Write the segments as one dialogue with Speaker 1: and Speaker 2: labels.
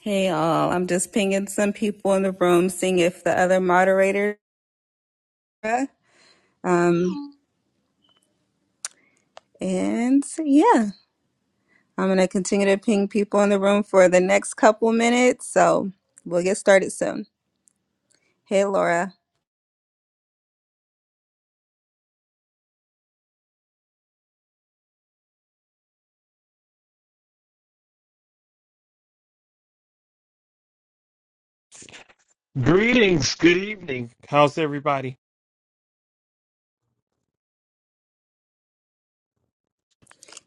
Speaker 1: Hey all, I'm just pinging some people in the room, seeing if the other moderator. Um, and yeah, I'm gonna continue to ping people in the room for the next couple minutes, so we'll get started soon. Hey Laura,
Speaker 2: Greetings, good evening. How's everybody?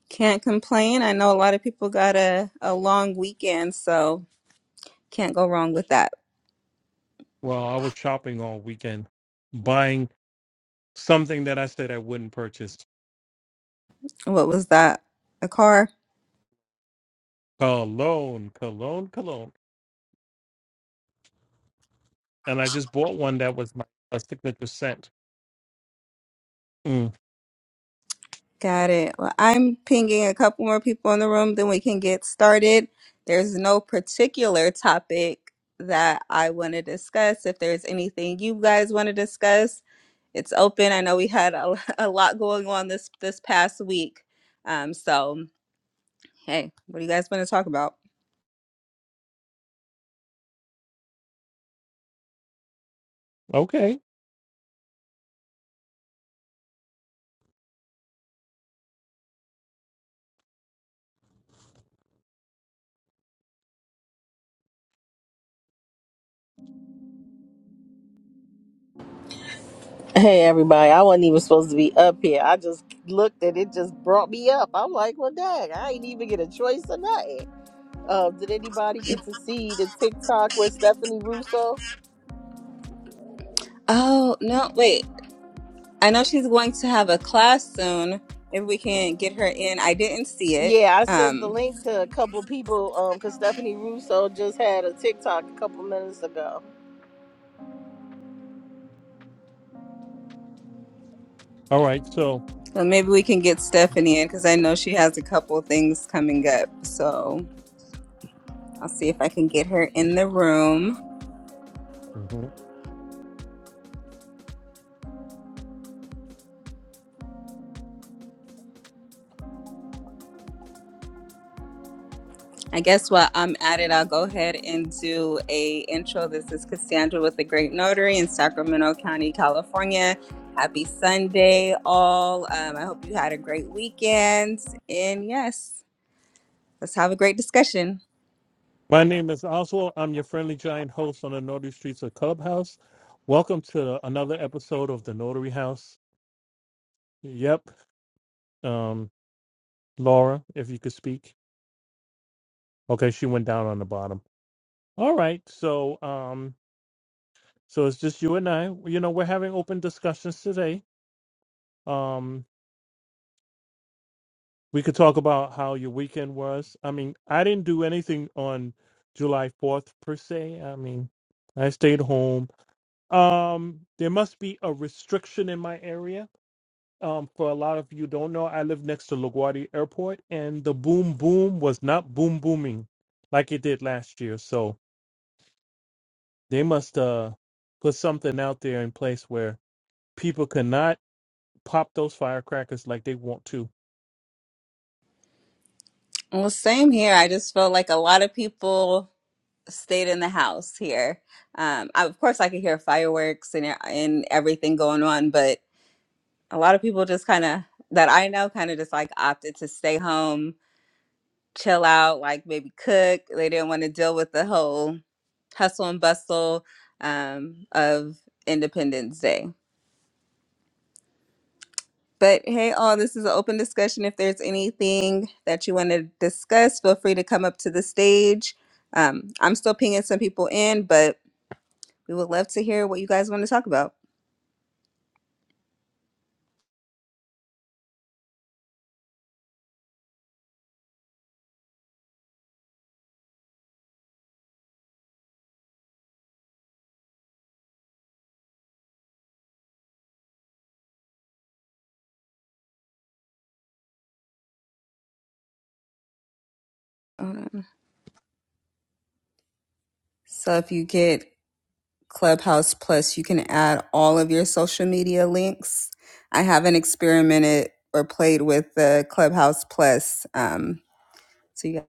Speaker 1: can't complain. I know a lot of people got a a long weekend, so can't go wrong with that.
Speaker 2: Well, I was shopping all weekend, buying something that I said I wouldn't purchase.
Speaker 1: What was that? A car?
Speaker 2: Cologne, cologne, cologne. And I just bought one that was my a signature scent. Mm,
Speaker 1: Got it. Well, I'm pinging a couple more people in the room, then we can get started. There's no particular topic that I want to discuss. If there's anything you guys want to discuss, it's open. I know we had a, a lot going on this this past week. Um, so hey, what do you guys want to talk about?
Speaker 2: okay.
Speaker 1: Oh, no, wait. I know she's going to have a class soon. If we can get her in. I didn't see it.
Speaker 2: All right. So
Speaker 1: So maybe we can get Stephanie in because I know she has a couple things coming up. So I'll see if I can get her in the room.
Speaker 2: mhm.
Speaker 1: I guess while I'm at it, I'll go ahead and do a intro. This is Cassandra with the Great Notary in Sacramento County, California. Happy Sunday, all. Um, I hope you had a great weekend. And yes, let's have a great discussion.
Speaker 2: my name is Oswald. I'm your friendly giant host on the Notary Streets of Clubhouse. Welcome to another episode of the Notary House. Yep. Um, Laura, if you could speak. Okay, she went down on the bottom. All right. So um So it's just you and I. You know, we're having open discussions today. Um, we could talk about how your weekend was. I mean, I didn't do anything on July 4th per se. I mean, I stayed home. Um, there must be a restriction in my area. Um, for a lot of you don't know, I live next to LaGuardia Airport, and the boom boom was not boom booming like it did last year. So they must uh put something out there in place where people cannot pop those firecrackers like they want to.
Speaker 1: Well, same here. I just feel like a lot of people stayed in the house here. Um, I, of course, I could hear fireworks and uh, and everything going on, but a lot of people just kind of that I know kind of just like opted to stay home, chill out, like maybe cook. They didn't want to deal with the whole hustle and bustle um, of Independence Day. But hey, all this is an open discussion. If there's anything that you want to discuss, feel free to come up to the stage. Um, I'm still pinging some people in, but we would love to hear what you guys want to talk about. Hold on. So if you get Clubhouse Plus, you can add all of your social media links. I haven't experimented or played with the Clubhouse Plus. Um, so you got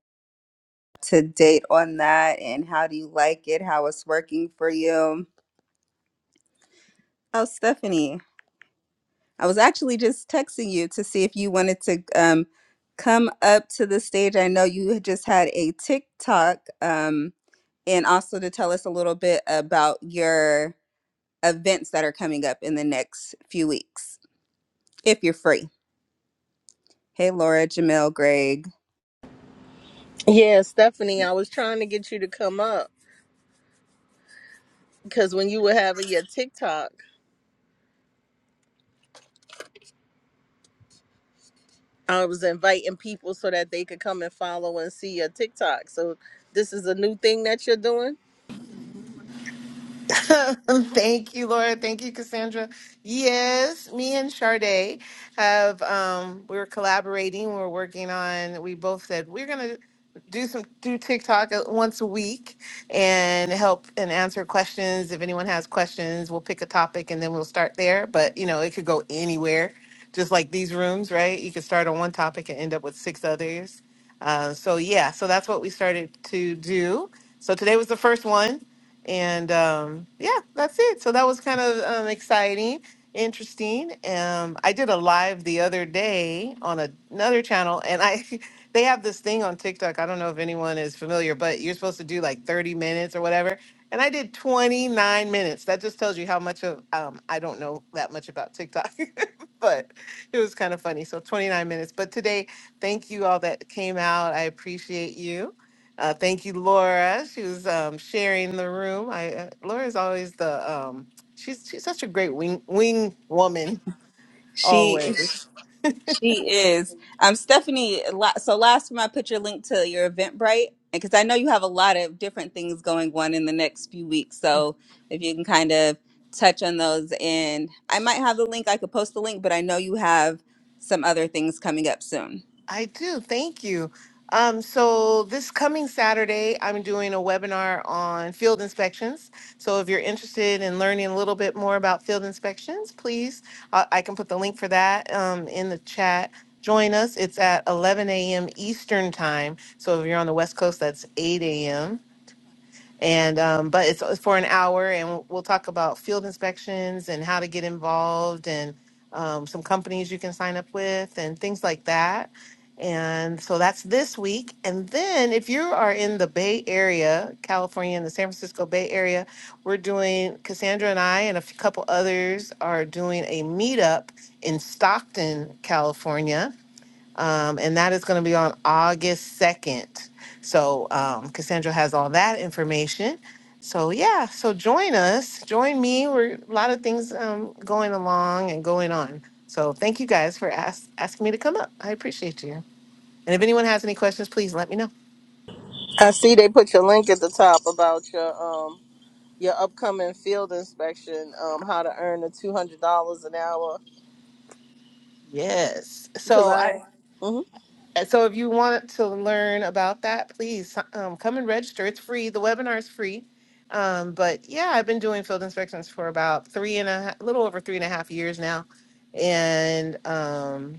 Speaker 1: to date on that and how do you like it, how it's working for you. Oh, Stephanie, I was actually just texting you to see if you wanted to um, come up to the stage. I know you had just had a TikTok um, and also to tell us a little bit about your events that are coming up in the next few weeks if you're free. Hey, Laura, Jamel, Greg.
Speaker 3: Thank you, Laura. Thank you, Cassandra. Yes, me and Sade have um we were collaborating. We were working on we both said we're gonna do some do TikTok uh, once a week and help and answer questions. If anyone has questions, we'll pick a topic and then we'll start there. But you know, it could go anywhere, just like these rooms, right? You could start on one topic and end up with six others. Uh, so yeah, so that's what we started to do. So today was the first one and um, yeah, that's it. So that was kind of um, exciting, interesting. Um, I did a live the other day on a- another channel, and I they have this thing on TikTok. I don't know if anyone is familiar, but you're supposed to do like 30 minutes or whatever. And I did 29 minutes. That just tells you how much of um, I don't know that much about TikTok, but it was kind of funny. So 29 minutes. But today, thank you all that came out. I appreciate you uh, thank you, Laura. She was um, sharing the room. I uh, Laura's always the um, she's she's such a great wing wing woman.
Speaker 1: She
Speaker 3: Always.
Speaker 1: She is. Um, Stephanie, la- so last time I put your link to your Eventbrite, because I know you have a lot of different things going on in the next few weeks. So if you can kind of touch on those, and I might have the link, I could post the link, but I know you have some other things coming up soon.
Speaker 3: I do. Thank you. Um, so this coming Saturday, I'm doing a webinar on field inspections. So if you're interested in learning a little bit more about field inspections, please, I, I can put the link for that um, in the chat. Join us. It's at 11 a.m. Eastern time. So if you're on the West Coast, that's 8 a.m. and um, but it's for an hour and we'll we'll talk about field inspections and how to get involved and um, some companies you can sign up with and things like that and so that's this week and then if you are in the bay area california in the san francisco bay area we're doing cassandra and i and a f- couple others are doing a meetup in stockton california um, and that is going to be on August 2nd. So um, Cassandra has all that information. So yeah, so join us, join me. We're a lot of things um, going along and going on. So thank you guys for ask, asking me to come up. I appreciate you. And if anyone has any questions, please let me know. Yes. So I. Uh, so if you want to learn about that, please um, come and register. It's free. The webinar is free. Um, but yeah, I've been doing field inspections for about three and a half, little over three and a half years now. And um,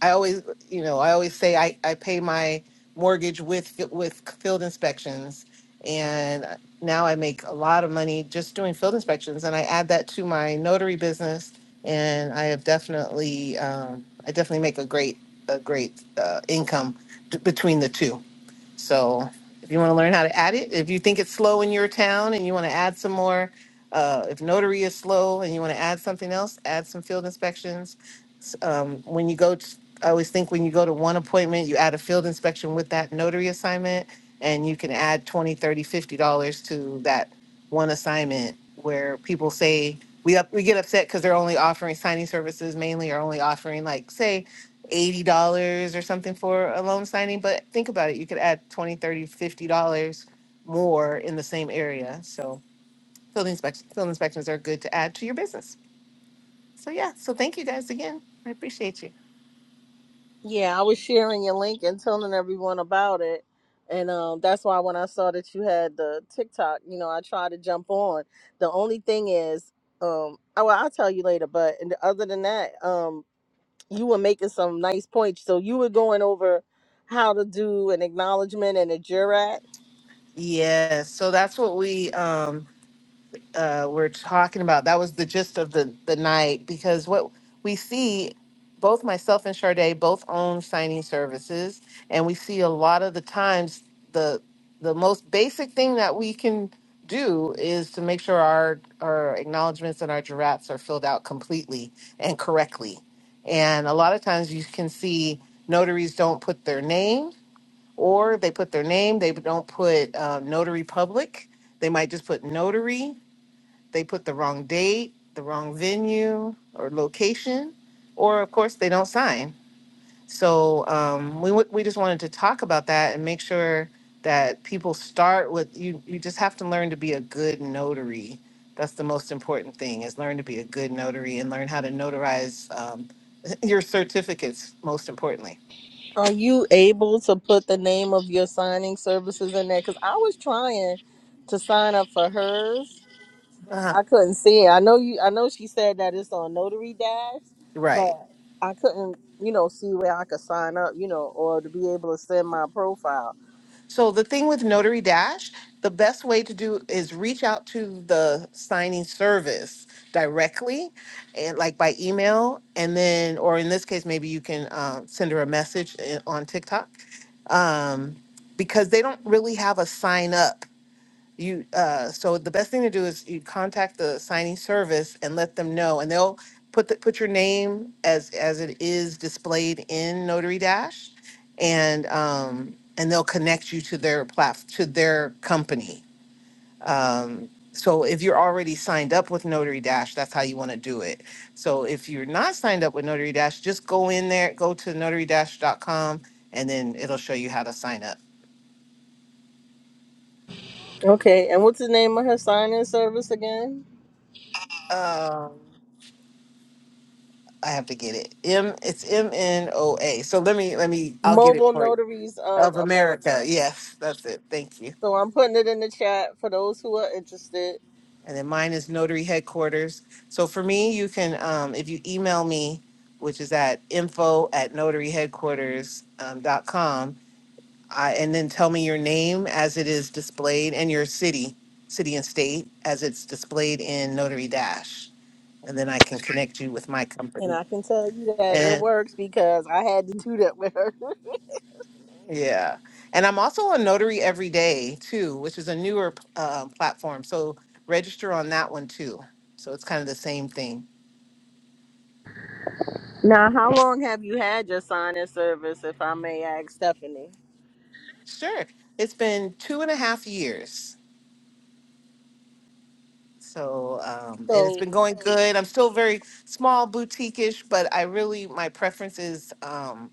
Speaker 3: I always, you know, I always say I, I pay my mortgage with with field inspections. And uh, now I make a lot of money just doing field inspections. And I add that to my notary business. And I have definitely, um, I definitely make a great a great uh, income t- between the two. So if you want to learn how to add it, if you think it's slow in your town and you want to add some more, uh, if notary is slow and you want to add something else, add some field inspections. S- Um, when you go, to, I always think when you go to one appointment, you add a field inspection with that notary assignment and you can add 20, 30, 50 dollars to that one assignment where people say we up, we get upset because they're only offering signing services mainly or only offering like say eighty dollars or something for a loan signing, but think about it, you could add twenty, thirty, fifty dollars more in the same area. So field inspections field inspections are good to add to your business. So yeah, so thank you guys again. I appreciate you. Yes, so that's what we um uh, were talking about. That was the gist of the the night because what we see, both myself and Sade both own signing services, and we see a lot of the times the the most basic thing that we can do is to make sure our our acknowledgments and our giraffes are filled out completely and correctly. And a lot of times you can see notaries don't put their name, or they put their name, they don't put uh, notary public. They might just put notary they put the wrong date, the wrong venue or location, or of course they don't sign. So um, we w- we just wanted to talk about that and make sure that people start with you. You just have to learn to be a good notary. That's the most important thing is learn to be a good notary and learn how to notarize um, your certificates. Most importantly, uh-huh. right? So the thing with Notary Dash, the best way to do is reach out to the signing service directly and like by email and then or in this case maybe you can uh, send her a message i- on tiktok um, because they don't really have a sign up you uh so the best thing to do is you contact the signing service and let them know and they'll put the, put your name as as it is displayed in notary dash and um and they'll connect you to their plat to their company um so if you're already signed up with notary dash that's how you want to do it so if you're not signed up with notary dash just go in there go to notary Dash dot com, and then it'll show you how to sign up Um, I have to get it. M it's M N O A. So let me let me I'll get it for you. Of America. Yes, that's it. Thank you. And then mine is notary headquarters. So for me, you can um if you email me, which is at info at notaryheadquarters um, dot com, I, and then tell me your name as it is displayed and your city, city and state as it's displayed in Notary Dash. And then I can connect you with my company. and. Yeah. And I'm also on Notary Every Day too, which is a newer uh, platform. So register on that one too. So it's kind of the same thing. Sure. It's been two and a half years. So, um, and it's been going good. I'm still very small, boutique ish, but I really, my preference is. um,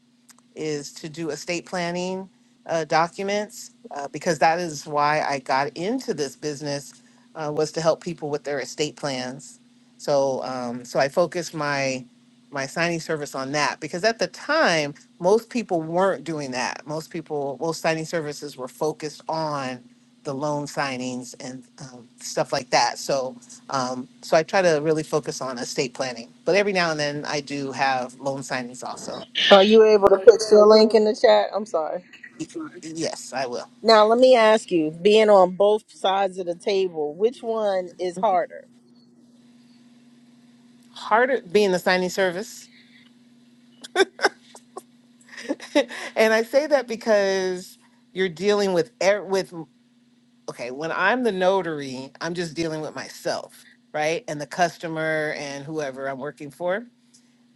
Speaker 3: is to do estate planning uh, documents uh, because that is why I got into this business uh, was to help people with their estate plans. So um, so I focused my my signing service on that because at the time most people weren't doing that. Most people most signing services were focused on the loan signings and um, stuff like that. So um, so I try to really focus on estate planning. But every now and then I do have loan signings also. Yes, I will. Harder being the signing service. and I say that because you're dealing with er- with okay, when I'm the notary, I'm just dealing with myself, right? And the customer and whoever I'm working for.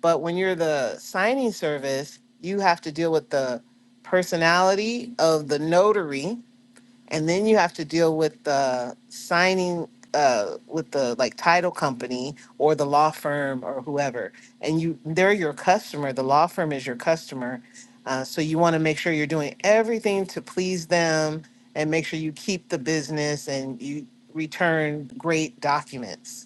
Speaker 3: But when you're the signing service, you have to deal with the personality of the notary and then you have to deal with the signing uh with the like title company or the law firm or whoever and you they're your customer the law firm is your customer uh, so you want to make sure you're doing everything to please them and make sure you keep the business and you return great documents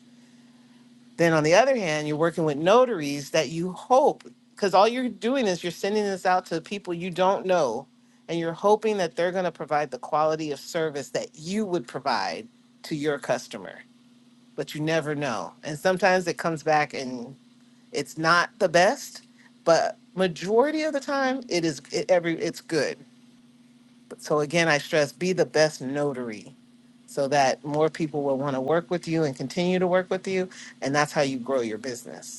Speaker 3: then on the other hand, you're working with notaries that you hope, because all you're doing is you're sending this out to people you don't know, and you're hoping that they're going to provide the quality of service that you would provide to your customer, but you never know. And sometimes it comes back and it's not the best, but majority of the time it is it, every it's good. So again, I stress be the best notary so that more people will want to work with you and continue to work with you, and that's how you grow your business.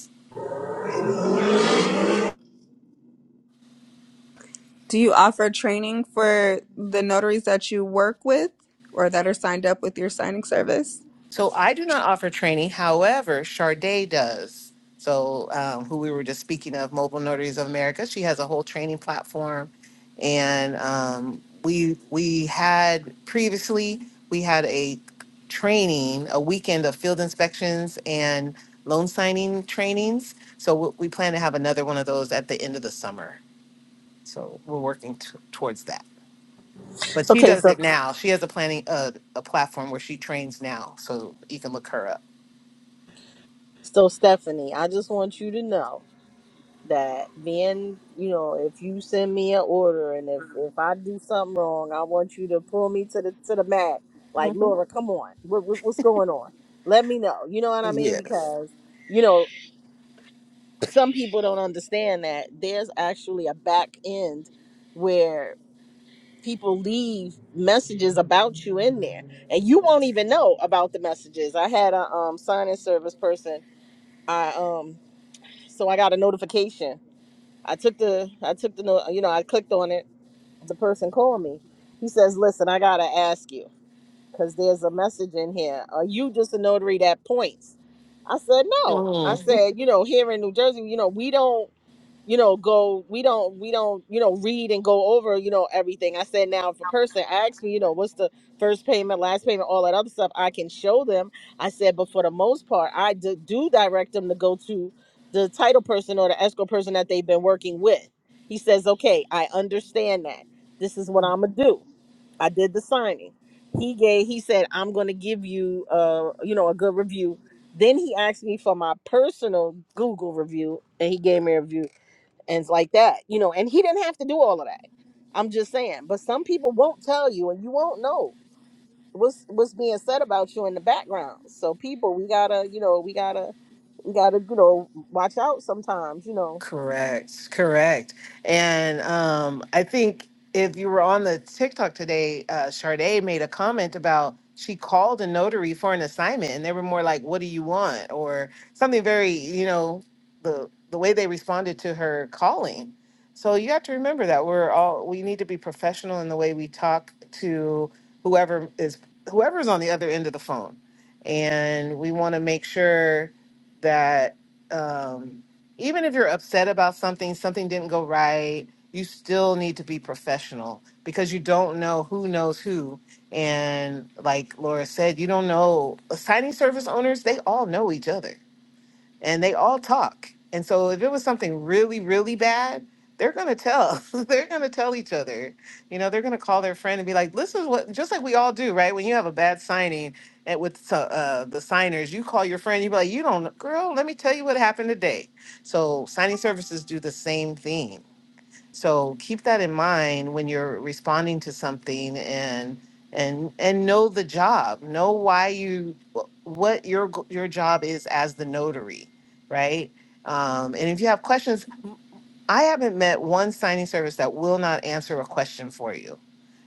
Speaker 1: Do you offer training for the notaries that you work with or that are signed up with your signing service?
Speaker 3: So I do not offer training. However, Charday does. So um, who we were just speaking of, Mobile Notaries of America, she has a whole training platform, and um, we we had previously we had a training, a weekend of field inspections and loan signing trainings. So we we plan to have another one of those at the end of the summer. So we're working t- towards that. But she does it now. She has a planning uh, a platform where she trains now, so you can look her up. Mhm. Yes. Mm. Correct, correct. And um, I think if you were on the TikTok today, uh, Sade made a comment about she called a notary for an assignment, and they were more like, "What do you want?" or something very, you know, the the way they responded to her calling. So you have to remember that we're all we need to be professional in the way we talk to whoever is whoever's on the other end of the phone, and we want to make sure that. Um, even if you're upset about something, something didn't go right, you still need to be professional because you don't know who knows who. And like Laura said, you don't know signing service owners, they all know each other and they all talk. And so if it was something really, really bad, they're gonna tell. they're gonna tell each other. You know, they're gonna call their friend and be like, "This is what," just like we all do, right? When you have a bad signing at with so- uh, the signers, you call your friend. You be like, "You don't, girl. Let me tell you what happened today." So signing services do the same thing. So keep that in mind when you're responding to something and and and know the job. Know why you wh- what your g- your job is as the notary, right? Um, and if you have questions, I haven't met one signing service that will not answer a question for you.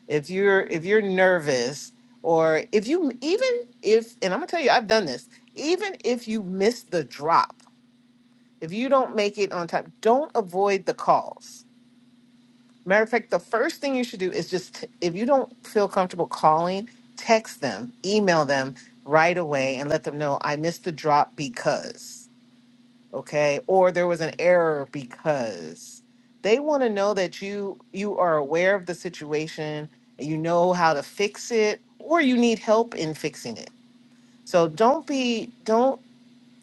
Speaker 3: If you're if you're nervous or if you even if and I'm gonna tell you I've done this, even if you miss the drop, if you don't make it on time, don't avoid the calls Matter of fact, the first thing you should do is just, if you don't feel comfortable calling, text them, email them right away and let them know I missed the drop because, okay? Or there was an error because. They want to know that you you are aware of the situation, and you know how to fix it or you need help in fixing it. So don't be don't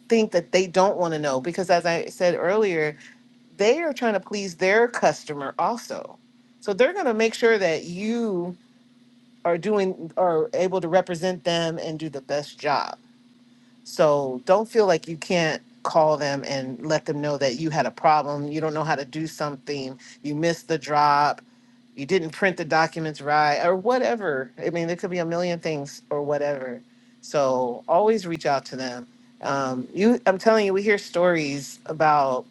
Speaker 3: think that they don't want to know because as I said earlier, they are trying to please their customer also. So they're going to make sure that you are doing are able to represent them and do the best job. So don't feel like you can't call them and let them know that you had a problem, you don't know how to do something, you missed the drop, you didn't print the documents right or whatever. I mean, there could be a million things or whatever. So always reach out to them. Um, you I'm telling you we hear stories about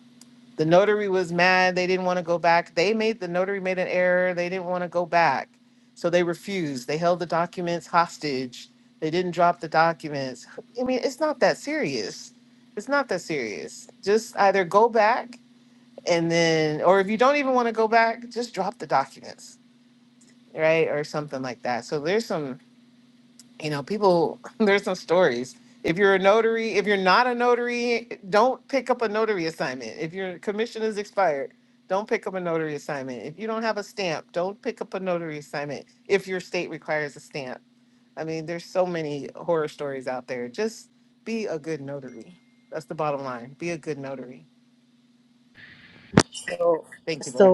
Speaker 3: the notary was mad. They didn't want to go back. They made the notary made an error. They didn't want to go back. So they refused. They held the documents hostage. They didn't drop the documents. I mean, it's not that serious. It's not that serious. Just either go back and then or if you don't even want to go back, just drop the documents, right? Or something like that. So there's some you know, people, there's some stories. If you're a notary, if you're not a notary, don't pick up a notary assignment. If your commission is expired, don't pick up a notary assignment. If you don't have a stamp, don't pick up a notary assignment. If your state requires a stamp, I mean, there's so many horror stories out there. Just be a good notary. That's the bottom line. Be a good notary. Thank you, boy.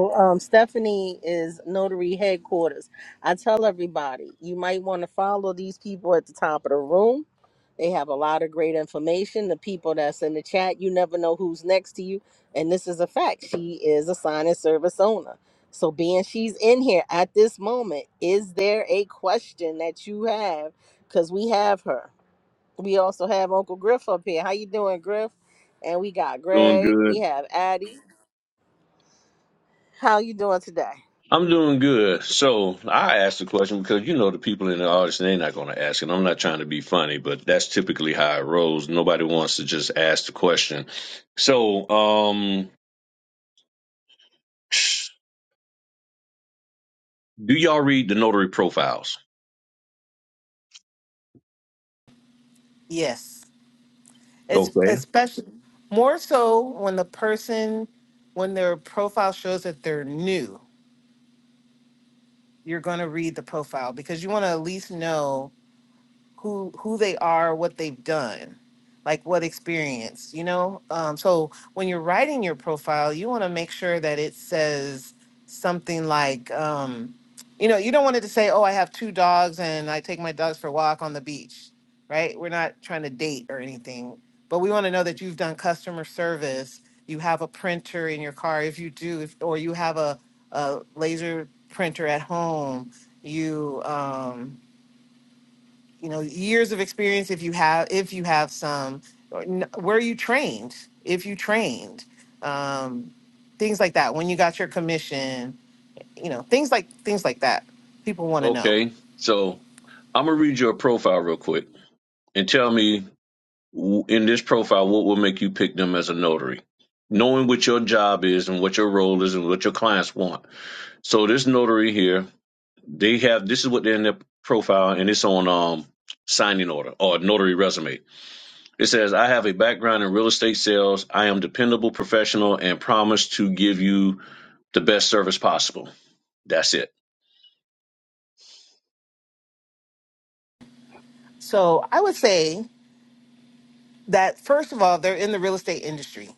Speaker 4: Doing good. I'm doing good. So I asked the question because you know the people in the audience they're not going to ask, and I'm not trying to be funny, but that's typically how it rolls. Nobody wants to just ask the question. So, um, do y'all read the notary profiles?
Speaker 3: Yes. It's
Speaker 4: Okay.
Speaker 3: especially more so when the person, when their profile shows that they're new you're going to read the profile because you want to at least know who who they are, what they've done, like what experience, you know. Um, so when you're writing your profile, you want to make sure that it says something like, um, you know, you don't want it to say, "Oh, I have two dogs and I take my dogs for a walk on the beach," right? We're not trying to date or anything, but we want to know that you've done customer service. You have a printer in your car, if you do, if, or you have a, a laser printer at home. You um, you know years of experience if you have if you have some or n- where you trained if you trained um, things like that when you got your commission you know things like things like that people want to know
Speaker 4: Okay. So I'm gonna read your profile real quick and tell me w- in this profile what will make you pick them as a notary. Knowing what your job is and what your role is and what your clients want. So this notary here They have this is what they're in their profile, and it's on um signing order or notary resume. It says, "I have a background in real estate sales. I am dependable, professional, and promise to give you the best service possible." That's it.
Speaker 3: so i would say that first of all they're in the real estate industry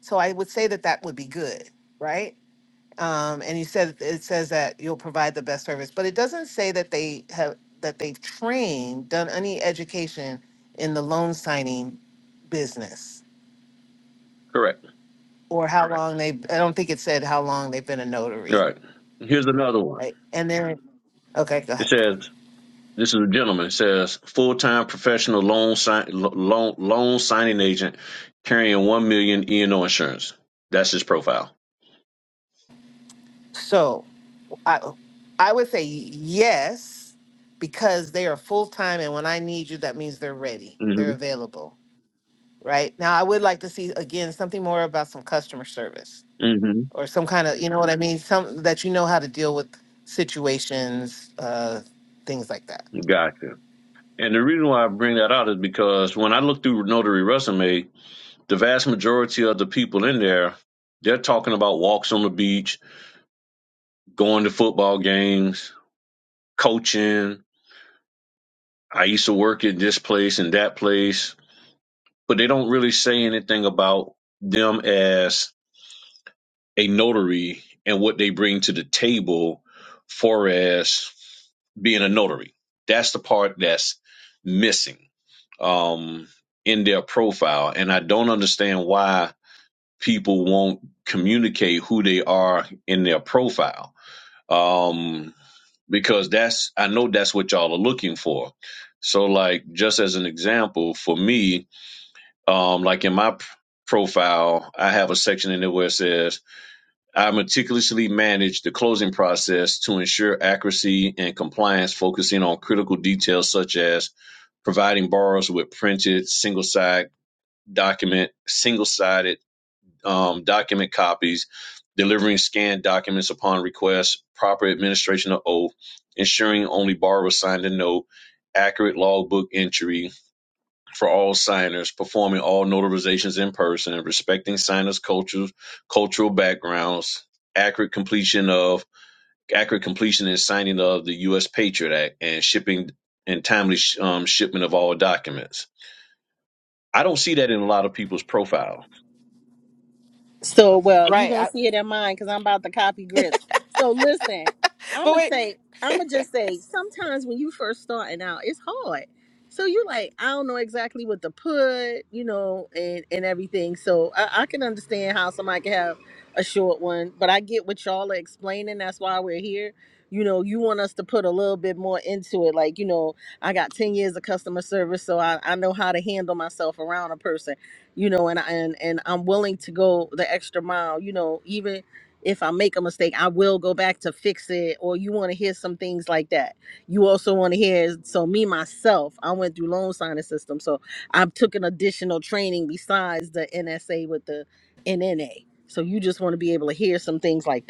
Speaker 3: so i would say that that would be good right um, and you said it says that you'll provide the best service but it doesn't say that they have that they've trained done any education in the loan signing business
Speaker 4: Correct.
Speaker 3: or how long they, I don't think it said how long they've been a
Speaker 4: All
Speaker 3: notary,
Speaker 4: right. Here's another one.
Speaker 3: right? And then, okay, go
Speaker 4: It
Speaker 3: ahead.
Speaker 4: says. This is a gentleman. It says full-time professional loan sign loan loan signing agent carrying one million E and O insurance. That's his profile.
Speaker 3: So I, I would say yes, because they are full-time and when I need you, that means they're ready,
Speaker 4: mm
Speaker 3: they're
Speaker 4: hmm
Speaker 3: available, right? Now, I would like to see, again, something more about some customer service
Speaker 4: mm hmm
Speaker 3: or some kind of, you know what I mean? Some, that you know how to deal with situations, uh, things like that.
Speaker 4: Gotcha. And the reason why I bring that out is because when I look through Notary Resume, the vast majority of the people in there, they're talking about walks on the beach, going to football games, coaching. I used to work at this place and that place, but they don't really say anything about them as a notary and what they bring to the table for as being a notary. That's the part that's missing um, in their profile. And I don't understand why people won't communicate who they are in their profile. Um, because that's, I know that's what y'all are looking for. So, like, just as an example, for me, um, like in my p- profile, I have a section in there where it says, I meticulously manage the closing process to ensure accuracy and compliance, focusing on critical details such as providing borrowers with printed single side document, single sided um, document copies, delivering scanned documents upon request, proper administration of oath, ensuring only borrower signed a note, accurate logbook entry for all signers, performing all notarizations in person, respecting signers' cultures, cultural backgrounds, accurate completion of accurate completion and signing of the U.S. Patriot Act, and shipping and timely sh- um, shipment of all documents. I don't see that in a lot of people's profile.
Speaker 3: Right, I, but wait,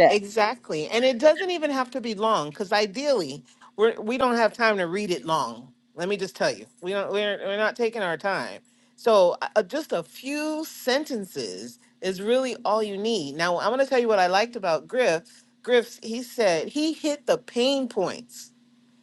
Speaker 3: Exactly. And it doesn't even have to be long because ideally we're we don't have time to read it long. Let me just tell you. We don't we're we're not taking our time. So uh, uh, just a few sentences is really all you need. Now I'm gonna tell you what I liked about Griff. Griff, he said he hit the pain points.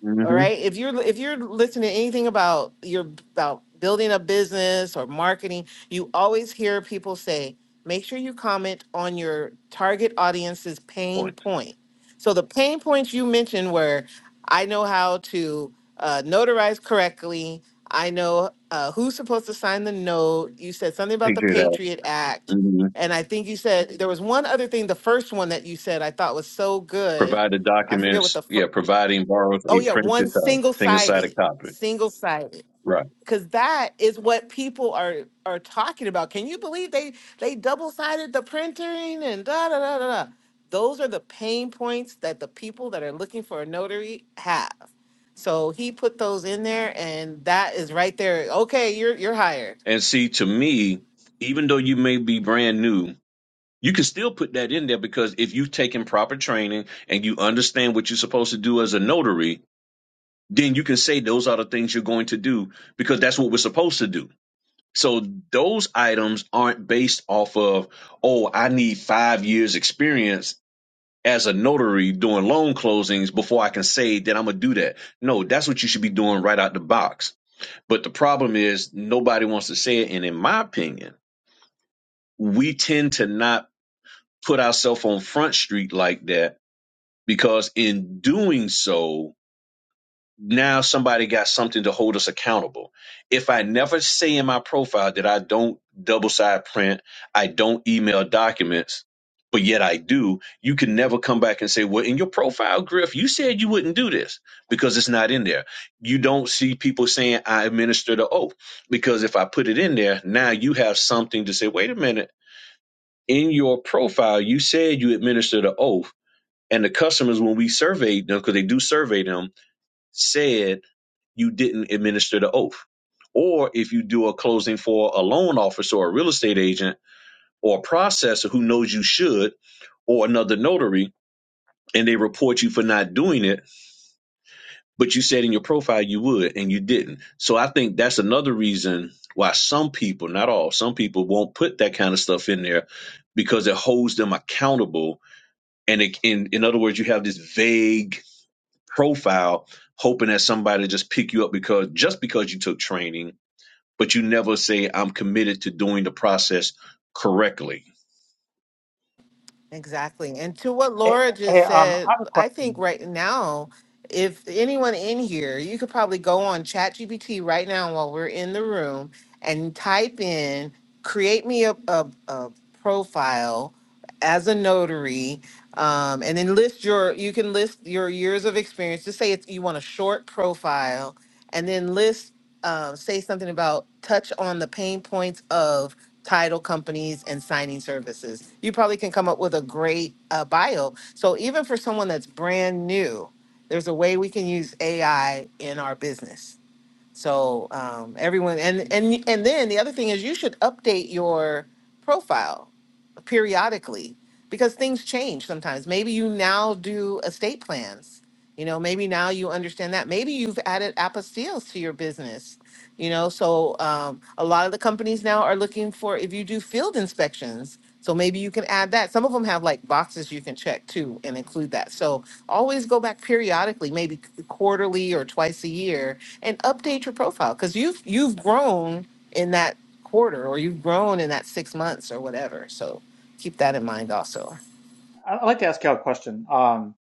Speaker 4: Mm-hmm.
Speaker 3: All right. If you're if you're listening to anything about your about building a business or marketing, you always hear people say, make sure you comment on your target audience's pain
Speaker 4: points.
Speaker 3: point. So the pain points you mentioned were, I know how to uh, notarize correctly. I know uh, who's supposed to sign the note. You said something about the
Speaker 4: Figure it out.
Speaker 3: Patriot Act,
Speaker 4: hmm
Speaker 3: and I think you said there was one other thing. The first one that you said I thought was so good.
Speaker 4: Provided
Speaker 3: I forget what
Speaker 4: documents,
Speaker 3: the fir-
Speaker 4: yeah, providing borrows
Speaker 3: Oh
Speaker 4: a
Speaker 3: yeah,
Speaker 4: printed
Speaker 3: one
Speaker 4: uh,
Speaker 3: single
Speaker 4: single sided
Speaker 3: sided,
Speaker 4: copy.
Speaker 3: single sided,
Speaker 4: Right.
Speaker 3: because that is what people are are talking about. Can you believe they they double sided the printing and da da da da da. Those are the pain points that the people that are looking for a notary have. So he put those in there, and that is right there. Okay, you're you're hired.
Speaker 4: And see, to me, even though you may be brand new, you can still put that in there because if you've taken proper training and you understand what you're supposed to do as a notary, then you can say those are the things you're going to do because that's what we're supposed to do. So those items aren't based off of, oh, I need five years experience as a notary doing loan closings before I can say that I'm gonna do that. No, that's what you should be doing right out the box. But the problem is nobody wants to say it. And in my opinion, we tend to not put ourselves on front street like that because in doing so, now somebody got something to hold us accountable. If I never say in my profile that I don't double side print, I don't email documents, but yet I do, you can never come back and say, Well, in your profile, Griff, you said you wouldn't do this because it's not in there. You don't see people saying I administer the oath because if I put it in there, now you have something to say, Wait a minute, in your profile, you said you administer the oath. And the customers, when we surveyed them, because they do survey them, said you didn't administer the oath. Or if you do a closing for a loan officer or a real estate agent or a processor who knows you should or another notary and they report you for not doing it, but you said in your profile you would and you didn't. So I think that's another reason why some people, not all, some people won't put that kind of stuff in there because it holds them accountable. And it, in, in other words, you have this vague profile hoping that somebody just pick you up because just because you took training but you never say, I'm committed to doing the process correctly.
Speaker 3: Exactly. And to what
Speaker 5: Hey,
Speaker 3: Laura
Speaker 5: hey,
Speaker 3: just
Speaker 5: um, I
Speaker 3: said,
Speaker 5: have a
Speaker 3: I think
Speaker 5: question.
Speaker 3: right now, if anyone in here, you could probably go on ChatGPT right now while we're in the room and type in, create me a, a, a profile as a notary, um, and then list your, you can list your years of experience. Just say it's, you want a short profile and then list um, say something about touch on the pain points of title companies and signing services. You probably can come up with a great uh, bio. So even for someone that's brand new, there's a way we can use AI in our business. So um, everyone, and and and then the other thing is you should update your profile periodically because things change sometimes. Maybe you now do estate plans. You know, maybe now you understand that. Maybe you've added apostilles to your business you know, so um, a lot of the companies now are looking for if you do field inspections. So maybe you can add that. Some of them have like boxes you can check too and include that. So always go back periodically, maybe quarterly or twice a year, and update your profile because you've you've grown in that quarter or you've grown in that six months or whatever. So keep that in mind also.
Speaker 5: I- I'd like to ask you a question, um,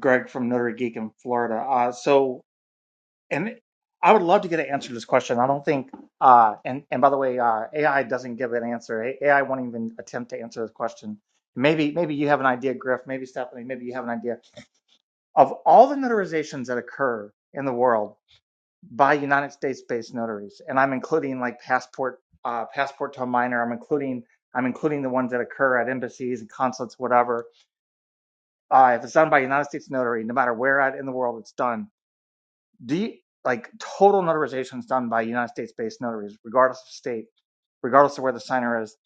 Speaker 5: Greg from Notary Geek in Florida. Uh, so, and I would love to get an answer to this question. I don't think, uh, and and by the way, uh, AI doesn't give an answer. A- AI won't even attempt to answer this question. Maybe, maybe you have an idea, Griff. Maybe Stephanie. Maybe you have an idea of all the notarizations that occur in the world. by United States-based notaries, and I'm including like passport, uh, passport to a minor. I'm including I'm including the ones that occur at embassies and consulates, whatever. Uh, if it's done by a United States notary, no matter where at in the world it's done, do you, like total notarization is done by United States-based notaries, regardless of state, regardless of where the signer is.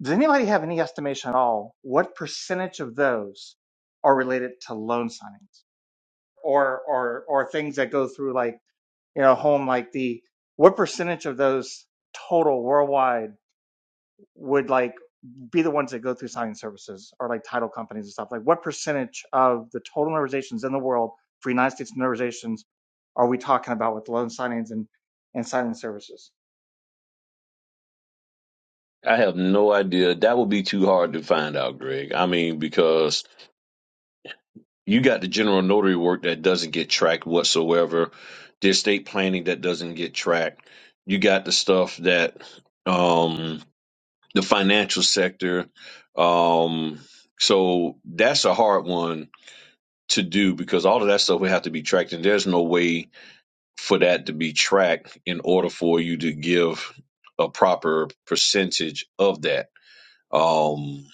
Speaker 5: Does anybody have any estimation at all what percentage of those are related to loan signings or or or things that go through like you know home like the what percentage of those total worldwide would like be the ones that go through signing services or like title companies and stuff like what percentage of the total notarizations in the world for united states notarizations are we talking about with loan signings and and signing services
Speaker 4: I have no idea. That would be too hard to find out, Greg. I mean, because you got the general notary work that doesn't get tracked whatsoever, the estate planning that doesn't get tracked. You got the stuff that um the financial sector. Um, so that's a hard one to do because all of that stuff would have to be tracked, and there's no way for that to be tracked in order for you to give a proper percentage of that. Um,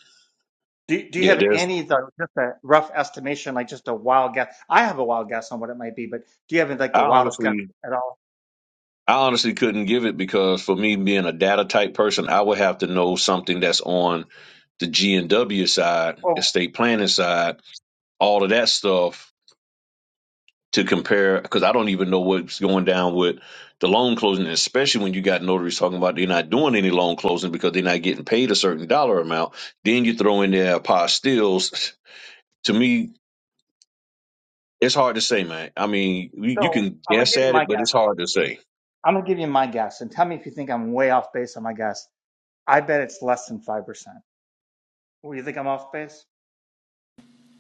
Speaker 5: do, do you
Speaker 4: yeah,
Speaker 5: have
Speaker 4: there's.
Speaker 5: any the, just a rough estimation like just a wild guess i have a wild guess on what it might be but do you have like the
Speaker 4: I
Speaker 5: wildest guess
Speaker 4: honestly,
Speaker 5: at all
Speaker 4: I honestly couldn't give it because for me being a data type person, I would have to know something that's on the G and W side,
Speaker 5: well
Speaker 4: estate planning side, all of that stuff to compare because I don't even know what's going down with the loan closing, and especially when you got notaries talking about they're not doing any loan closing because they're not getting paid a certain dollar amount. Then you throw in there apostilles. To me, it's hard to say, man. I mean, you you
Speaker 5: so
Speaker 4: can
Speaker 5: i'm gonna
Speaker 4: guess
Speaker 5: give you
Speaker 4: at
Speaker 5: my
Speaker 4: it, but
Speaker 5: guess
Speaker 4: it's hard to say.
Speaker 5: i'm gonna give you my guess and tell me if you think i'm way off base on my guess I bet it's less than 5%. Well, you think I'm off base?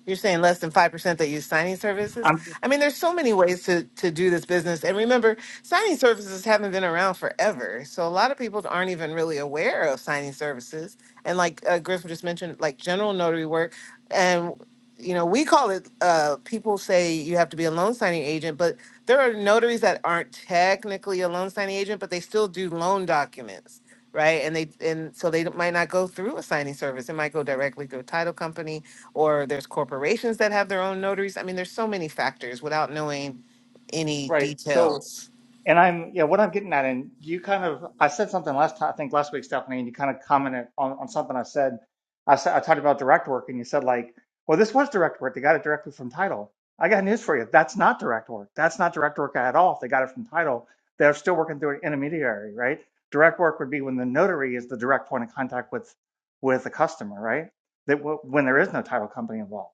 Speaker 3: You're saying less than 5% that use signing services?
Speaker 5: I'm
Speaker 3: I mean, there's so many ways to, to do this business. And remember, signing services haven't been around forever. So a lot of people aren't even really aware of signing services. And like uh, Griffin just mentioned, like general notary work. And, you know, we call it, uh, people say you have to be a loan signing agent, but there are notaries that aren't technically a loan signing agent, but they still do loan documents. Right, and they and so they might not go through a signing service. It might go directly to a title company or there's corporations that have their own notaries. I mean, there's so many factors without knowing any
Speaker 5: right. So,
Speaker 3: details.
Speaker 5: and I'm, yeah, what I'm getting at, and you kind of, I said something last time, I think last week, Stephanie, and you kind of commented on, on something I said. I said, I talked about direct work, and you said, like, well, this was direct work. They got it directly from title. I got news for you. That's not direct work. That's not direct work at all. If they got it from title, they're still working through an intermediary, right? Direct work would be when the notary is the direct point of contact with with the customer, right? That w- when there is no title company involved.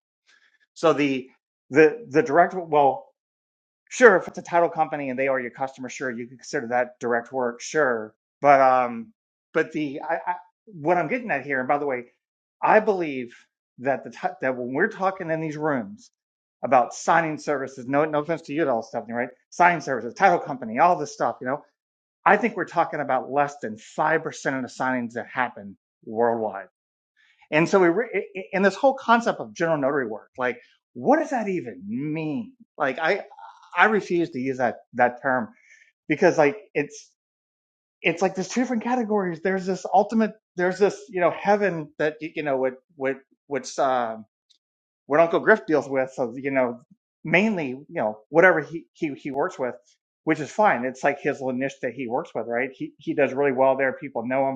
Speaker 5: So the the the direct well, sure, if it's a title company and they are your customer, sure, you can consider that direct work, sure. But um, but the I, I what I'm getting at here, and by the way, I believe that the t- that when we're talking in these rooms about signing services, no no offense to you at all, Stephanie, right? Signing services, title company, all this stuff, you know. I think we're talking about less than five percent of the signings that happen worldwide and so we re- and this whole concept of general notary work, like what does that even mean? Like I I refuse to use that that term because like it's it's like there's two different categories. There's this ultimate there's this, you know, heaven that you know what what which um what Uncle Griff deals with so you know mainly, you know, whatever he he he works with, which is fine. It's like his little niche that he works with, right? He he does really well there. People know him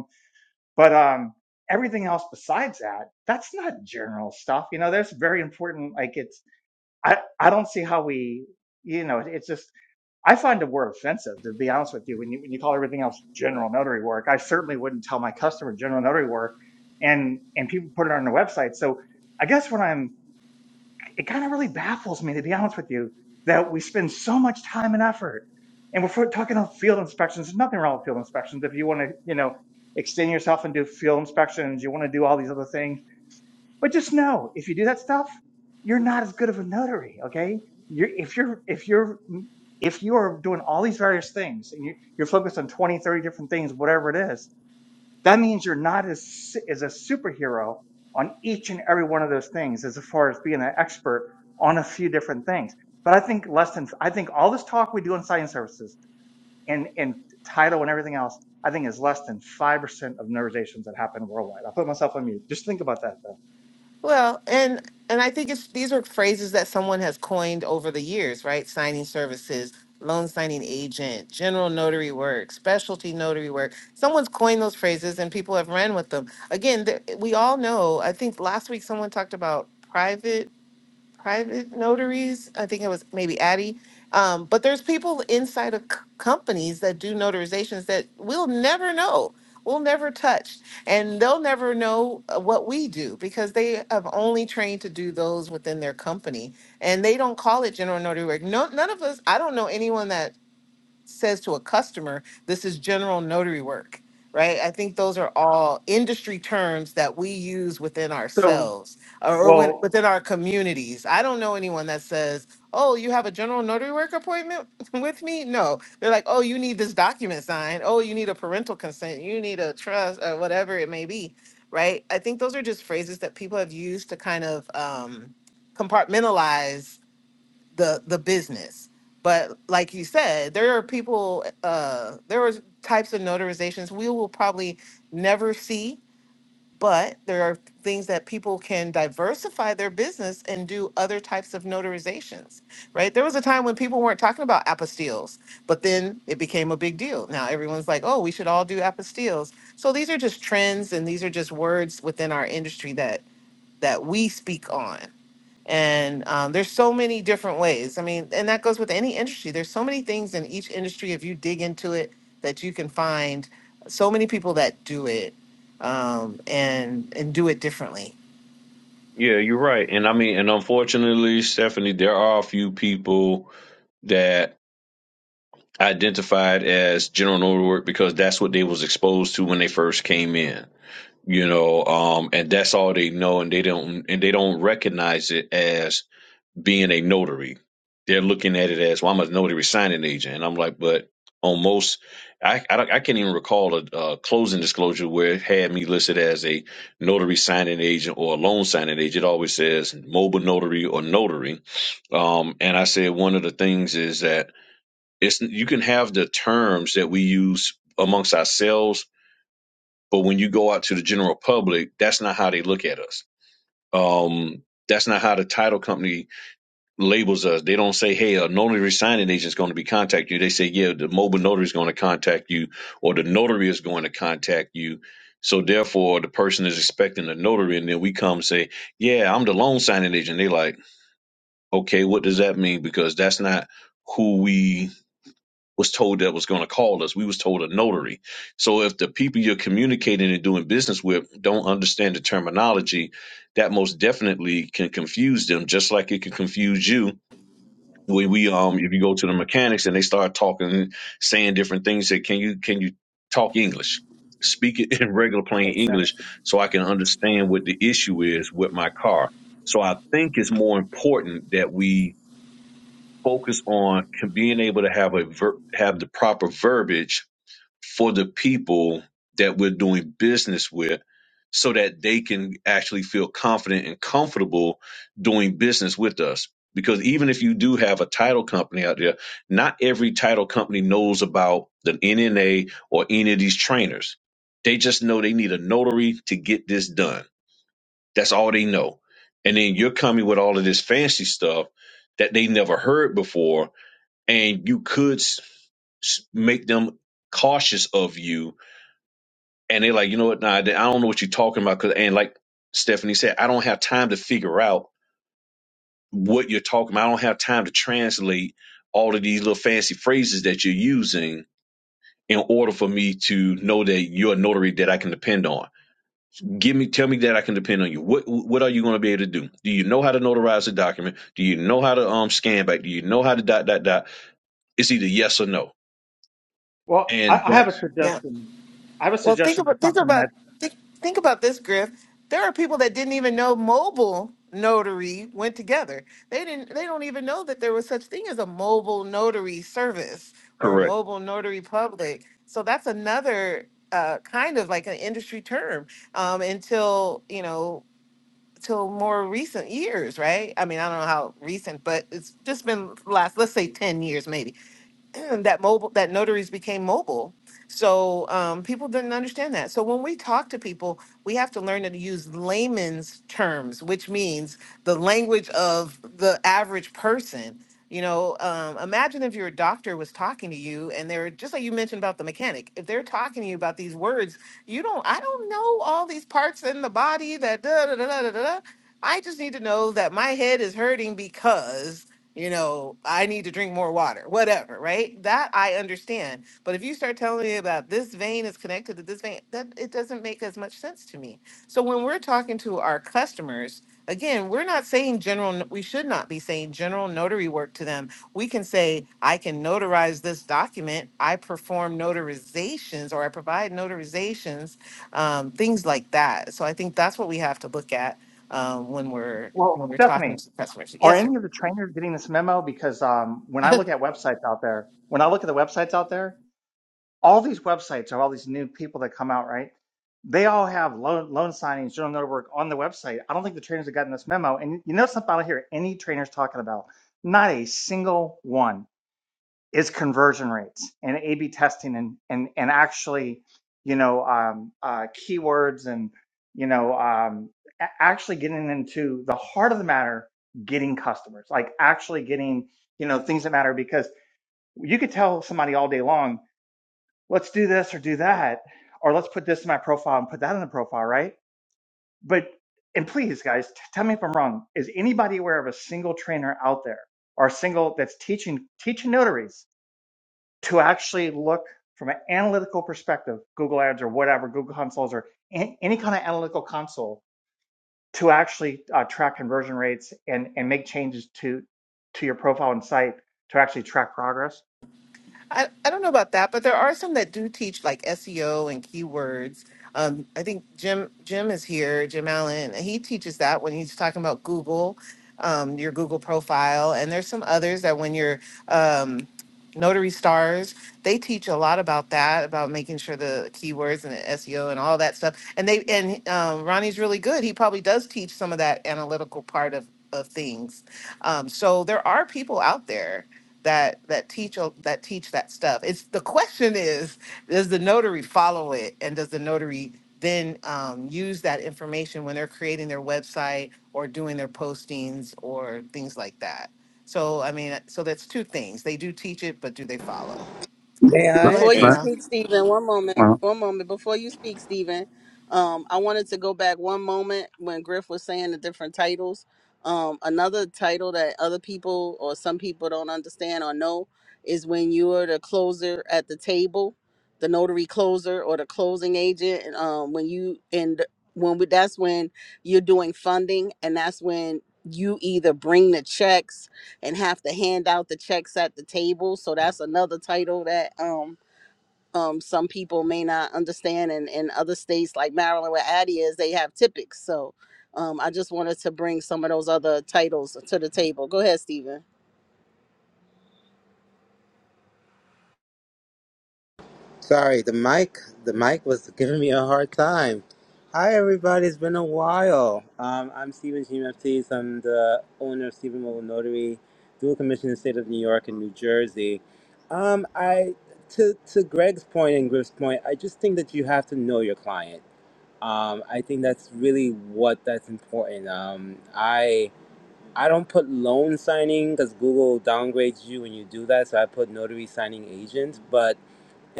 Speaker 5: but um, everything else besides that, that's not general stuff. You know, that's very important. Like it's, I, I don't see how we, you know, it's just, I find the word offensive to be honest with you. When you, when you call everything else general notary work, I certainly wouldn't tell my customer general notary work and, and people put it on their website. So I guess what I'm it kind of really baffles me, to be honest with you, that we spend so much time and effort. And we're for- talking about field inspections. There's nothing wrong with field inspections. If you want to, you know, extend yourself and do field inspections, you want to do all these other things. But just know, if you do that stuff, you're not as good of a notary. Okay. You're, if you're, if you're, if you are doing all these various things and you're, you're focused on 20, 30 different things, whatever it is, that means you're not as, as a superhero on each and every one of those things as far as being an expert on a few different things. But I think less than, I think all this talk we do in science services and, and title and everything else, I think is less than 5% of nerdizations that happen worldwide. I'll put myself on mute. Just think about that though.
Speaker 3: Well, and and I think it's these are phrases that someone has coined over the years, right? Signing services, loan signing agent, general notary work, specialty notary work. Someone's coined those phrases and people have ran with them. Again, th- we all know, I think last week someone talked about private private notaries. I think it was maybe Addie. Um, but there's people inside of c- companies that do notarizations that we'll never know. We'll never touch, and they'll never know uh, what we do because they have only trained to do those within their company, and they don't call it general notary work. No, none of us. I don't know anyone that says to a customer, this is general notary work, right? I think those are all industry terms that we use within
Speaker 5: So,
Speaker 3: ourselves or or when,
Speaker 5: well,
Speaker 3: within our communities. I don't know anyone that says, oh, you have a general notary work appointment with me? No. They're like, oh, you need this document signed. Oh, you need a parental consent. You need a trust or whatever it may be, right? I think those are just phrases that people have used to kind of um, compartmentalize the the business. But like you said, there are people. Uh, there are types of notarizations we will probably never see, but there are things that people can diversify their business and do other types of notarizations. Right? There was a time when people weren't talking about apostilles, but then it became a big deal. Now everyone's like, "Oh, we should all do apostilles." So these are just trends, and these are just words within our industry that that we speak on. And um, there's so many different ways. I mean, and that goes with any industry. There's so many things in each industry, if you dig into it, that you can find so many people that do it um, and and do it differently.
Speaker 4: Yeah, you're right. And I mean, and unfortunately, Stephanie, there are a few people that identified as general notary work because that's what they was exposed to when they first came in you know um and that's all they know and they don't and they don't recognize it as being a notary they're looking at it as well i'm a notary signing agent and i'm like but on most i i, don't- I can't even recall a, a closing disclosure where it had me listed as a notary signing agent or a loan signing agent it always says mobile notary or notary um and i said one of the things is that it's you can have the terms that we use amongst ourselves but when you go out to the general public, that's not how they look at us. Um, that's not how the title company labels us. They don't say, hey, a notary signing agent is going to be contacting you. They say, yeah, the mobile notary is going to contact you or the notary is going to contact you. So therefore, the person is expecting a notary. And then we come and say, yeah, I'm the loan signing agent. They like, okay, what does that mean? Because that's not who we was told that was going to call us. We was told a notary. So if the people you're communicating and doing business with don't understand the terminology, that most definitely can confuse them, just like it can confuse you. When we um, if you go to the mechanics and they start talking, saying different things, say, can you can you talk English? Speak it in regular plain English
Speaker 3: Exactly.
Speaker 4: so I can understand what the issue is with my car. So I think it's more important that we focus on being able to have a ver- have the proper verbiage for the people that we're doing business with so that they can actually feel confident and comfortable doing business with us because even if you do have a title company out there not every title company knows about the NNA or any of these trainers they just know they need a notary to get this done that's all they know and then you're coming with all of this fancy stuff that they never heard before and you could s- s- make them cautious of you and they're like you know what nah, i don't know what you're talking about. Cause and like stephanie said i don't have time to figure out what you're talking about i don't have time to translate all of these little fancy phrases that you're using in order for me to know that you're a notary that i can depend on give me tell me that i can depend on you what what are you going to be able to do do you know how to notarize a document do you know how to um scan back do you know how to dot dot dot it's either yes or no
Speaker 5: well, I,
Speaker 4: and
Speaker 5: I have a
Speaker 4: that's
Speaker 3: Yeah.
Speaker 5: suggestion. I have a
Speaker 3: Well, think
Speaker 5: suggestion for
Speaker 3: about think
Speaker 5: something
Speaker 3: about
Speaker 5: that,
Speaker 3: think, think about this, Griff. There are people that didn't even know mobile notary went together. They didn't. They don't even know that there was such thing as a mobile notary service or a
Speaker 4: correct
Speaker 3: mobile notary public. So that's another uh, kind of like an industry term um, until you know till more recent years, right? I mean, I don't know how recent, but it's just been last, let's say 10 years maybe. that mobile that notaries became mobile so um, people didn't understand that so when we talk to people we have to learn to use layman's terms which means the language of the average person you know um, imagine if your doctor was talking to you and they're just like you mentioned about the mechanic if they're talking to you about these words you don't, I don't know all these parts in the body that da da da da da da. da. I just need to know that my head is hurting because, you know, I need to drink more water, whatever, right? That I understand. But if you start telling me about this vein is connected to this vein, that it doesn't make as much sense to me. So when we're talking to our customers, again, we're not saying general, we should not be saying general notary work to them we can say, I can notarize this document. I perform notarizations or I provide notarizations, um, things like that. So I think that's what we have to look at um, when we're
Speaker 5: well,
Speaker 3: when we're talking
Speaker 5: Stephanie,
Speaker 3: to customers.
Speaker 5: are
Speaker 3: Yes, sir.
Speaker 5: any of the trainers getting this memo? Because um, when I look at websites out there, when I look at the websites out there, all these websites of all these new people that come out, right? They all have loan loan signings, journal note work on the website. I don't think the trainers have gotten this memo. And you know something I don't hear any trainers talking about? Not a single one is conversion rates and A/B testing and and and actually, you know, um, uh, keywords and you know, um, a- actually getting into the heart of the matter, getting customers, like actually getting you know things that matter because you could tell somebody all day long let's do this or do that, or let's put this in my profile and put that in the profile, right? But, and please, guys, t- tell me if I'm wrong. Is anybody aware of a single trainer out there or a single that's teaching, teaching notaries to actually look from an analytical perspective, Google Ads or whatever, Google Consoles or an- any kind of analytical console to actually uh, track conversion rates and, and make changes to, to your profile and site to actually track progress?
Speaker 3: I, I don't know about that, but there are some that do teach like SEO and keywords. Um, I think Jim Jim is here, Jim Allen, and he teaches that when he's talking about Google, um, your Google profile. And there's some others that when you're um, Notary Stars, they teach a lot about that, about making sure the keywords and the SEO and all that stuff. And they and um, Ronnie's really good. He probably does teach some of that analytical part of of things. Um, so there are people out there that that teach o- that teach that stuff. It's the question is, does the notary follow it, and does the notary then um, use that information when they're creating their website or doing their postings or things like that? So I mean, so that's two things. They do teach it, but do they follow?
Speaker 6: May
Speaker 7: Right.
Speaker 3: Go
Speaker 6: I?
Speaker 3: ahead, Jamel.
Speaker 7: right, Well,
Speaker 6: Sorry, the mic the mic was giving me a hard time. Hi everybody, it's been a while. Um, I'm Stephen G. FTs. I'm the owner of Stephen Mobile Notary, dual commission in the state of New York and New Jersey. Um, I to to Greg's point and Griff's point, I just think that you have to know your client. Um, I think that's really what that's important. Um, I I don't put loan signing because Google downgrades you when you do that, so I put notary signing agent, but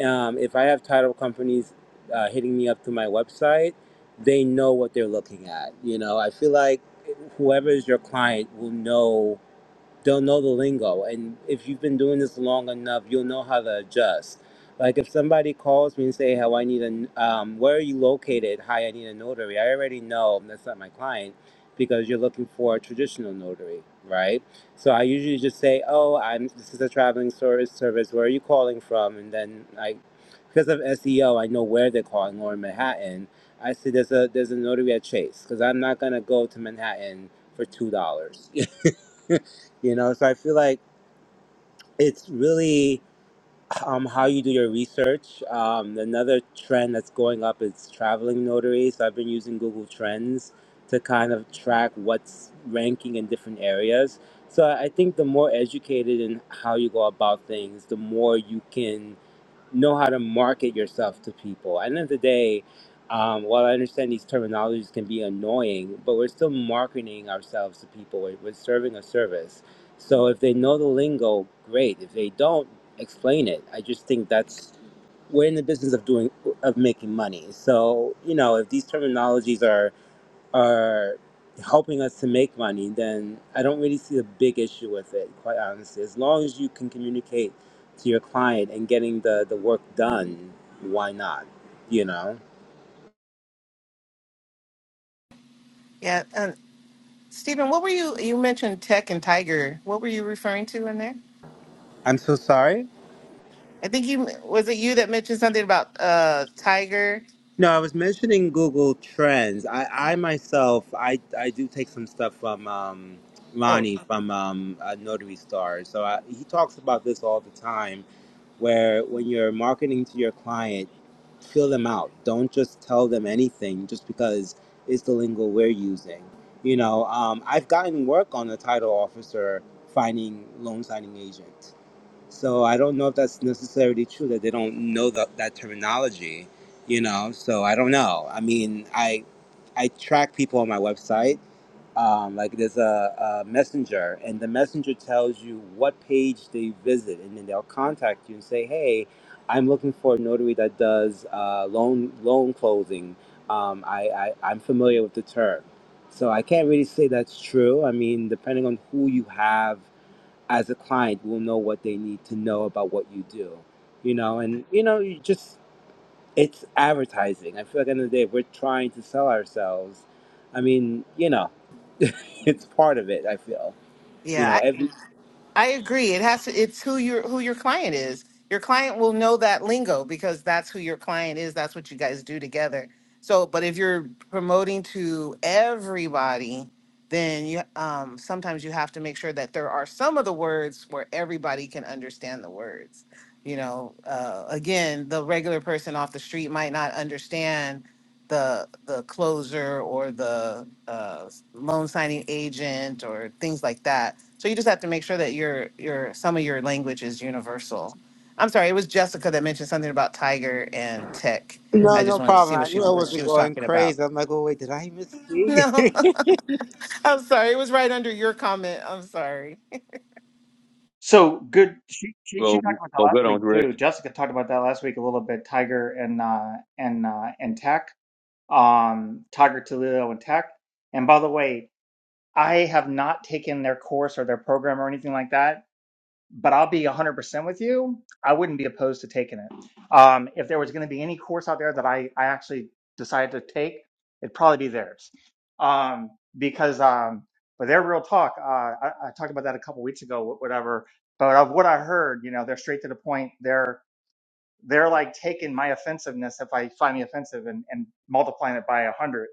Speaker 6: Um, if I have title companies uh, hitting me up through my website, they know what they're looking at. You know, I feel like whoever is your client will know they'll know the lingo. And if you've been doing this long enough, you'll know how to adjust. Like if somebody calls me and say, "How I need a, um, where are you located? Hi, I need a notary." I already know that's not my client because you're looking for a traditional notary, right? So I usually just say, "Oh, I'm this is a traveling service. Service, where are you calling from?" And then I, because of SEO, I know where they're calling or in Manhattan. I say there's a there's a notary at Chase because I'm not gonna go to Manhattan for two dollars. you know, so I feel like it's really um, how you do your research. Um, another trend that's going up is traveling notaries. So I've been using Google Trends to kind of track what's ranking in different areas. So I I think the more educated in how you go about things, the more you can know how to market yourself to people. At the end of the day, um, while I understand these terminologies can be annoying, but we're still marketing ourselves to people. We're, we're serving a service. So if they know the lingo, great. If they don't, explain it. I just think that's we're in the business of doing of making money. So you know, if these terminologies are are helping us to make money, then I don't really see a big issue with it, quite honestly. As long as you can communicate to your client and getting the, the work done, why not? You know?
Speaker 3: Yeah, and Stephen, what were you? You mentioned tech and Tiger. What were you referring to in there?
Speaker 6: I'm so sorry.
Speaker 3: I think you was it you that mentioned something about uh Tiger.
Speaker 6: No, I was mentioning Google Trends. I, I myself, I, I do take some stuff from um,
Speaker 3: Oh,
Speaker 6: Lonnie from um, uh, Notary Star. So I, he talks about this all the time where when you're marketing to your client, feel them out. Don't just tell them anything just because it's the lingo we're using. You know, um, I've gotten work on a title officer finding loan signing agent. So I don't know if that's necessarily true that they don't know that, that terminology, you know, so I don't know. I mean, I, I track people on my website um, like there's a, a messenger and the messenger tells you what page they visit and then they'll contact you and say hey i'm looking for a notary that does uh, loan loan closing um, I, I, i'm familiar with the term so i can't really say that's true i mean depending on who you have as a client will know what they need to know about what you do you know and you know you just it's advertising i feel like at the end of the day if we're trying to sell ourselves i mean you know it's part of it. I feel you know
Speaker 3: yeah.
Speaker 6: every
Speaker 3: I agree. It has to. It's who your who your client is. Your client will know that lingo because that's who your client is. That's what you guys do together. So, but if you're promoting to everybody, then you um, sometimes you have to make sure that there are some of the words where everybody can understand the words. You know, uh, again, the regular person off the street might not understand the the closer or the uh, loan signing agent or things like that. So you just have to make sure that your your some of your language is universal. I'm sorry, it was Jessica that mentioned something about Tiger and Tech. I
Speaker 6: No,
Speaker 3: just
Speaker 6: no
Speaker 3: wanted to
Speaker 6: problem.
Speaker 3: see what
Speaker 6: I
Speaker 3: she
Speaker 6: knew I
Speaker 3: what she
Speaker 6: wasn't
Speaker 3: was
Speaker 6: going
Speaker 3: talking about.
Speaker 6: crazy. I'm like, oh wait, did I misspeak?
Speaker 3: No, I'm sorry, it was right under your comment. I'm sorry.
Speaker 5: So good. She, she she
Speaker 4: Well,
Speaker 5: talked about that
Speaker 4: well,
Speaker 5: last
Speaker 4: good
Speaker 5: week
Speaker 4: on Greg.
Speaker 5: too. Jessica talked about that last week a little bit. Tiger and uh, and uh, and Tech. Um, Tiger Toledo and Tech. And by the way, I have not taken their course or their program or anything like that but I'll be 100% with you. I wouldn't be opposed to taking it. Um, if there was going to be any course out there that I, I actually decided to take, it'd probably be theirs. Um, because, um, but their real talk, uh, I, I talked about that a couple weeks ago, wh- whatever, but of what I heard, you know, they're straight to the point. They're, they're like taking my offensiveness if I find me offensive and, and multiplying it by a hundred.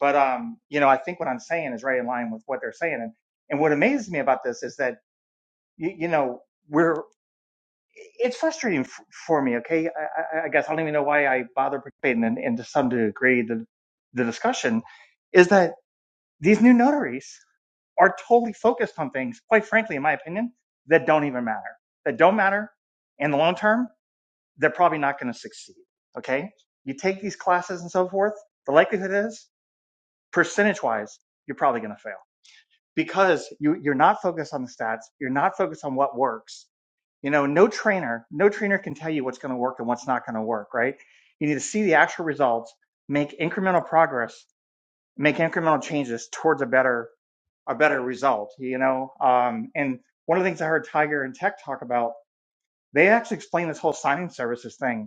Speaker 5: But, um, you know, I think what I'm saying is right in line with what they're saying. And, and what amazes me about this is that, you, you know, we're it's frustrating f- for me. Okay, I, I, I guess I don't even know why I bother participating, and, and to some degree, the the discussion is that these new notaries are totally focused on things, quite frankly, in my opinion, that don't even matter, that don't matter in the long term. They're probably not going to succeed. Okay, you take these classes and so forth. The likelihood is, percentage wise, you're probably going to fail because you you're not focused on the stats. You're not focused on what works you know, no trainer, no trainer can tell you what's going to work and what's not going to work, right? You need to see the actual results, make incremental progress, make incremental changes towards a better a better result, you know. Um, and one of the things I heard Tiger and Tech talk about, they actually explained this whole signing services thing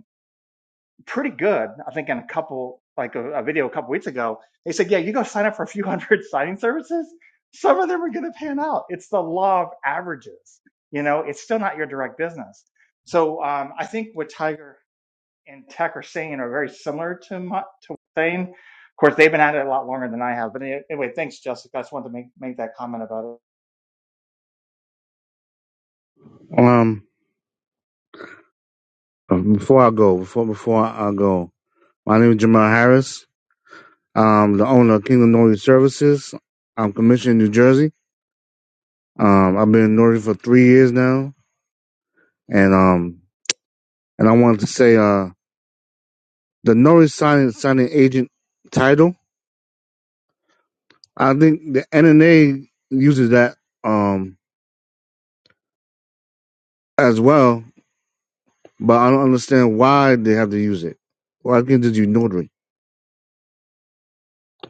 Speaker 5: pretty good. I think in a couple, like a, a video a couple weeks ago, they said, yeah, you go sign up for a few hundred signing services. Some of them are going to pan out. It's the law of averages. You know, it's still not your direct business. So um, I think what Tiger and Tech are saying are very similar to my, to saying. Of course, they've been at it a lot longer than I have. But anyway, thanks, Jessica. I just wanted to make, make that comment about
Speaker 7: um, before I go, before before I go, my name is Jamal Harris. I'm the owner of Kingdom Notary Services. I'm commissioned in New Jersey. Um, I've been in Notary for three years now, and um, and I wanted to say, uh, the Notary signing signing agent title. I think the NNA uses that um as well, but I don't understand why they have to use it. Why can't it just be notary?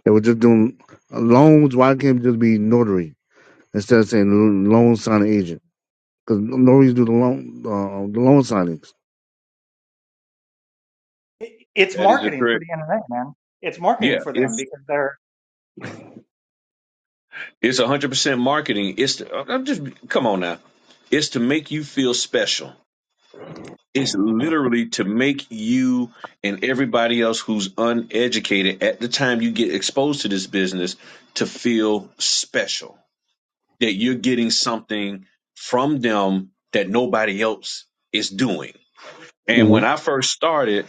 Speaker 7: They were just doing loans. Why can't it just be notary? instead of saying loan signing agent. Because no do the loan uh, the loan signings.
Speaker 5: it. it. It's
Speaker 4: That is a
Speaker 5: marketing for
Speaker 4: correct.
Speaker 5: the NNA, man. It's marketing
Speaker 4: Yeah,
Speaker 5: for them
Speaker 4: it's
Speaker 5: because they're
Speaker 4: it's one hundred percent marketing. It's to, I'm just come on now. It's to make you feel special. It's literally to make you and everybody else who's uneducated at the time you get exposed to this business to feel special. That you're getting something from them that nobody else is doing. And when I first started,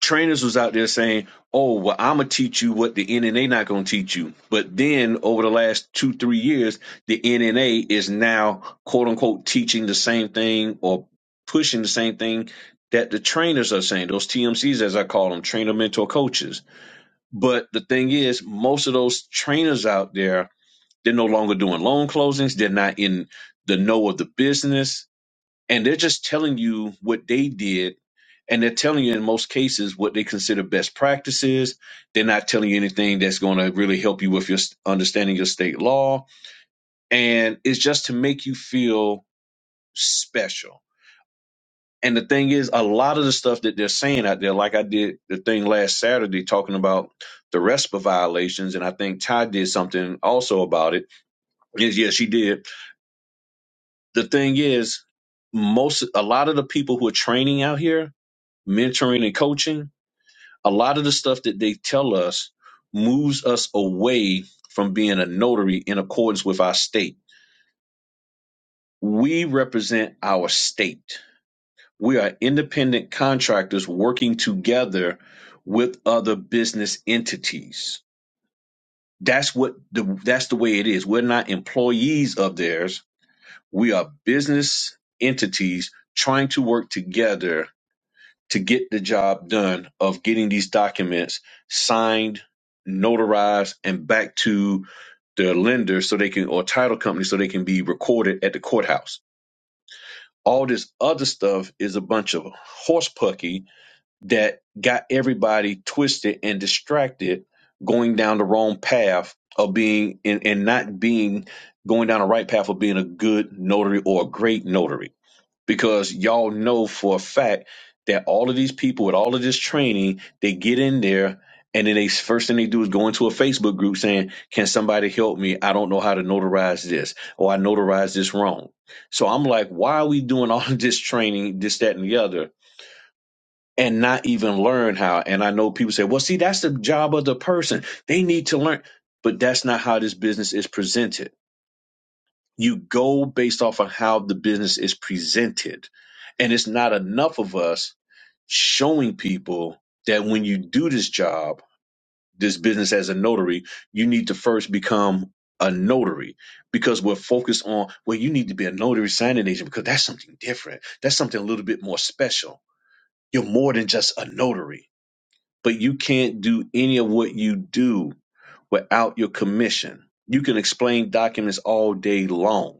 Speaker 4: trainers was out there saying, "Oh, well, I'm gonna teach you what the NNA not gonna teach you." But then over the last two three years, the NNA is now quote unquote teaching the same thing or pushing the same thing that the trainers are saying. Those TMCs, as I call them, trainer mentor coaches. But the thing is, most of those trainers out there, they're no longer doing loan closings. They're not in the know of the business and they're just telling you what they did and they're telling you in most cases what they consider best practices they're not telling you anything that's going to really help you with your s- understanding your state law and it's just to make you feel special and the thing is a lot of the stuff that they're saying out there like i did the thing last saturday talking about the respa violations and i think ty did something also about it yes yes she did the thing is most a lot of the people who are training out here mentoring and coaching, a lot of the stuff that they tell us moves us away from being a notary in accordance with our state. We represent our state. We are independent contractors working together with other business entities. That's what the that's the way it is. We're not employees of theirs. We are business entities trying to work together to get the job done of getting these documents signed, notarized, and back to the lender so they can, or title company so they can be recorded at the courthouse. All this other stuff is a bunch of horse pucky that got everybody twisted and distracted going down the wrong path of being and, and not being going down the right path of being a good notary or a great notary because y'all know for a fact that all of these people with all of this training, they get in there and then they first thing they do is go into a Facebook group saying, "Can somebody help me? I don't know how to notarize this, or I notarized this wrong." So I'm like, "Why are we doing all of this training, this, that, and the other?" And not even learn how. And I know people say, well, see, that's the job of the person. They need to learn. But that's not how this business is presented you go based off of how the business is presented and it's not enough of us showing people that when you do this job this business as a notary you need to first become a notary because we're focused on well you need to be a notary signing agent because that's something different that's something a little bit more special you're more than just a notary but you can't do any of what you do without your commission you can explain documents all day long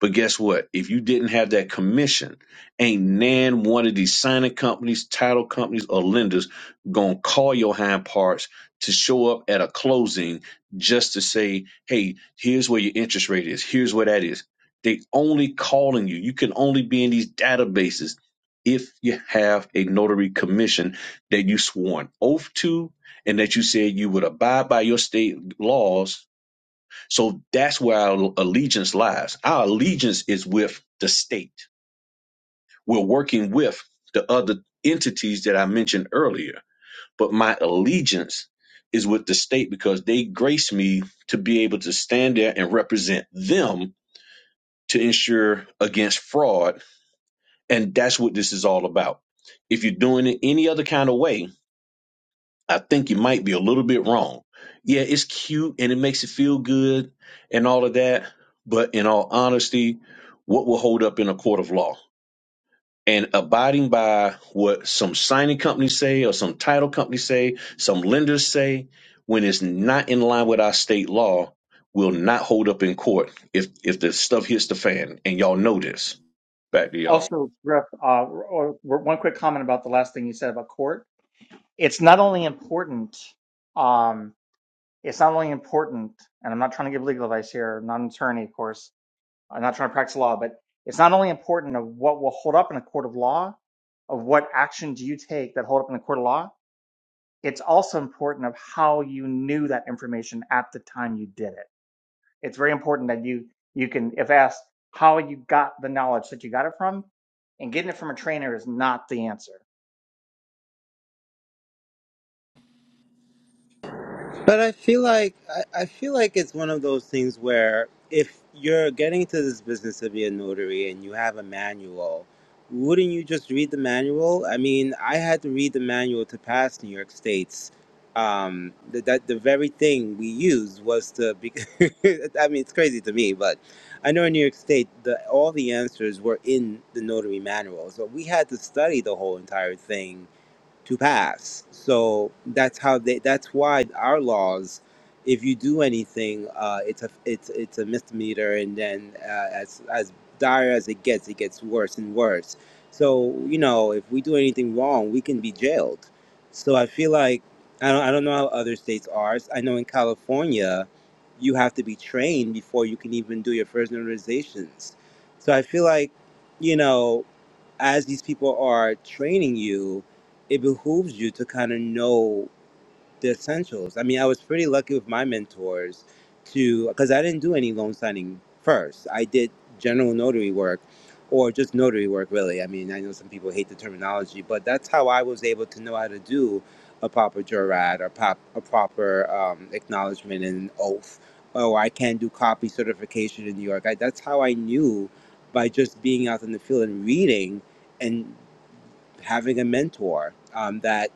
Speaker 4: but guess what? If you didn't have that commission, ain't nan one of these signing companies, title companies, or lenders gonna call your hind parts to show up at a closing just to say, hey, here's where your interest rate is, here's where that is. They only calling you. You can only be in these databases if you have a notary commission that you swore an oath to and that you said you would abide by your state laws so that's where our allegiance lies. Our allegiance is with the state. We're working with the other entities that I mentioned earlier, but my allegiance is with the state because they grace me to be able to stand there and represent them to ensure against fraud. And that's what this is all about. If you're doing it any other kind of way, I think you might be a little bit wrong. Yeah, it's cute and it makes it feel good and all of that. But in all honesty, what will hold up in a court of law? And abiding by what some signing companies say or some title companies say, some lenders say, when it's not in line with our state law, will not hold up in court if if the stuff hits the fan. And y'all know this. Back to y'all.
Speaker 5: Also, Griff, uh, or, or one quick comment about the last thing you said about court. It's not only important, um, it's not only important, and I'm not trying to give legal advice here, I'm not an attorney, of course. I'm not trying to practice law, but it's not only important of what will hold up in a court of law, of what action do you take that hold up in a court of law. It's also important of how you knew that information at the time you did it. It's very important that you you can, if asked, how you got the knowledge that you got it from, and getting it from a trainer is not the answer.
Speaker 6: But I feel like I, I feel like it's one of those things where if you're getting into this business of being a notary and you have a manual, wouldn't you just read the manual? I mean, I had to read the manual to pass New York State's. Um, that, that the very thing we used was to. Be, I mean, it's crazy to me, but I know in New York State, the all the answers were in the notary manual, so we had to study the whole entire thing to pass. So that's how they. That's why our laws, if you do anything, uh, it's a it's it's a misdemeanor, and then uh, as as dire as it gets, it gets worse and worse. So you know, if we do anything wrong, we can be jailed. So I feel like I don't I don't know how other states are. I know in California, you have to be trained before you can even do your first notarizations. So I feel like, you know as these people are training you, it behooves you to kind of know the essentials. I mean, I was pretty lucky with my mentors to because I didn't do any loan signing first. I did general notary work or just notary work, really. I mean, I know some people hate the terminology, but that's how I was able to know how to do a proper jurat or pop, a proper um, acknowledgement and oath. Or I can do copy certification in New York. I, that's how I knew by just being out in the field and reading. and having a mentor um, that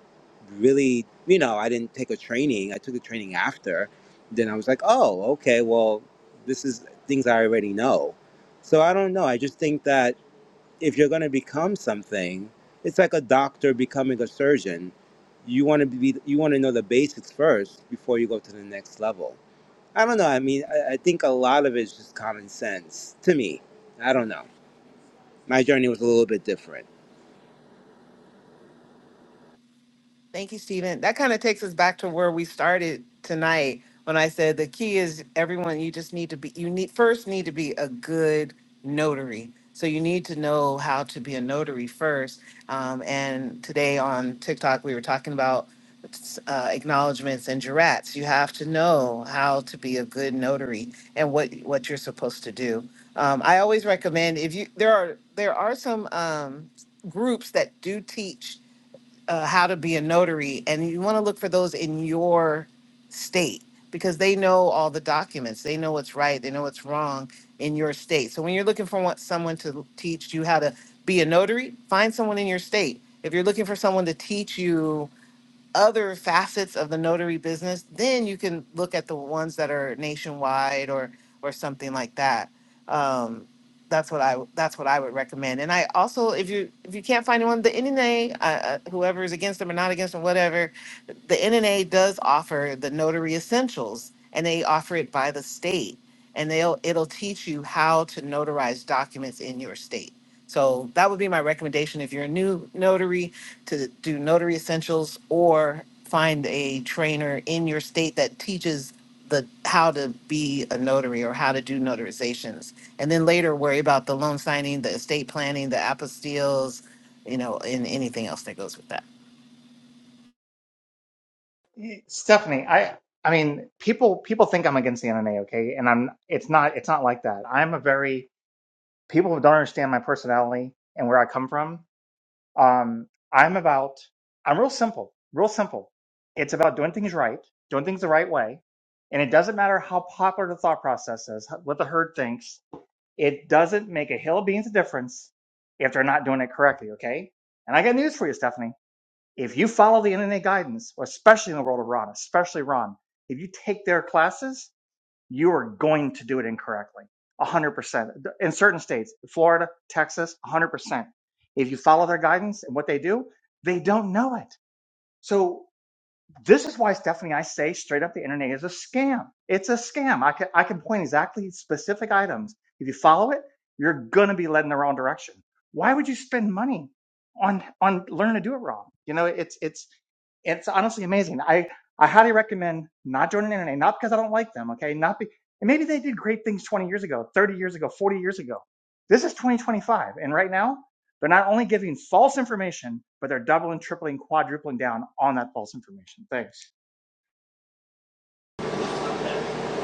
Speaker 6: really, you know, I didn't take a training. I took a training after. Then I was like, oh, okay, well, this is things I already know. So I don't know. I just think that if you're going to become something, it's like a doctor becoming a surgeon. You want to be, you want to know the basics first before you go to the next level. I don't know. I mean, I, I think a lot of it is just common sense to me. I don't know. My journey was a little bit different.
Speaker 3: Thank you, Stephen. That kind of takes us back to where we started tonight when I said the key is everyone, you just need to be, you need first need to be a good notary. So you need to know how to be a notary first. Um, and today on TikTok, we were talking about uh, acknowledgments and jurats. You have to know how to be a good notary and what, what you're supposed to do. Um, I always recommend if you, there are, there are some um, groups that do teach uh, how to be a notary, and you want to look for those in your state because they know all the documents. They know what's right. They know what's wrong in your state. So when you're looking for what, someone to teach you how to be a notary, find someone in your state. If you're looking for someone to teach you other facets of the notary business, then you can look at the ones that are nationwide or or something like that. Um, that's what I that's what I would recommend. And I also, if you if you can't find one, the NNA, uh, uh, whoever is against them or not against them, whatever, the NNA does offer the notary essentials, and they offer it by the state, and they'll it'll teach you how to notarize documents in your state. So that would be my recommendation if you're a new notary to do notary essentials or find a trainer in your state that teaches the how to be a notary or how to do notarizations and then later worry about the loan signing the estate planning the apostilles you know and anything else that goes with that
Speaker 5: Stephanie, I I mean, people people think I'm against the NNA, okay, and I'm it's not it's not like that. I'm a very people who don't understand my personality and where I come from. Um, I'm about I'm real simple, real simple. It's about doing things right, doing things the right way, and it doesn't matter how popular the thought process is, what the herd thinks It doesn't make a hill of beans of difference if they're not doing it correctly, okay? And I got news for you, Stephanie. If you follow the NNA guidance, especially in the world of Ron, especially Ron, if you take their classes, you are going to do it incorrectly. 100%. In certain states, Florida, Texas, 100%. If you follow their guidance and what they do, they don't know it. So this is why, Stephanie, I say straight up the internet is a scam. It's a scam. I can, I can point exactly specific items. If you follow it, you're going to be led in the wrong direction. Why would you spend money on, on learning to do it wrong? You know, it's, it's, it's honestly amazing. I, I highly recommend not joining the internet, not because I don't like them. Okay. Not be, and maybe they did great things 20 years ago, 30 years ago, 40 years ago. This is 2025. And right now they're not only giving false information, but they're doubling, tripling, quadrupling down on that false information. Thanks.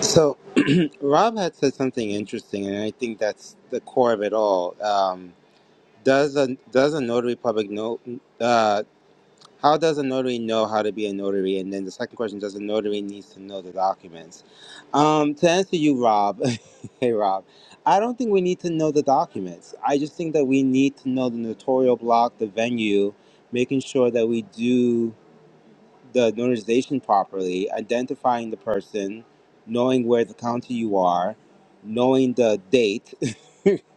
Speaker 6: So. Rob had said something interesting, and I think that's the core of it all. Um, does a does a notary public know? Uh, how does a notary know how to be a notary? And then the second question: Does a notary needs to know the documents? Um, to answer you, Rob. hey, Rob. I don't think we need to know the documents. I just think that we need to know the notarial block, the venue, making sure that we do the notarization properly, identifying the person, knowing where the county you are, knowing the date,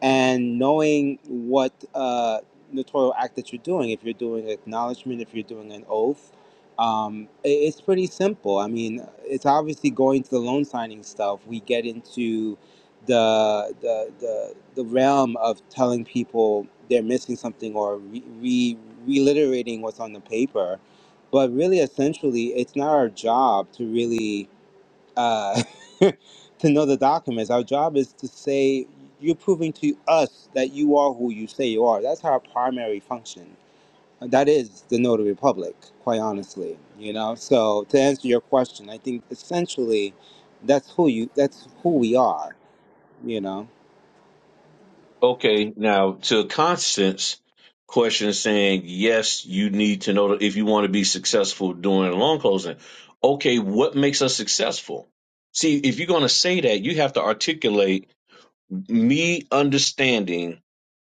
Speaker 6: and knowing what uh, notarial act that you're doing, if you're doing acknowledgement, if you're doing an oath, um, i- it's pretty simple. I mean, it's obviously going to the loan signing stuff. We get into the the the, the realm of telling people they're missing something or re, re reliterating what's on the paper, but really, essentially, it's not our job to really uh, to know the documents. Our job is to say, you're proving to us that you are who you say you are. That's our primary function. That is the notary public, quite honestly. You know. So to answer your question, I think essentially, that's who you. That's who we are. You know.
Speaker 4: Okay, now to Constance question saying, yes, you need to know that if you want to be successful during loan closing. Okay, what makes us successful? See, if you're going to say that, you have to articulate me understanding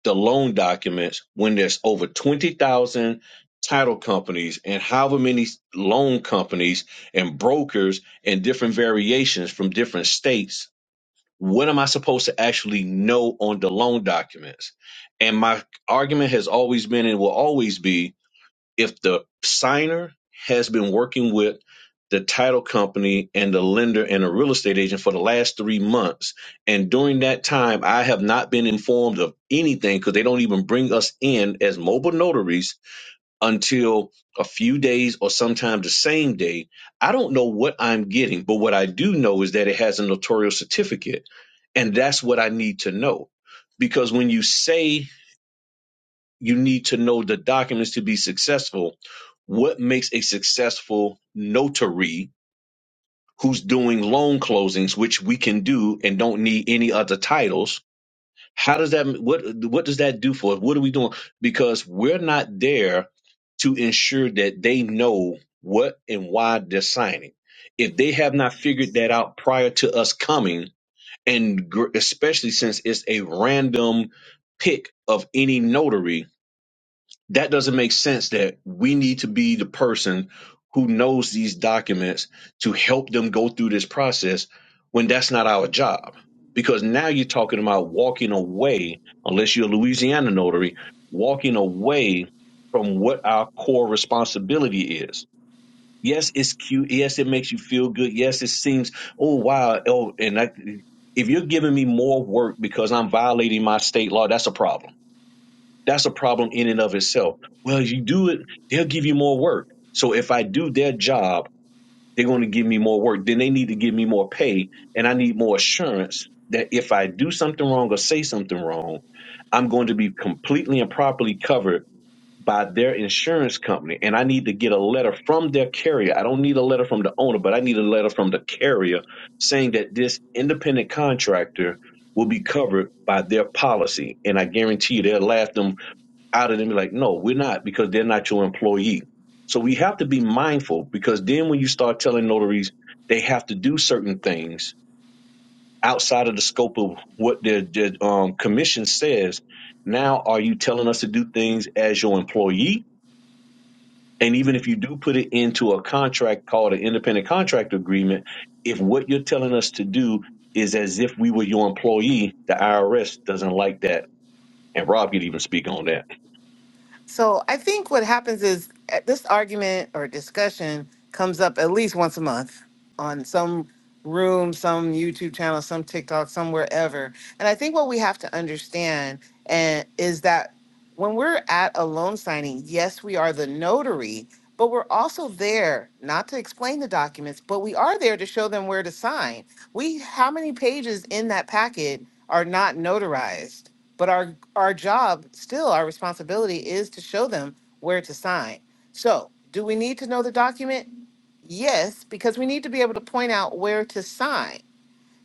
Speaker 4: the loan documents when there's over 20,000 title companies and however many loan companies and brokers and different variations from different states what am I supposed to actually know on the loan documents? And my argument has always been and will always be if the signer has been working with the title company and the lender and a real estate agent for the last three months, and during that time, I have not been informed of anything because they don't even bring us in as mobile notaries until a few days or sometime the same day. I don't know what I'm getting, but what I do know is that it has a notarial certificate. And that's what I need to know. Because when you say you need to know the documents to be successful, what makes a successful notary who's doing loan closings, which we can do and don't need any other titles? How does that what what does that do for us? What are we doing? Because we're not there to ensure that they know what and why they're signing. If they have not figured that out prior to us coming, and gr- especially since it's a random pick of any notary, that doesn't make sense that we need to be the person who knows these documents to help them go through this process when that's not our job because now you're talking about walking away unless you're a louisiana notary walking away from what our core responsibility is yes it's cute yes it makes you feel good yes it seems oh wow oh and I, if you're giving me more work because i'm violating my state law that's a problem that's a problem in and of itself. Well, if you do it, they'll give you more work. So if I do their job, they're going to give me more work. Then they need to give me more pay, and I need more assurance that if I do something wrong or say something wrong, I'm going to be completely and properly covered by their insurance company. And I need to get a letter from their carrier. I don't need a letter from the owner, but I need a letter from the carrier saying that this independent contractor will be covered by their policy. And I guarantee you they'll laugh them out of them be like, no, we're not because they're not your employee. So we have to be mindful because then when you start telling notaries they have to do certain things outside of the scope of what their, their um, commission says, now are you telling us to do things as your employee? And even if you do put it into a contract called an independent contract agreement, if what you're telling us to do is as if we were your employee, the IRS doesn't like that. And Rob could even speak on that.
Speaker 3: So I think what happens is uh, this argument or discussion comes up at least once a month on some room, some YouTube channel, some TikTok, somewhere ever. And I think what we have to understand and is that when we're at a loan signing, yes, we are the notary, but we're also there not to explain the documents, but we are there to show them where to sign. We how many pages in that packet are not notarized? But our our job, still our responsibility is to show them where to sign. So, do we need to know the document? Yes, because we need to be able to point out where to sign.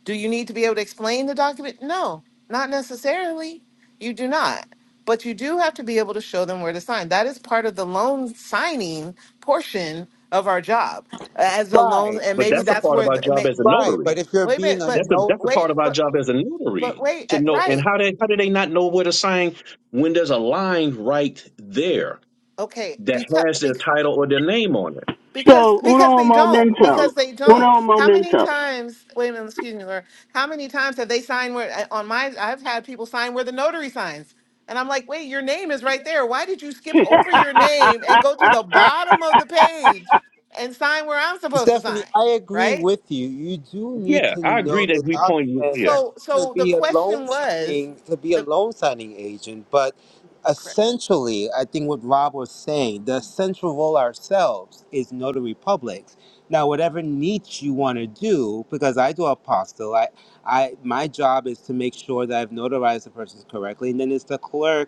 Speaker 3: Do you need to be able to explain the document? No, not necessarily. You do not. But you do have to be able to show them where to sign. That is part of the loan signing portion of our job as the loan,
Speaker 6: Right.
Speaker 3: and
Speaker 4: But
Speaker 3: maybe
Speaker 4: that's a
Speaker 3: that's
Speaker 4: part of
Speaker 3: where
Speaker 4: our
Speaker 3: the, it
Speaker 4: job
Speaker 3: may,
Speaker 4: as a
Speaker 6: Right.
Speaker 4: notary
Speaker 6: But if you're
Speaker 3: wait a
Speaker 6: being
Speaker 3: minute,
Speaker 6: a
Speaker 3: but
Speaker 4: That's the
Speaker 6: notary.
Speaker 4: that's the part
Speaker 3: wait,
Speaker 4: of our
Speaker 3: but
Speaker 4: job as a
Speaker 3: but
Speaker 4: notary
Speaker 3: wait,
Speaker 4: to
Speaker 3: uh,
Speaker 4: know. And
Speaker 3: right?
Speaker 4: how they how do they not know where to sign when there's a line right there
Speaker 3: Okay,
Speaker 4: that has
Speaker 3: because
Speaker 4: their title or their name on it?
Speaker 3: Because
Speaker 8: So
Speaker 3: because
Speaker 8: uno
Speaker 3: they don't because
Speaker 8: momento.
Speaker 3: they don't.
Speaker 8: Uno
Speaker 3: How many
Speaker 8: momento.
Speaker 3: times? Wait a minute, excuse me, Laura. How many times have they signed where I- on my? I've had people sign where the notary signs, and I'm like, wait, your name is right there. Why did you skip
Speaker 8: yep,
Speaker 3: over your name and go to the bottom of the page and sign where I'm supposed to
Speaker 6: Stephanie,
Speaker 3: sign?
Speaker 6: I agree
Speaker 3: Right.
Speaker 6: with you. You do need
Speaker 4: Yeah,
Speaker 6: to
Speaker 4: I agree
Speaker 6: know
Speaker 4: that
Speaker 6: the
Speaker 4: we point yeah
Speaker 6: documents
Speaker 3: So
Speaker 6: to
Speaker 3: so the
Speaker 6: be a loan
Speaker 3: question was
Speaker 6: signing to be a
Speaker 3: the
Speaker 6: loan signing agent, but
Speaker 3: correct
Speaker 6: essentially, I think what Rob was saying, the central role ourselves is notary publics. Now, whatever niche you want to do, because I do apostle, I, I my job is to make sure that I've notarized the person correctly, and then it's the clerk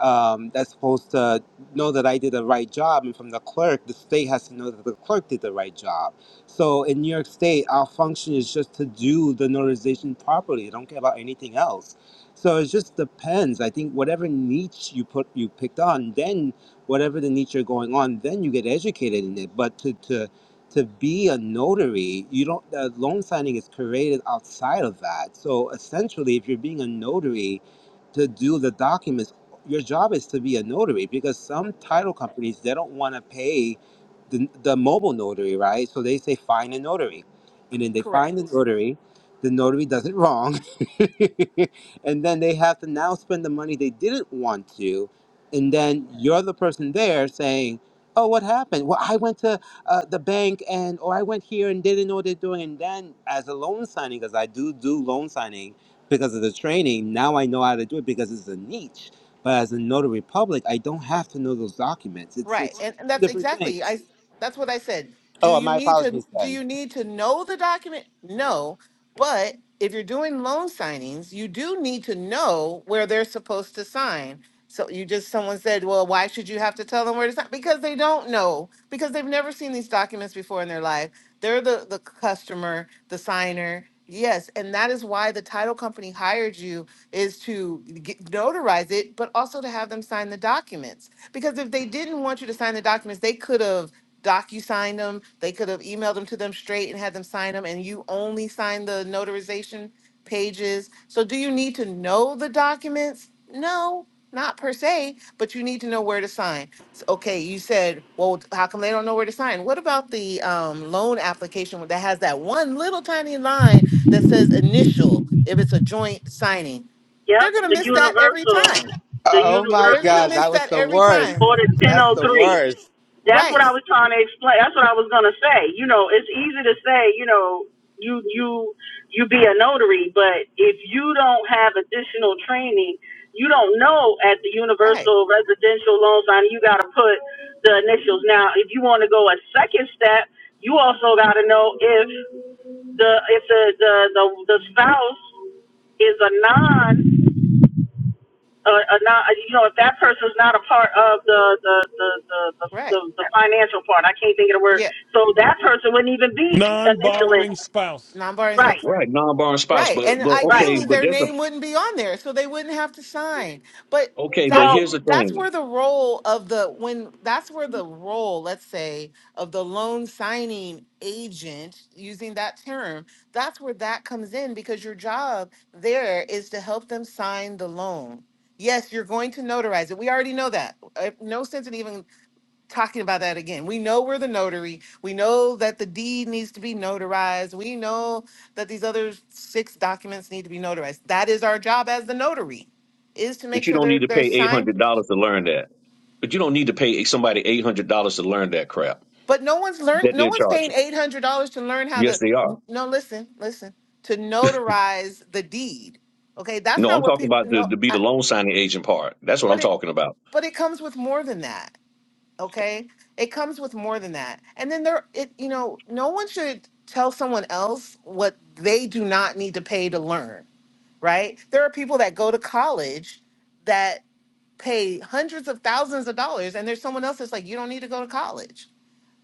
Speaker 6: um, that's supposed to know that I did the right job, and from the clerk, the state has to know that the clerk did the right job. So in New York State, our function is just to do the notarization properly. I don't care about anything else. So it just depends. I think whatever niche you put you picked on, then whatever the niche you're going on, then you get educated in it. But to to to be a notary, you don't. Uh, loan signing is created outside of that. So essentially, if you're being a notary, to do the documents your job is to be a notary because some title
Speaker 3: correct
Speaker 6: companies they don't want to pay the, the mobile notary right so they say find a notary and then they find the
Speaker 3: correct
Speaker 6: notary the notary does it wrong and then they have to now spend the money they didn't want to and
Speaker 3: right
Speaker 6: then you're the person there saying oh what happened well i went to uh, the bank and or i went here and didn't know what they're doing and then as a loan signing because i do do loan signing because of the training now i know how to do it because it's a niche but as a notary public, I don't have to know those documents. It's
Speaker 3: Right.
Speaker 6: it's
Speaker 3: And, and
Speaker 6: two
Speaker 3: that's
Speaker 6: different
Speaker 3: exactly
Speaker 6: things.
Speaker 3: I that's what I said. Do
Speaker 6: Oh,
Speaker 3: you
Speaker 6: my
Speaker 3: need to
Speaker 6: apologies,
Speaker 3: do
Speaker 6: Ken.
Speaker 3: you need to know the document? No. But if you're doing loan signings, you do need to know where they're supposed to sign. So you just someone said, "Well, why should you have to tell them where to sign?" Because they don't know because they've never seen these documents before in their life. They're the, the customer, the signer. Yes. And that is why the title company hired you is to get, notarize it, but also to have them sign the documents. Because if they didn't want you to sign the documents, they could have docu-signed them. They could have emailed them to them straight and had them sign them. And you only sign the notarization pages. So, do you need to know the documents? No, not per se, but you need to know where to sign. S- okay, you said, well, how come they don't know where to sign? What about the um, loan application that has that one little tiny line that says initial if it's a joint signing? They're going to
Speaker 8: the
Speaker 3: miss that every
Speaker 8: universal,
Speaker 3: time.
Speaker 8: the
Speaker 6: Oh my
Speaker 3: They're going to
Speaker 8: universal
Speaker 6: gosh,
Speaker 3: miss
Speaker 6: that was
Speaker 3: that
Speaker 6: the
Speaker 3: every
Speaker 6: worst.
Speaker 3: time.
Speaker 8: for the
Speaker 6: That's the
Speaker 8: 1003.
Speaker 6: worst.
Speaker 8: That's what
Speaker 3: Right,
Speaker 8: I was trying to explain. That's what I was gonna say. You know, it's easy to say. You know, you you you be a notary, but if you don't have additional training, you don't know at the
Speaker 3: right,
Speaker 8: universal residential loan sign. You got to put the initials. Now, if you want to go a second step, you also got to know if the if the the the, the spouse is a non a, a non you know if that person's not a part of the the the, the the
Speaker 3: right.
Speaker 8: the the financial part I can't think of the word
Speaker 3: Yeah,
Speaker 8: so that person wouldn't even be
Speaker 2: Non
Speaker 8: initially
Speaker 2: borrowing spouse.
Speaker 3: non borrowing.
Speaker 8: right
Speaker 4: right non-born spouse,
Speaker 3: Right.
Speaker 4: but
Speaker 3: And
Speaker 4: but
Speaker 8: right
Speaker 4: okay,
Speaker 3: ideally
Speaker 4: but
Speaker 3: their
Speaker 4: there's
Speaker 3: name
Speaker 4: a
Speaker 3: wouldn't be on there, so they wouldn't have to sign. But
Speaker 4: okay, but
Speaker 3: that's
Speaker 8: well
Speaker 4: here's the
Speaker 3: that's
Speaker 4: thing.
Speaker 3: where the role of the when that's where the role, let's say, of the loan signing agent, using that term, that's where that comes in because your job there is to help them sign the loan. Yes, you're going to notarize it. We already know that. Uh, No sense in even talking about that again. We know we're the notary. We know that the deed needs to be notarized. We know that these other six documents need to be notarized. That is our job as the notary, is to make
Speaker 4: But you
Speaker 3: sure
Speaker 4: don't need
Speaker 3: they're
Speaker 4: to
Speaker 3: they're
Speaker 4: pay eight hundred
Speaker 3: signed.
Speaker 4: dollars to learn that. But you don't need to pay somebody eight hundred dollars to learn that crap
Speaker 3: But no one's learned.
Speaker 4: that
Speaker 3: No
Speaker 4: they're
Speaker 3: one's paying
Speaker 4: charging.
Speaker 3: eight hundred dollars to learn how
Speaker 4: Yes,
Speaker 3: to.
Speaker 4: they are.
Speaker 3: No, listen, listen. To notarize the deed. Okay, that's
Speaker 4: No,
Speaker 3: not
Speaker 4: I'm
Speaker 3: what
Speaker 4: talking
Speaker 3: people.
Speaker 4: about the
Speaker 3: No,
Speaker 4: to be
Speaker 3: I,
Speaker 4: the loan signing agent part. That's what I'm
Speaker 3: but it
Speaker 4: talking about.
Speaker 3: but it comes with more than that okay it comes with more than that and then there it you know no one should tell someone else what they do not need to pay to learn right there are people that go to college that pay hundreds of thousands of dollars and there's someone else that's like you don't need to go to college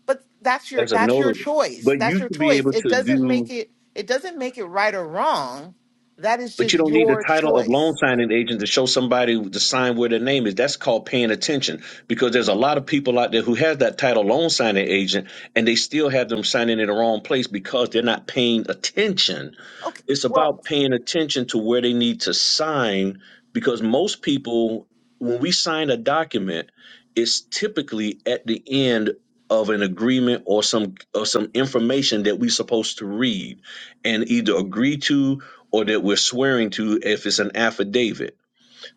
Speaker 3: but that's your
Speaker 4: as a
Speaker 3: that's your
Speaker 4: notary.
Speaker 3: choice
Speaker 4: But
Speaker 3: that's
Speaker 4: you
Speaker 3: your
Speaker 4: should be
Speaker 3: choice
Speaker 4: able
Speaker 3: it
Speaker 4: to
Speaker 3: doesn't make
Speaker 4: do,
Speaker 3: it it doesn't make it right or wrong that is
Speaker 4: but you
Speaker 3: just
Speaker 4: don't need the
Speaker 3: your
Speaker 4: title of loan
Speaker 3: choice
Speaker 4: signing agent to show somebody to sign where their name is. That's called paying attention because there's a lot of people out there who has that title loan signing agent and they still have them signing in the wrong place because they're not paying attention
Speaker 3: okay
Speaker 4: it's
Speaker 3: well
Speaker 4: about paying attention to where they need to sign because most people when we sign a document it's typically at the end of an agreement or some or some information that we're supposed to read and either agree to or that we're swearing to if it's an affidavit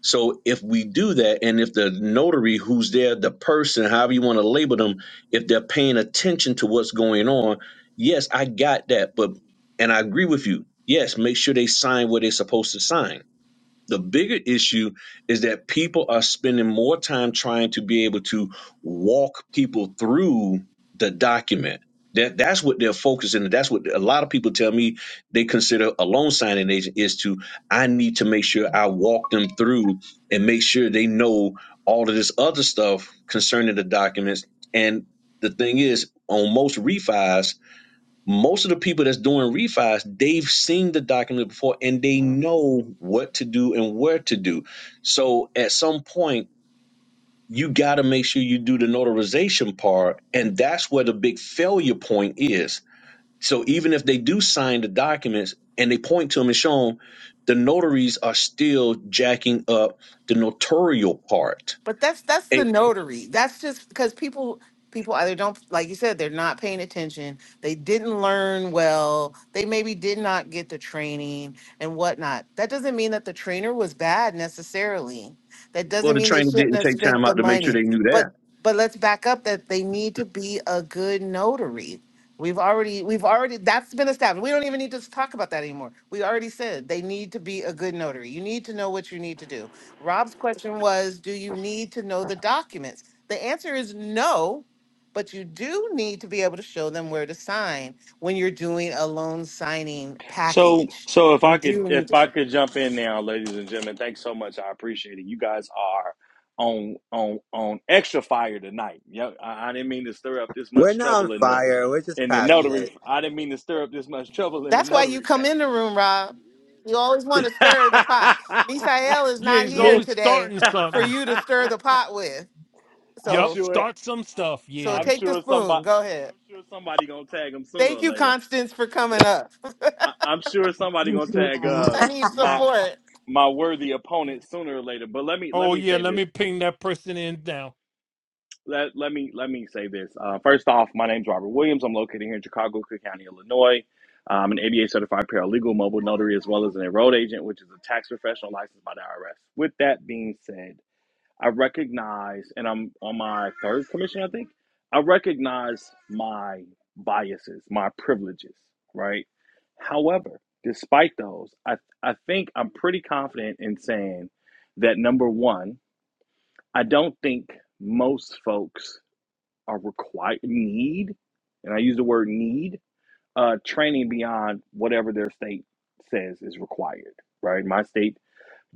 Speaker 4: so if we do that, and if the notary who's there, the person, however you want to label them, if they're paying attention to what's going on, yes, I got that. But and I agree with you. Yes, make sure they sign what they're supposed to sign the bigger issue is that people are spending more time trying to be able to walk people through the document. That that's what they're focusing. on. That's what a lot of people tell me they consider a loan signing agent is to I need to make sure I walk them through and make sure they know all of this other stuff concerning the documents. And the thing is, on most refis, most of the people that's doing refis, they've seen the document before and they know what to do and where to do. So at some point, you got to make sure you do the notarization part. And that's where the big failure point is. So even if they do sign the documents and they point to them and show them, the notaries are still jacking up the notarial part.
Speaker 3: But that's that's the
Speaker 4: And,
Speaker 3: notary. That's just because people people either don't like you said they're not paying attention. They didn't learn well. They maybe did not get the training and whatnot. That doesn't mean that the trainer was bad necessarily. That
Speaker 4: well,
Speaker 3: doesn't
Speaker 4: the
Speaker 3: mean they
Speaker 4: trainer
Speaker 3: shouldn't
Speaker 4: didn't
Speaker 3: have
Speaker 4: take time
Speaker 3: spent the
Speaker 4: out to make sure they
Speaker 3: money.
Speaker 4: knew
Speaker 3: But
Speaker 4: that.
Speaker 3: but let's back up that they need to be a good notary. We've already, we've already, that's been established. We don't even need to talk about that anymore. We already said they need to be a good notary. You need to know what you need to do. Rob's question was, do you need to know the documents? The answer is no, but you do need to be able to show them where to sign when you're doing a loan signing
Speaker 9: So,
Speaker 3: package.
Speaker 9: so if
Speaker 3: You
Speaker 9: I could,
Speaker 3: do need
Speaker 9: if
Speaker 3: to
Speaker 9: I
Speaker 3: show.
Speaker 9: could jump in now, ladies and gentlemen, thanks so much. I appreciate it. You guys are on on on extra fire tonight. Yeah, I, I didn't mean to stir up this
Speaker 6: We're
Speaker 9: much
Speaker 6: not on
Speaker 9: trouble in the
Speaker 6: fire. We're just
Speaker 9: in the notary.
Speaker 6: passionate.
Speaker 9: I didn't mean to stir up this much trouble in the
Speaker 3: That's why you
Speaker 9: notary
Speaker 3: come in the room, Rob.
Speaker 9: family.
Speaker 3: You always want to stir the pot. Misael is
Speaker 2: Yeah,
Speaker 3: not
Speaker 2: he's
Speaker 3: here
Speaker 9: Lis-
Speaker 2: always
Speaker 3: today
Speaker 2: starting
Speaker 3: for
Speaker 2: something.
Speaker 3: you to stir the pot with.
Speaker 9: I'm
Speaker 2: Yup,
Speaker 3: So
Speaker 9: sure.
Speaker 2: start some
Speaker 9: I,
Speaker 2: stuff.
Speaker 3: So
Speaker 2: Yeah.
Speaker 9: I'm
Speaker 3: take the
Speaker 9: sure
Speaker 3: spoon.
Speaker 9: somebody.
Speaker 3: Go ahead.
Speaker 9: I'm sure somebody gonna tag him sooner or
Speaker 3: Thank you,
Speaker 9: later.
Speaker 3: Constance, for coming up.
Speaker 9: I, I'm sure somebody gonna
Speaker 10: Yeah.
Speaker 9: tag uh,
Speaker 3: I need
Speaker 10: Hi.
Speaker 9: my
Speaker 3: support.
Speaker 9: my worthy opponent sooner or later. But let me let
Speaker 2: Oh,
Speaker 9: me
Speaker 2: yeah,
Speaker 9: say
Speaker 2: let
Speaker 9: this.
Speaker 2: me ping that person in now.
Speaker 9: Let let me let me say this. Uh, first off, my name's Robert Williams. I'm located here in Chicago, Cook County, Illinois. I'm an ABA certified paralegal, mobile notary, as well as an enrolled agent, which is a tax professional licensed by the IRS. With that being said, I recognize, and I'm on my third commission, I think, I recognize my biases, my privileges, right? However, despite those, I, I think I'm pretty confident in saying that number one, I don't think most folks are required, need, and I use the word need, uh, training beyond whatever their state says is required, right? My state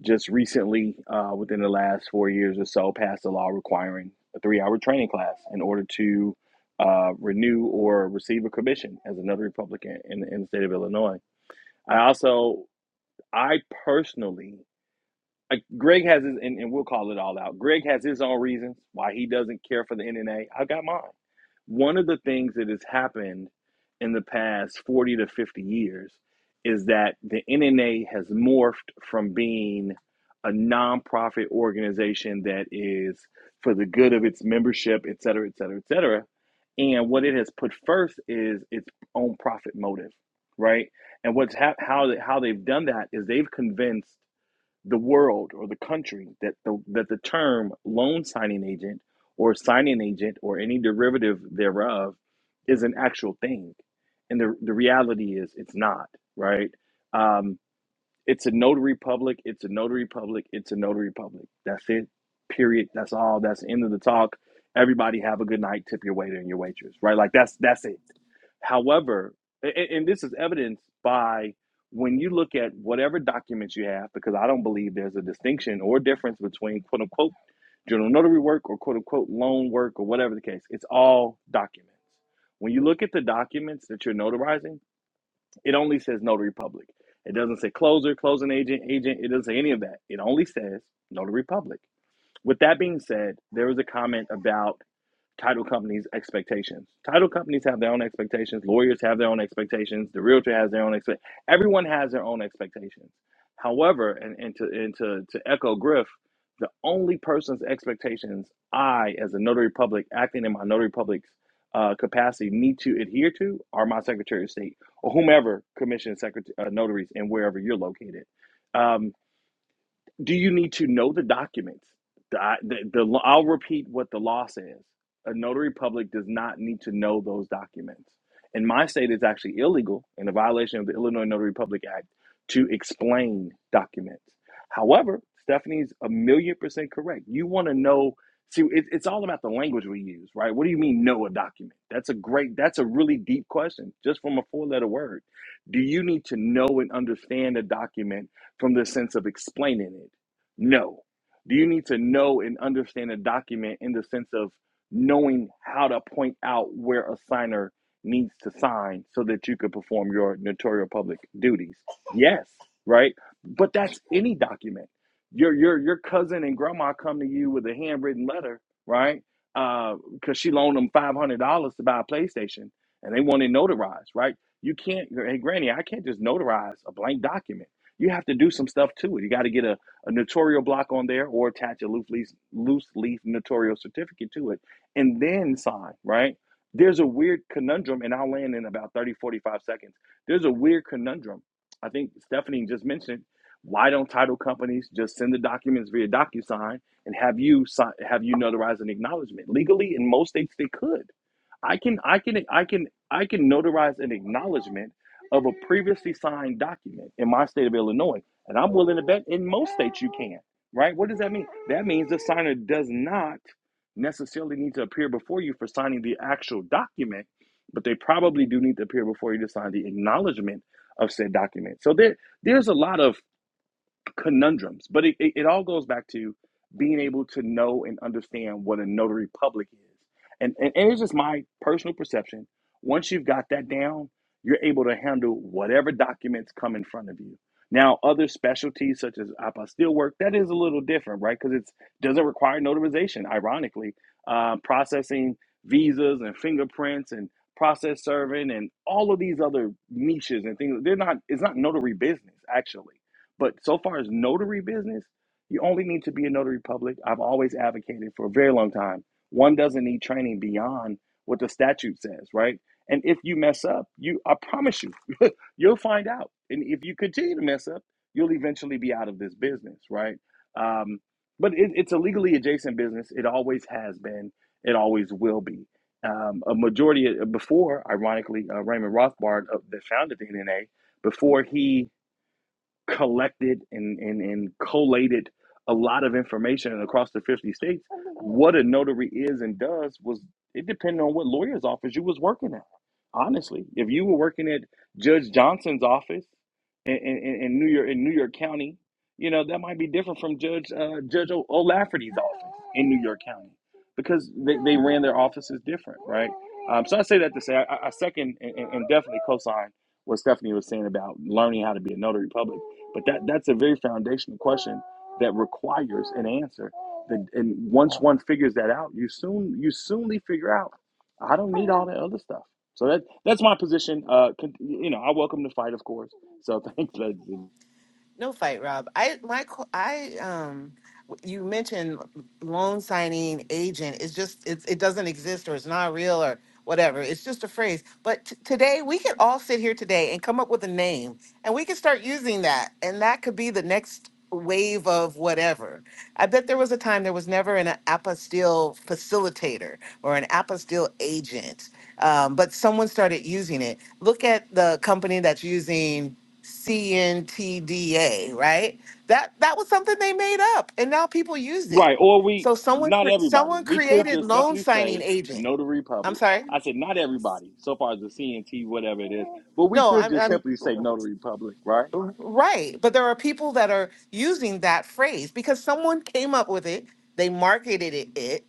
Speaker 9: just recently, uh, within the last four years or so, passed a law requiring a three hour training class in order to uh, renew or receive a commission as another Republican in, in the state of Illinois. I also, I personally uh, Greg has his, and, and we'll call it all out. Greg has his own reasons why he doesn't care for the NNA. I got mine. One of the things that has happened in the past 40 to 50 years is that the NNA has morphed from being a nonprofit organization that is for the good of its membership, et cetera, et cetera, et cetera. And what it has put first is its own profit motive, right? And what's hap how, they- how they've done that is they've convinced the world or the country that the, that the term loan signing agent or signing agent or any derivative thereof is an actual thing. And the, the reality is it's not, right? Um, it's a notary public, it's a notary public, it's a notary public. That's it, period. That's all. That's the end of the talk. Everybody have a good night, tip your waiter and your waitress, right? Like that's that's it However, a- and this is evidenced by when you look at whatever documents you have, because I don't believe there's a distinction or difference between quote unquote general notary work or quote unquote loan work or whatever the case. It's all documents. When you look at the documents that you're notarizing, it only says notary public. It doesn't say closer, closing agent, agent. It doesn't say any of that. It only says notary public. With that being said, there was a comment about title companies' expectations. Title companies have their own expectations. Lawyers have their own expectations. The realtor has their own expect. Everyone has their own expectations. However, and, and to and to, to echo Griff, the only person's expectations I, as a notary public, acting in my notary public's uh, capacity, need to adhere to are my Secretary of State or whomever commissions secret- uh, notaries and wherever you're located. um. Do you need to know the documents? The, the, the, I'll repeat what the law says. A notary public does not need to know those documents. In my state, it's actually illegal in a violation of the Illinois Notary Public Act to explain documents. However, Stephanie's a million percent correct. You want to know, see, it, it's all about the language we use, right? What do you mean, know a document? That's a great, that's a really deep question, just from a four letter word. Do you need to know and understand a document? from the sense of explaining it? No. Do you need to know and understand a document in the sense of knowing how to point out where a signer needs to sign so that you could perform your notarial public duties? Yes, right? But that's any document. Your your your cousin and grandma come to you with a handwritten letter, right? Because uh, she loaned them five hundred dollars to buy a PlayStation, and they want it notarized, right? You can't. Hey, Granny, I can't just notarize a blank document you have to do some stuff to it. You got to get a, a notarial block on there or attach a loose leaf, loose leaf notarial certificate to it and then sign, right? There's a weird conundrum, and I'll land in about 30, 45 seconds. There's a weird conundrum. I think Stephanie just mentioned why don't title companies just send the documents via DocuSign and have you sign, have you notarize an acknowledgement? Legally, in most states, they could I can I can I can I can notarize an acknowledgement of a previously signed document in my state of Illinois, and I'm willing to bet in most states you can. Right? What does that mean? That means the signer does not necessarily need to appear before you for signing the actual document, but they probably do need to appear before you to sign the acknowledgement of said document. So there there's a lot of conundrums. But it, it, it all goes back to being able to know and understand what a notary public is. And, and, and it's just my personal perception. Once you've got that down, you're able to handle whatever documents come in front of you. Now, other specialties such as apostille work, that is a little different, right? Because it doesn't require notarization, ironically. Uh, processing visas and fingerprints and process serving and all of these other niches and things, they're not, it's not notary business, actually but so far as notary business, you only need to be a notary public. I've always advocated for a very long time. One doesn't need training beyond what the statute says, right? And if you mess up, you I promise you, you'll find out. And if you continue to mess up, you'll eventually be out of this business, right? Um, but it, it's a legally adjacent business. It always has been. It always will be. Um, a majority of, before, ironically, uh, Raymond Rothbard uh, that founded the NNA, before he collected and, and, and collated a lot of information across the 50 states. What a notary is and does was it depended on what lawyer's office you was working at. Honestly, if you were working at Judge Johnson's office in, in, in New York in New York County, you know that might be different from Judge uh, Judge O- O'Lafferty's office in New York County because they, they ran their offices different, right? Um, so I say that to say I, I second and and definitely co-sign what Stephanie was saying about learning how to be a notary public but that that's a very foundational question that requires an answer. That and once one figures that out, you soon you soonly figure out I don't need all that other stuff. So that that's my position. Uh, con- you know, I welcome the fight, of course. So thanks, ladies. and-
Speaker 3: No fight, Rob. I my qu- I um you mentioned loan signing agent. It's just it's it doesn't exist or it's not real or whatever. It's just a phrase. But t- today we could all sit here today and come up with a name and we could start using that and that could be the next wave of whatever. I bet there was a time there was never an apostille facilitator or an apostille agent. Um, but someone started using it. Look at the company that's using CNTDA, right? That that was something they made up, and now people use it.
Speaker 9: Right, or we
Speaker 3: So someone
Speaker 9: not
Speaker 3: cre-
Speaker 9: everybody.
Speaker 3: someone
Speaker 9: We could
Speaker 3: created
Speaker 9: just
Speaker 3: loan
Speaker 9: simply
Speaker 3: signing
Speaker 9: say
Speaker 3: agent.
Speaker 9: no to
Speaker 3: I'm
Speaker 9: Republic.
Speaker 3: sorry.
Speaker 9: I said not everybody. So far as the CNT, whatever it is, but we
Speaker 3: No,
Speaker 9: could
Speaker 3: I'm,
Speaker 9: just
Speaker 3: I'm
Speaker 9: simply say no to Republic, right?
Speaker 3: Right. But there are people that are using that phrase because someone came up with it, they marketed it, it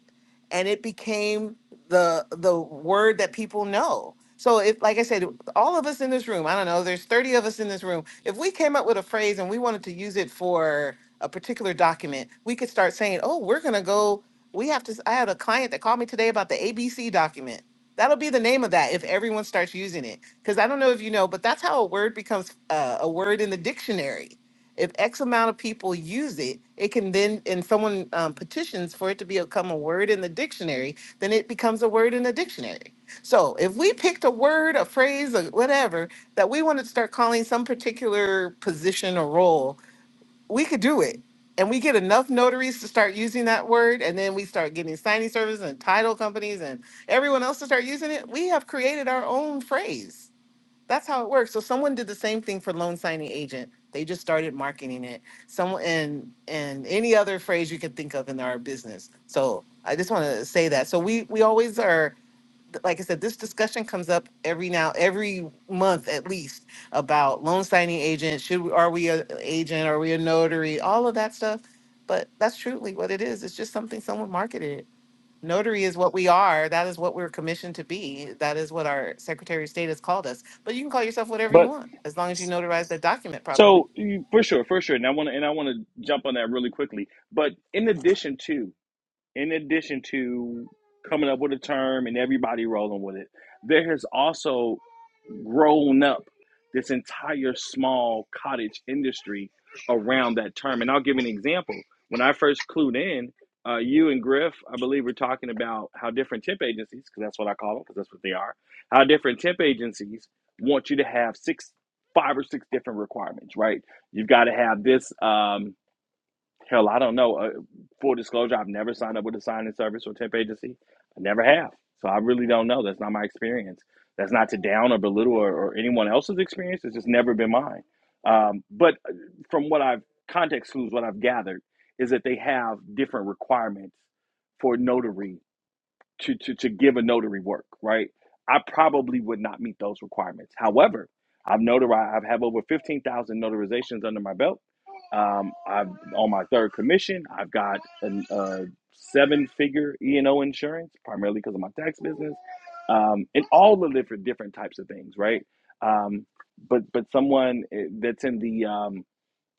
Speaker 3: and it became the the word that people know. So if like I said, all of us in this room, I don't know, there's 30 of us in this room. If we came up with a phrase and we wanted to use it for a particular document, we could start saying, "Oh, we're going to go we have to s- I had a client that called me today about the ABC document That'll be the name of that if everyone starts using it. Because I don't know if you know, but that's how a word becomes uh, a word in the dictionary. If X amount of people use it, it can then, and someone um, petitions for it to become a word in the dictionary, then it becomes a word in the dictionary. So if we picked a word, a phrase, or whatever that we wanted to start calling some particular position or role, we could do it. And we get enough notaries to start using that word, and then we start getting signing services and title companies and everyone else to start using it. We have created our own phrase. That's how it works. So someone did the same thing for loan signing agent. They just started marketing it. Someone and and any other phrase you can think of in our business. So I just want to say that. So we we always are th- like I said, this discussion comes up every now, every month at least about loan signing agent. Should we, are we an agent? Are we a notary? All of that stuff. But that's truly what it is. It's just something someone marketed. Notary is what we are. That is what we're commissioned to be. That is what our Secretary of State has called us. But you can call yourself whatever you
Speaker 9: But
Speaker 3: want as long as you notarize that document properly.
Speaker 9: So you- for sure, for sure, and I want to and I want to jump on that really quickly. But in addition to in addition to coming up with a term and everybody rolling with it, there has also grown up this entire small cottage industry around that term. And I'll give an example. When I first clued in, uh, you and Griff, I believe, were talking about how different temp agencies, because that's what I call them, because that's what they are, how different temp agencies want you to have six, five or six different requirements, right? You've got to have this. Um, Hell, I don't know. Uh, full disclosure, I've never signed up with a signing service or temp agency. I never have. So I really don't know. That's not my experience. That's not to down or belittle or, or anyone else's experience. It's just never been mine. Um, but uh, from what I've context clues, what I've gathered is that they have different requirements for notary to, to, to give a notary work, right? I probably would not meet those requirements. However, I've notarized, I've have over 15,000 notarizations under my belt. Um, I've on my third commission. I've got an, uh, seven figure E&O insurance, primarily because of my tax business, um, and all the different, different types of things, right? Um, but, but someone eh, that's in the, um,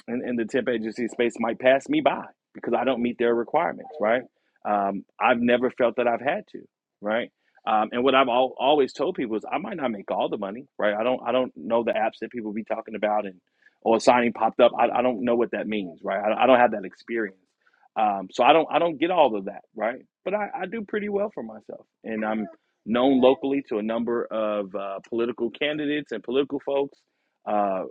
Speaker 9: and, and the temp agency space might pass me by because I don't meet their requirements, right? Um, I've never felt that I've had to, right? Um, and what I've al- always told people is I might not make all the money, right? I don't I don't know the apps that people be talking about and or signing popped up. I, I don't know what that means, right? I, I don't have that experience, um, so I don't I don't get all of that, right? But I, I do pretty well for myself, and I'm known locally to a number of uh, political candidates and political folks uh,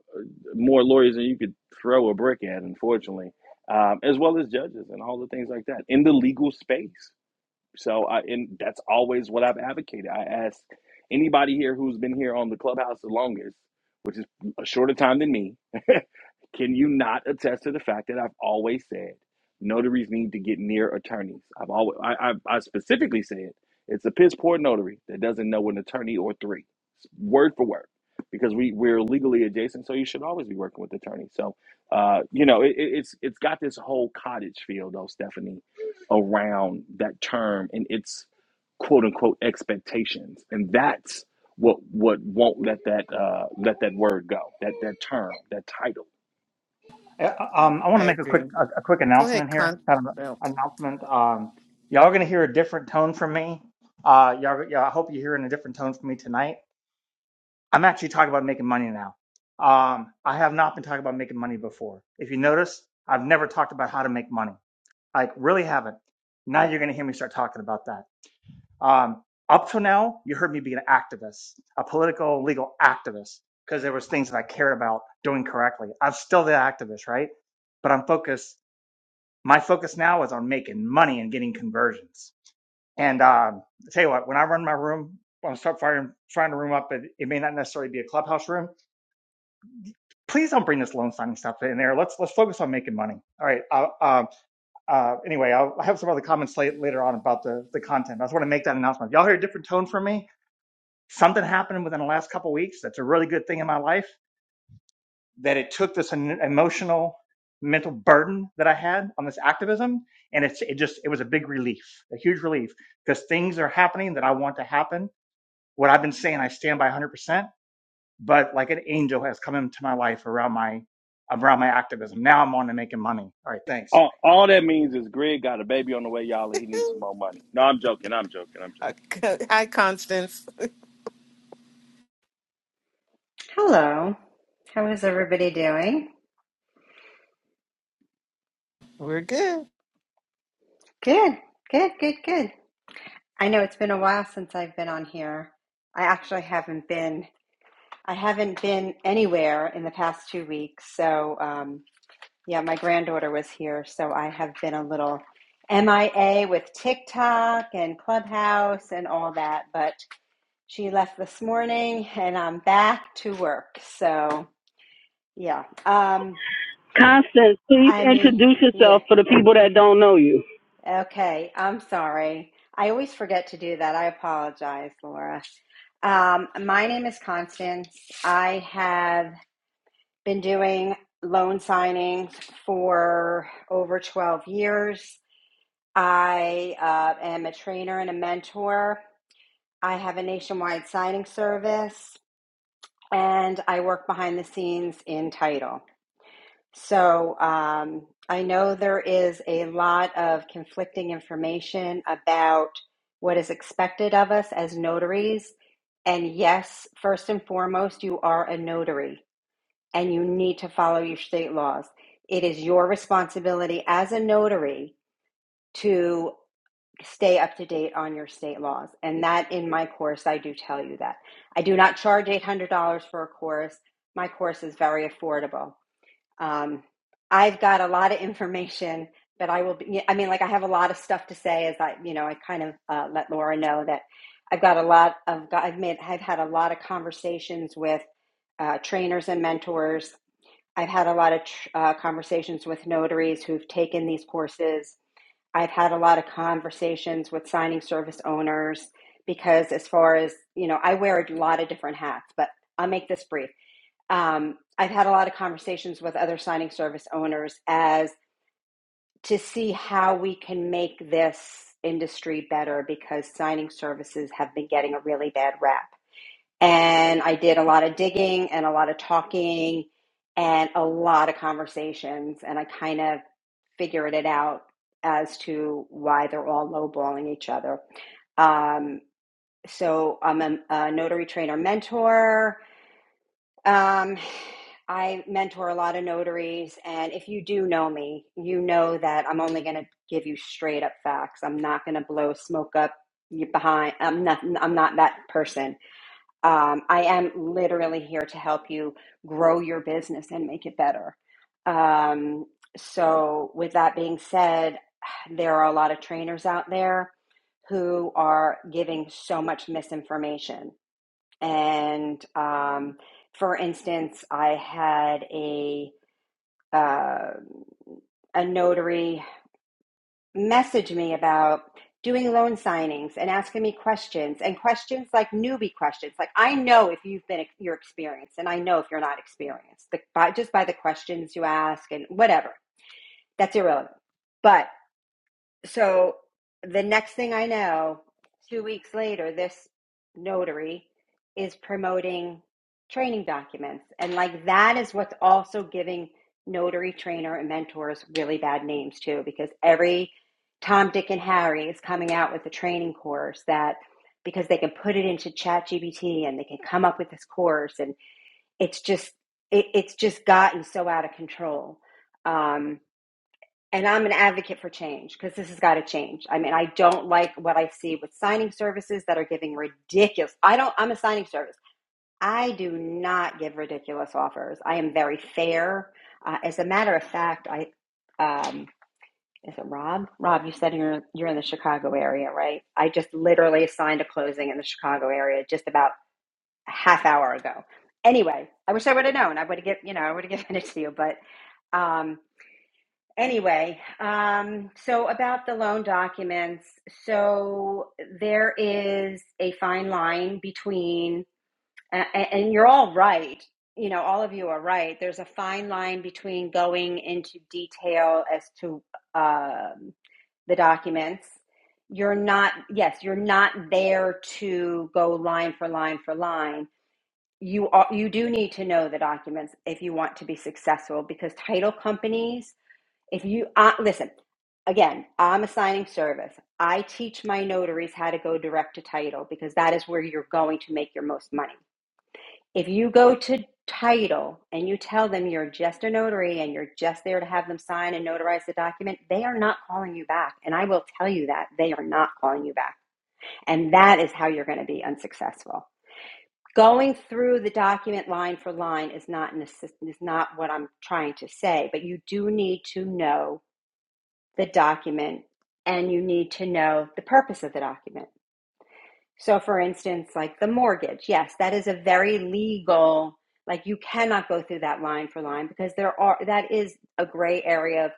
Speaker 9: more lawyers than you could throw a brick at, unfortunately, um, as well as judges and all the things like that in the legal space. So I and that's always what I've advocated. I ask anybody here who's been here on the clubhouse the longest, which is a shorter time than me, can you not attest to the fact that I've always said notaries need to get near attorneys? I've always I, I, I specifically said it's a piss poor notary that doesn't know an attorney or three, word for word, because we we're legally adjacent, so you should always be working with attorneys. So, uh, you know, it, it- it's it's got this whole cottage feel though, Stephanie around that term and its quote unquote expectations and that's what what won't let that uh let that word go that that term that title
Speaker 5: Uh,
Speaker 3: I,
Speaker 5: Um, I want
Speaker 3: I
Speaker 5: to make a quick
Speaker 3: agree.
Speaker 5: a, a quick
Speaker 3: Go ahead,
Speaker 5: announcement here.
Speaker 3: Con.
Speaker 5: Kind of
Speaker 3: no.
Speaker 5: an announcement. Um, y'all are gonna hear a different tone from me. Uh, y'all, y'all, I hope you're hearing a different tone from me tonight. I'm actually talking about making money now. Um, I have not been talking about making money before. If you notice, I've never talked about how to make money. I really haven't. Now you're gonna hear me start talking about that. Um, up till now, you heard me be an activist, a political legal activist, because there was things that I cared about doing correctly. I'm still the activist, right? But I'm focused. My focus now is on making money and getting conversions. And um, I tell you what, when I run my room, when I start firing, firing the room up, it, it may not necessarily be a clubhouse room. Please don't bring this loan signing stuff in there. Let's let's focus on making money. All right. Uh, um, uh, anyway, I'll, I have some other comments late, later on about the the content. I just want to make that announcement. If y'all hear a different tone from me, something happened within the last couple of weeks that's a really good thing in my life that it took this emotional mental burden that i had on this activism and it's it just it was a big relief a huge relief because things are happening that i want to happen what i've been saying i stand by 100% but like an angel has come into my life around my around my activism now i'm on to making money all right thanks
Speaker 9: all, all that means is greg got a baby on the way y'all and he needs some more money no i'm joking i'm joking i'm
Speaker 3: Uh,
Speaker 9: joking
Speaker 3: Hi, Constance.
Speaker 10: Hello. How is everybody doing?
Speaker 3: We're good
Speaker 10: Good, good, good, good. I know it's been a while since I've been on here. I actually haven't been. I haven't been anywhere in the past two weeks. So, um, yeah, my granddaughter was here, so I have been a little MIA with TikTok and Clubhouse and all that. But she left this morning, and I'm back to work. So, yeah. Um, I mean, yeah.
Speaker 8: so for the that don't know you.
Speaker 10: Okay, I'm sorry. I always forget to do that. I apologize, Laura. Um, my name is Constance. I have been doing loan signings for over 12 years. I uh, am a trainer and a mentor. I have a nationwide signing service, and I work behind the scenes in title. So um, I know there is a lot of conflicting information about what is expected of us as notaries. And yes, first and foremost, you are a notary and you need to follow your state laws. It is your responsibility as a notary to stay up to date on your state laws. And that in my course, I do tell you that. I do not charge $800 for a course. My course is very affordable um, I've got a lot of information, but I will be, yeah, I mean, like I have a lot of stuff to say as I, you know, I kind of uh, let Laura know that I've got a lot of, I've made, I've had a lot of conversations with uh, trainers and mentors. I've had a lot of tr- uh, conversations with notaries who've taken these courses. I've had a lot of conversations with signing service owners because, as far as you know, I wear a lot of different hats, but I'll make this brief um, I've had a lot of conversations with other signing service owners as to see how we can make this industry better because signing services have been getting a really bad rap. And I did a lot of digging and a lot of talking and a lot of conversations, and I kind of figured it out as to why they're all lowballing each other. Um, so I'm a, a notary trainer mentor. Um, I mentor a lot of notaries, and if you do know me, you know that I'm only going to give you straight up facts. I'm not going to blow smoke up you behind. I'm not. I'm not that person. Um, I am literally here to help you grow your business and make it better. Um, so, with that being said, there are a lot of trainers out there who are giving so much misinformation and um, for instance, I had a uh, a notary message me about doing loan signings and asking me questions and questions like newbie questions. Like I know if you've been you're experienced, and I know if you're not experienced. The, by, just by the questions you ask and whatever, that's irrelevant. But so the next thing I know, two weeks later, this notary is promoting training documents. And like that is what's also giving notary trainer and mentors really bad names too, because every Tom, Dick, and Harry is coming out with a training course that because they can put it into chat GBT and they can come up with this course and it's just it, it's just gotten so out of control. Um, and I'm an advocate for change because this has got to change. I mean, I don't like what I see with signing services that are giving ridiculous. I don't, I'm a signing service. I do not give ridiculous offers. I am very fair. Uh, as a matter of fact, I, um, is it Rob? Rob, you said you're, you're in the Chicago area, right? I just literally signed a closing in the Chicago area just about a half hour ago. Anyway, I wish I would have known. I would have given, you know, I would have given it to you, but um, Anyway, um, so about the loan documents, so there is a fine line between, uh, and you're all right. You know, all of you are right. There's a fine line between going into detail as to um, the documents. You're not, yes, you're not there to go line for line for line. You are, you do need to know the documents if you want to be successful because title companies if you uh, listen, again, I'm assigning service. I teach my notaries how to go direct to title because that is where you're going to make your most money. If you go to title and you tell them you're just a notary and you're just there to have them sign and notarize the document, they are not calling you back. And I will tell you that they are not calling you back. And that is how you're going to be unsuccessful. Going through the document line for line is not an assist, is not what I'm trying to say, but you do need to know the document and you need to know the purpose of the document. So, for instance, like the mortgage, yes, that is a very legal, like you cannot go through that line for line because there are, that is a gray area of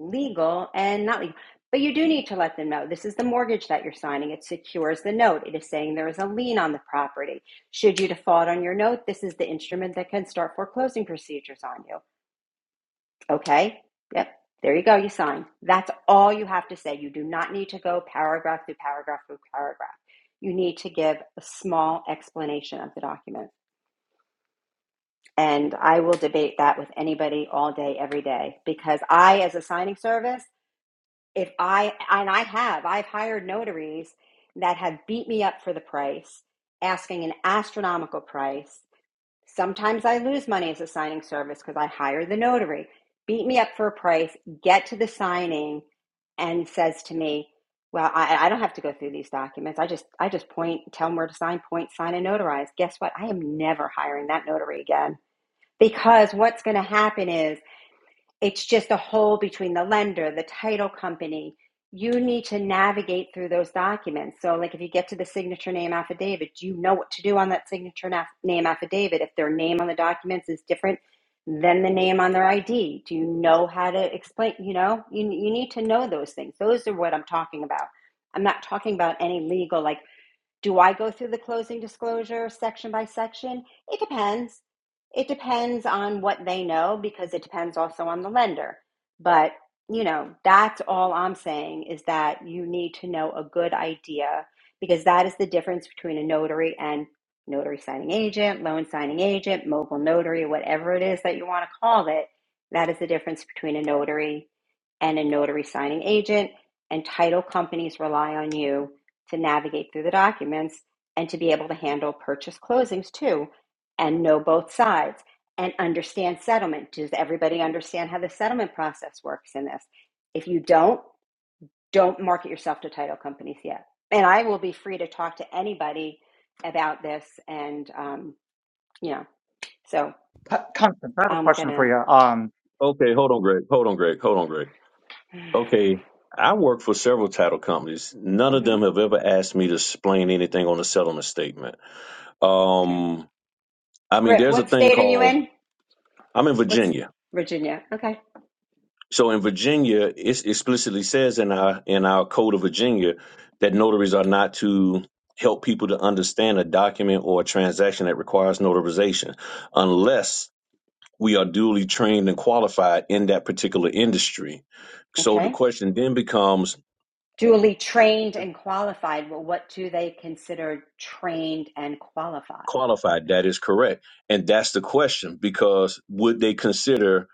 Speaker 10: legal and not legal. But you do need to let them know this is the mortgage that you're signing. It secures the note. It is saying there is a lien on the property. Should you default on your note, this is the instrument that can start foreclosing procedures on you Okay. Yep. There you go. You sign. That's all you have to say. You do not need to go paragraph through paragraph through paragraph. You need to give a small explanation of the document. And I will debate that with anybody all day, every day, because I, as a signing service, if I, and I have, I've hired notaries that have beat me up for the price, asking an astronomical price. Sometimes I lose money as a signing service because I hire the notary, beat me up for a price, get to the signing, and says to me, "Well, I, I don't have to go through these documents. I just, I just point, tell them where to sign, point, sign, and notarize." Guess what? I am never hiring that notary again because what's going to happen is it's just a hole between the lender, the title company. You need to navigate through those documents. So, like if you get to the signature name affidavit, do you know what to do on that signature na- name affidavit? If their name on the documents is different than the name on their ID, do you know how to explain? You know, you, you need to know those things. Those are what I'm talking about. I'm not talking about any legal, like do I go through the closing disclosure section by section? It depends. It depends on what they know because it depends also on the lender. But, you know, that's all I'm saying is that you need to know a good idea because that is the difference between a notary and notary signing agent, loan signing agent, mobile notary, whatever it is that you want to call it. That is the difference between a notary and a notary signing agent. And title companies rely on you to navigate through the documents and to be able to handle purchase closings too and know both sides and understand settlement. Does everybody understand how the settlement process works in this? If you don't, don't market yourself to title companies yet. And I will be free to talk to anybody about this. And, um, you know, so
Speaker 5: constance i have a
Speaker 10: I'm going
Speaker 5: question for you um
Speaker 4: Okay, hold on, Greg. Hold on, Greg. Hold on, Greg.
Speaker 10: to.
Speaker 4: Okay, I work for several title companies. None of
Speaker 10: hmm
Speaker 4: them have ever asked me to explain anything on a settlement statement. Um, I mean,
Speaker 10: Griff,
Speaker 4: there's a
Speaker 10: what
Speaker 4: thing
Speaker 10: state are you
Speaker 4: called
Speaker 10: in?
Speaker 4: I'm in
Speaker 10: What's
Speaker 4: Virginia.
Speaker 10: Virginia? Okay.
Speaker 4: So in Virginia, it explicitly says in our in our code of Virginia that notaries are not to help people to understand a document or a transaction that requires notarization unless we are duly trained and qualified in that particular industry. So the
Speaker 10: Okay.
Speaker 4: question then becomes
Speaker 10: Duly trained and qualified. Well, what do they consider trained and qualified?
Speaker 4: qualified. That is correct. And that's the question because would they consider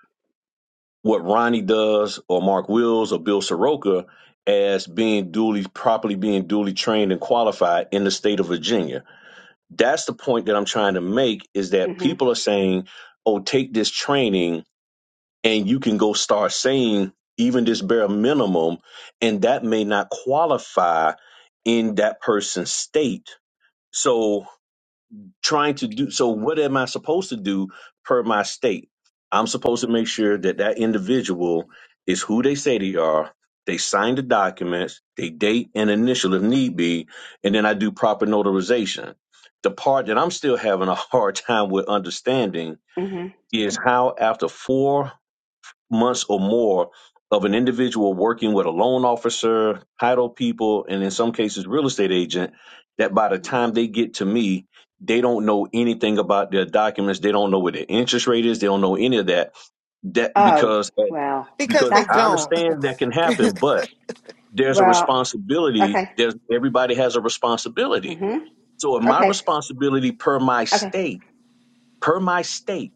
Speaker 4: what Ronnie does or Mark Wills or Bill Soroka as being duly, properly being duly trained and qualified in the state of Virginia? That's the point that I'm trying to make is that
Speaker 10: hmm
Speaker 4: people are saying, oh, take this training and you can go start saying even this bare minimum, and that may not qualify in that person's state. So trying to do so what am i supposed to do per my state i'm supposed to make sure that that individual is who they say they are they sign the documents they date and initial if need be and then i do proper notarization the part that i'm still having a hard time with understanding
Speaker 10: hmm
Speaker 4: is how after four months or more of an individual working with a loan officer, title people, and in some cases, real estate agent, that by the time they get to me, they don't know anything about their documents. They don't know what their interest rate is. They don't know any of that. That
Speaker 10: Oh,
Speaker 4: because
Speaker 10: well,
Speaker 3: because
Speaker 4: because
Speaker 3: they
Speaker 10: that's a
Speaker 4: I
Speaker 3: don't.
Speaker 4: understand that can happen, but there's a
Speaker 10: well.
Speaker 4: responsibility.
Speaker 10: Okay.
Speaker 4: There's everybody has a responsibility.
Speaker 10: hmm
Speaker 4: So, if my
Speaker 10: Okay.
Speaker 4: responsibility per my
Speaker 10: Okay.
Speaker 4: state, per my state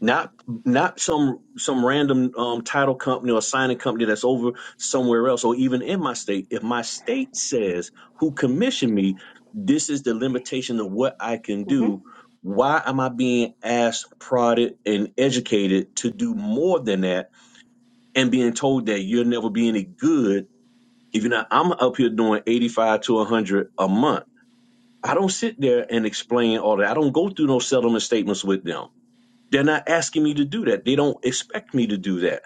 Speaker 4: not not some some random um, title company or signing company that's over somewhere else or even in my state if my state says who commissioned me this is the limitation of what i can
Speaker 10: hmm
Speaker 4: do why am i being asked prodded and educated to do more than that and being told that you'll never be any good if you're not i'm up here doing 85 to 100 a month i don't sit there and explain all that i don't go through no settlement statements with them they're not asking me to do that. They don't expect me to do that.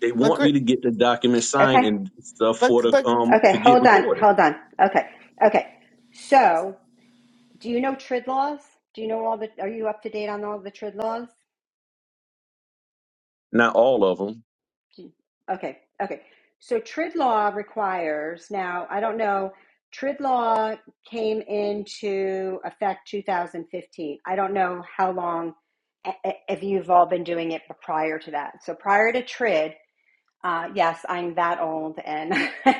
Speaker 4: They
Speaker 3: but
Speaker 4: want me
Speaker 3: great.
Speaker 4: to get the document signed
Speaker 10: Okay.
Speaker 4: and stuff for
Speaker 3: but
Speaker 4: the
Speaker 3: but
Speaker 4: um
Speaker 10: Okay.
Speaker 4: to get
Speaker 10: Hold on.
Speaker 4: recorded.
Speaker 10: Hold on. Okay. Okay. So Do you know TRID laws? Do you know all the, are you up to date on all the TRID laws?
Speaker 4: Not all of them.
Speaker 10: Do you- okay, okay. So TRID law requires, now, I don't know, TRID law came into effect 2015. I don't know how long, i- i- if you've all been doing it prior to that. So prior to TRID, Uh, yes, I'm that old and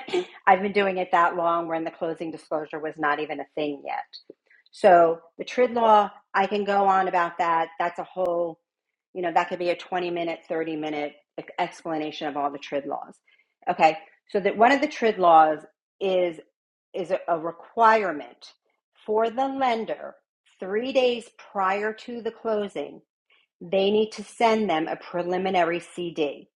Speaker 10: I've been doing it that long when the closing disclosure was not even a thing yet. So the TRID law, I can go on about that. That's a whole, you know, that could be a 20 minute, 30 minute ex- explanation of all the TRID laws. Okay. So that one of the TRID laws is is a, a requirement for the lender 3 days prior to the closing, they need to send them a preliminary CD.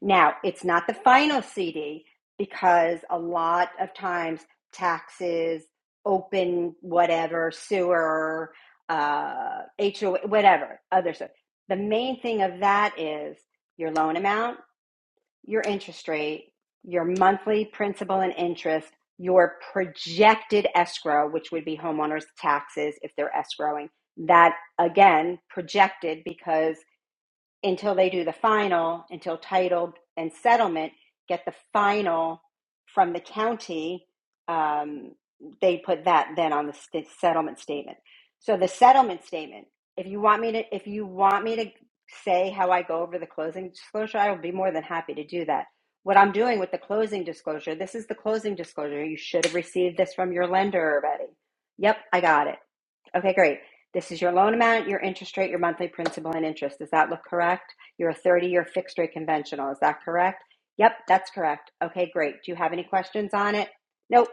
Speaker 10: Now, it's not the final CD because a lot of times taxes, open, whatever, sewer, uh, HOA, whatever, other stuff. The main thing of that is your loan amount, your interest rate, your monthly principal and interest, your projected escrow, which would be homeowners' taxes if they're escrowing. That again, projected because until they do the final, until title and settlement get the final from the county, um, they put that then on the st- settlement statement. So the settlement statement, if you want me to, if you want me to say how I go over the closing disclosure, I will be more than happy to do that. What I'm doing with the closing disclosure, this is the closing disclosure. You should have received this from your lender already. Yep, I got it. Okay, great. This is your loan amount, your interest rate, your monthly principal and interest. Does that look correct? You're a 30 year fixed rate conventional. Is that correct? Yep, that's correct. Okay, great. Do you have any questions on it? Nope.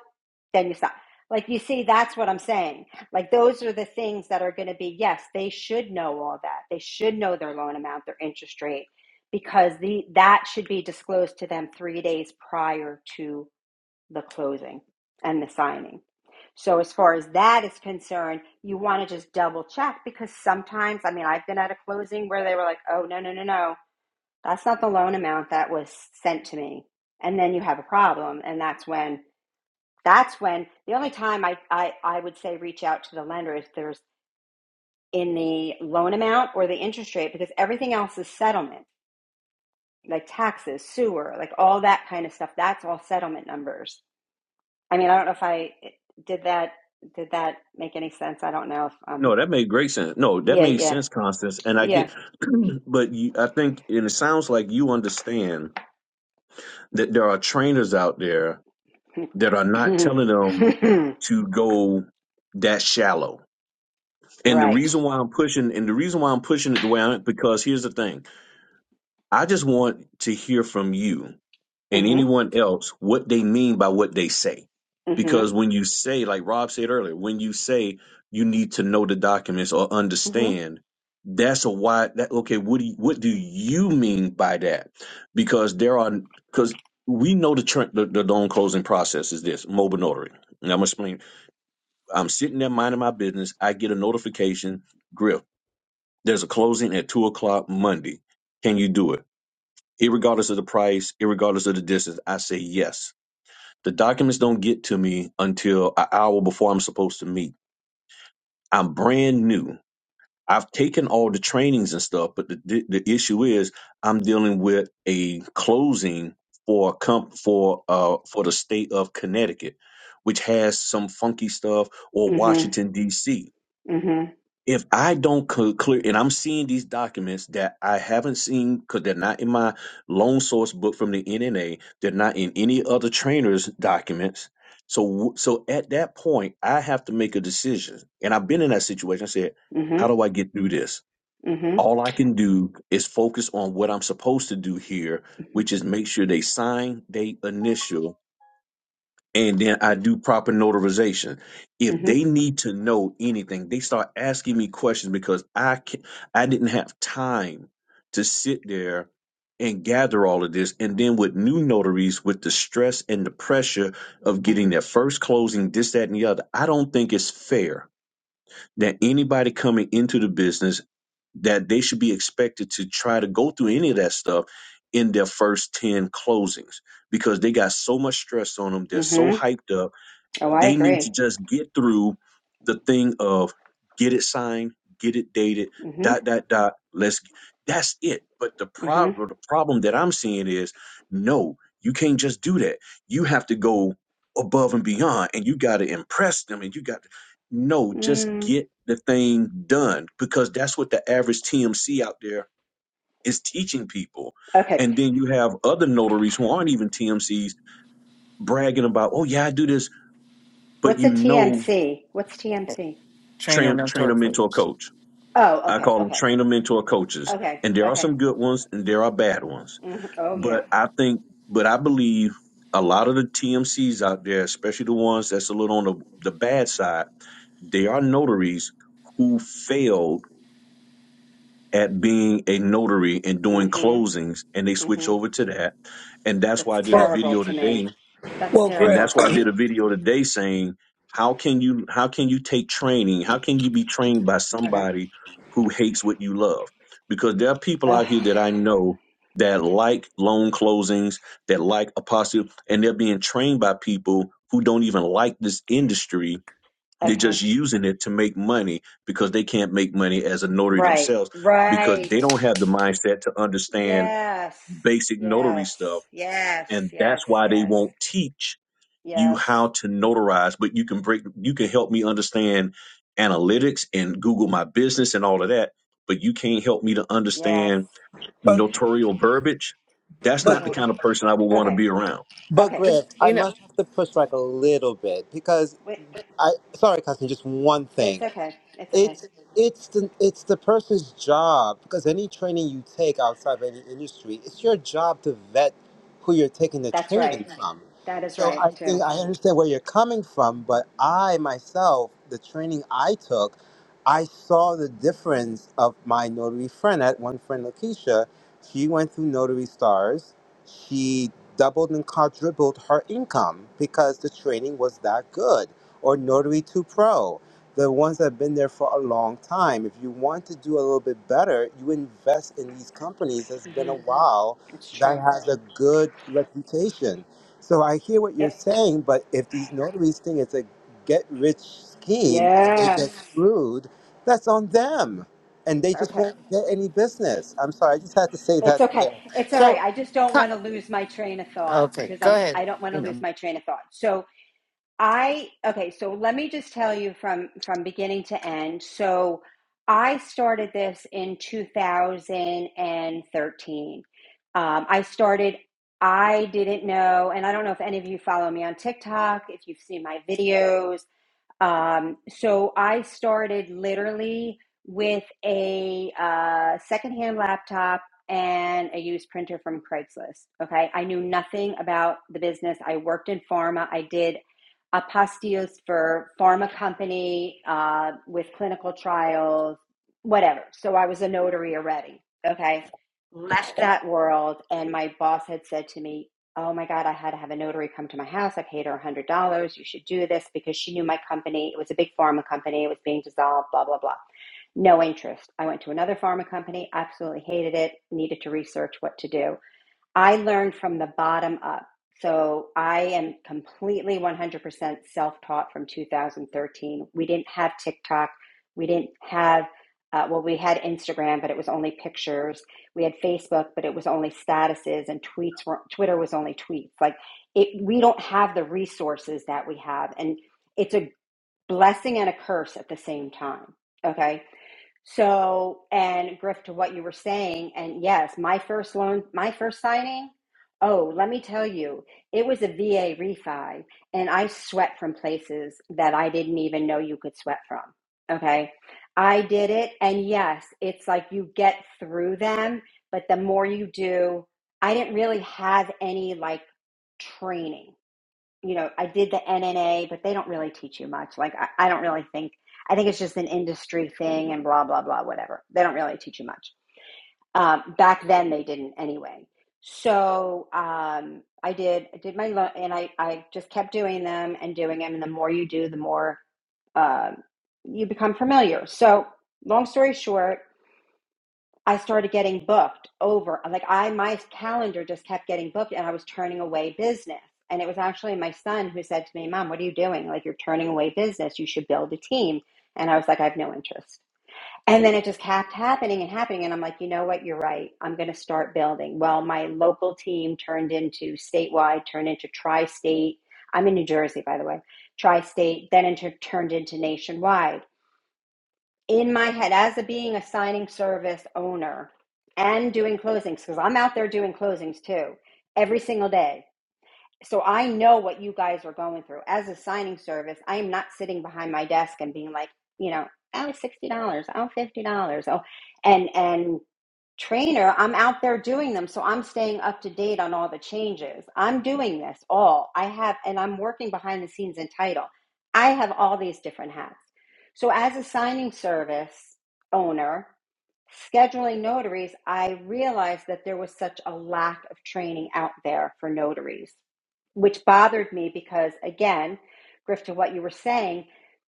Speaker 10: Then you stop. Like you see, that's what I'm saying. Like those are the things that are going to be, yes, they should know all that. They should know their loan amount, their interest rate, because the that should be disclosed to them three days prior to the closing and the signing. So, as far as that is concerned, you want to just double check because sometimes, I mean, I've been at a closing where they were like, oh, no, no, no, no, that's not the loan amount that was sent to me. And then you have a problem. And that's when, that's when the only time I, I, I would say reach out to the lender is there's in the loan amount or the interest rate because everything else is settlement, like taxes, sewer, like all that kind of stuff. That's all settlement numbers. I mean, I don't know if I did that. Did that make any sense? I don't know if
Speaker 4: No,
Speaker 10: um.
Speaker 4: that made great sense. No, that
Speaker 10: Yeah,
Speaker 4: made
Speaker 10: yeah,
Speaker 4: sense, Constance. And I
Speaker 10: yeah.
Speaker 4: get, but you, I think, and it sounds like you understand that there are trainers out there that are not telling them to go that shallow. And the
Speaker 10: right.
Speaker 4: reason why I'm pushing, and the reason why I'm pushing it the way I'm, because here's the thing: I just want to hear from you and
Speaker 10: Mhm.
Speaker 4: anyone else what they mean by what they say.
Speaker 10: Mhm.
Speaker 4: Because when you say, like Rob said earlier, when you say you need to know the documents or
Speaker 10: Mhm.
Speaker 4: understand, that's a why that okay, what do you, what do you mean by that? Because there are because we know the, tr- the the loan closing process is this mobile notary. And I'm gonna explain. I'm sitting there minding my business. I get a notification, Griff. There's a closing at two o'clock Monday. Can you do it? Irregardless of the price, irregardless of the distance, I say yes the documents don't get to me until an hour before I'm supposed to meet. I'm brand new. I've taken all the trainings and stuff, but the the, the issue is I'm dealing with a closing for a comp for uh for the state of Connecticut, which has some funky stuff, or
Speaker 10: Mhm.
Speaker 4: Washington D.C
Speaker 10: Mhm.
Speaker 4: if I don't co- clear, and I'm seeing these documents that I haven't seen because they're not in my loan source book from the NNA, they're not in any other trainer's documents. So, w- so at that point, I have to make a decision. And I've been in that situation. I said, how
Speaker 10: Mhm.
Speaker 4: do I get through this?
Speaker 10: Mhm. Mhm.
Speaker 4: All I can do is focus on what I'm supposed to do here, which is make sure they sign, they initial, and then I do proper notarization. If
Speaker 10: Mhm.
Speaker 4: they need to know anything, they start asking me questions because I can, I didn't have time to sit there and gather all of this. And then with new notaries, with the stress and the pressure of getting
Speaker 10: Mhm.
Speaker 4: their first closing, this, that, and the other, I don't think it's fair that anybody coming into the business that they should be expected to try to go through any of that stuff in their first 10 closings because they got so much stress on them. They're so
Speaker 10: Mhm.
Speaker 4: hyped up
Speaker 10: Oh, I
Speaker 4: they need
Speaker 10: agree.
Speaker 4: to just get through the thing of get it signed, get it dated,
Speaker 10: Mhm.
Speaker 4: dot dot dot. Let's that's it. But the
Speaker 10: Mhm.
Speaker 4: problem the problem that I'm seeing is no, you can't just do that. You have to go above and beyond and you got to impress them and you got to no, just
Speaker 10: Mm.
Speaker 4: get the thing done because that's what the average TMC out there is teaching people.
Speaker 10: Okay.
Speaker 4: And then you have other notaries who aren't even TMCs bragging about, "Oh yeah, I do this but
Speaker 10: What's a
Speaker 4: you know
Speaker 10: TMC? What's TMC?
Speaker 3: trainer
Speaker 4: train
Speaker 3: mentor
Speaker 4: trainer mentor
Speaker 3: coach.
Speaker 4: coach.
Speaker 10: Oh,
Speaker 4: I
Speaker 10: okay.
Speaker 4: call them
Speaker 10: Okay.
Speaker 4: trainer mentor coaches,
Speaker 10: Okay.
Speaker 4: and there are
Speaker 10: Okay.
Speaker 4: some good ones and there are bad ones.
Speaker 10: hmm Oh, yeah.
Speaker 4: But I think, but I believe a lot of the TMCs out there, especially the ones that's a little on the, the bad side, they are notaries who failed at being a notary and doing
Speaker 10: Mhm.
Speaker 4: closings, and they switch
Speaker 10: Mhm.
Speaker 4: over to that. And that's why
Speaker 10: That's
Speaker 4: I did a
Speaker 6: Well,
Speaker 10: terrible
Speaker 4: video
Speaker 10: to
Speaker 4: today
Speaker 10: me. That's
Speaker 6: well,
Speaker 4: and
Speaker 6: Griff,
Speaker 10: terrible
Speaker 4: that's
Speaker 10: to
Speaker 4: why I did a
Speaker 10: me.
Speaker 4: video today saying how can you how can you take training? How can you be trained by
Speaker 10: Okay.
Speaker 4: somebody who hates what you love? Because there are people
Speaker 10: Ugh.
Speaker 4: out here that I know that like loan closings, that like apostle, and they're being trained by people who don't even like this industry. They're
Speaker 10: Okay.
Speaker 4: just using it to make money because they can't make money as a notary
Speaker 10: Right.
Speaker 4: themselves because they don't
Speaker 10: Right.
Speaker 4: have the mindset to understand
Speaker 10: Yes.
Speaker 4: basic notary
Speaker 10: Yes.
Speaker 4: stuff.
Speaker 10: Yes.
Speaker 4: And
Speaker 10: Yes.
Speaker 4: that's why they
Speaker 10: Yes.
Speaker 4: won't teach you
Speaker 10: Yes.
Speaker 4: how to notarize, but you can break you can help me understand analytics and Google my business and all of that, but you can't help me to
Speaker 10: Yes.
Speaker 4: understand
Speaker 6: but
Speaker 4: notarial verbiage. That's
Speaker 6: but
Speaker 4: not the
Speaker 10: Okay.
Speaker 4: kind of person I would want to
Speaker 10: Okay.
Speaker 4: be around
Speaker 6: but
Speaker 10: Okay.
Speaker 3: But,
Speaker 6: Griff, I
Speaker 3: You know,
Speaker 6: must have to push back a little bit because
Speaker 10: Wait.
Speaker 6: I sorry, cousin. Just one
Speaker 10: It's
Speaker 6: thing.
Speaker 10: okay. It's okay.
Speaker 6: It's it's the it's the person's job because any training you take outside of any industry, it's your job to vet who you're taking the
Speaker 10: That's right.
Speaker 6: training from.
Speaker 10: That is
Speaker 6: So
Speaker 10: right
Speaker 6: I
Speaker 10: too.
Speaker 6: think I understand where you're coming from, but I myself, the training I took, I saw the difference of my notary friend. At one friend, Lakeisha, she went through Notary Stars. She doubled and quadrupled her income because the training was that good or Notary 2 Pro, the ones that have been there for a long time. If you want to do a little bit better, you invest in these companies that's been
Speaker 10: hmm
Speaker 6: a while
Speaker 10: It's
Speaker 6: that
Speaker 10: true.
Speaker 6: has a good reputation. So I hear what you're
Speaker 10: Yep.
Speaker 6: saying, but if these notaries think it's a get rich scheme and they
Speaker 10: Yes.
Speaker 6: get screwed, that's on them. And they just
Speaker 10: Okay.
Speaker 6: won't get any business. I'm sorry, I just had to say
Speaker 10: It's
Speaker 6: that
Speaker 10: okay.
Speaker 6: there.
Speaker 10: It's all right.
Speaker 3: so
Speaker 10: I just don't want
Speaker 3: co-
Speaker 10: to lose my train of thought
Speaker 3: okay,
Speaker 10: because
Speaker 3: go
Speaker 10: I'm.
Speaker 3: ahead.
Speaker 10: I don't want to
Speaker 3: You
Speaker 10: lose
Speaker 3: know.
Speaker 10: my train of thought. So I okay, so let me just tell you from from beginning to end. So I started this in 2013. Um, I started, I didn't know, and I don't know if any of you follow me on TikTok, if you've seen my videos um, so I started literally with a uh, secondhand laptop and a used printer from Craigslist. Okay. I knew nothing about the business. I worked in pharma. I did apostilles for pharma company uh, with clinical trials, whatever. So I was a notary already. Okay. Left that world. And my boss had said to me, oh my God, I had to have a notary come to my house. I paid her $100. You should do this because she knew my company. It was a big pharma company. It was being dissolved, blah, blah, blah. No interest. I went to another pharma company, absolutely hated it, needed to research what to do. I learned from the bottom up. So I am completely 100% self taught from 2013. We didn't have TikTok. We didn't have, uh, well, we had Instagram, but it was only pictures. We had Facebook, but it was only statuses, and tweets were, Twitter was only tweets. Like, it, we don't have the resources that we have. And it's a blessing and a curse at the same time. Okay so, and Griff, to what you were saying, and yes, my first loan, my first signing, oh, let me tell you, it was a VA refi, and I sweat from places that I didn't even know you could sweat from. Okay. I did it, and yes, it's like you get through them, but the more you do, I didn't really have any like training you know, I did the NNA, but they don't really teach you much. Like, I, I don't really think, I think it's just an industry thing and blah, blah, blah, whatever. They don't really teach you much. Um, back then they didn't anyway. So, um, I did, I did my, lo- and I, I just kept doing them and doing them. And the more you do, the more, uh, you become familiar. So long story short, I started getting booked over like I my calendar just kept getting booked and I was turning away business. And it was actually my son who said to me, "Mom, what are you doing? Like you're turning away business. You should build a team." And I was like, "I have no interest." And then it just kept happening and happening and I'm like, "You know what? You're right. I'm going to start building." Well, my local team turned into statewide, turned into tri-state. I'm in New Jersey, by the way. Tri-state, then into turned into nationwide in my head as a being a signing service owner and doing closings because I'm out there doing closings too every single day. So I know what you guys are going through. As a signing service, I am not sitting behind my desk and being like, you know, oh, $60, oh, $50, oh, and, and trainer, I'm out there doing them. So I'm staying up to date on all the changes. I'm doing this all. I have, and I'm working behind the scenes in title. I have all these different hats. So as a signing service owner, scheduling notaries, I realized that there was such a lack of training out there for notaries, which bothered me because, again, Griff, to what you were saying,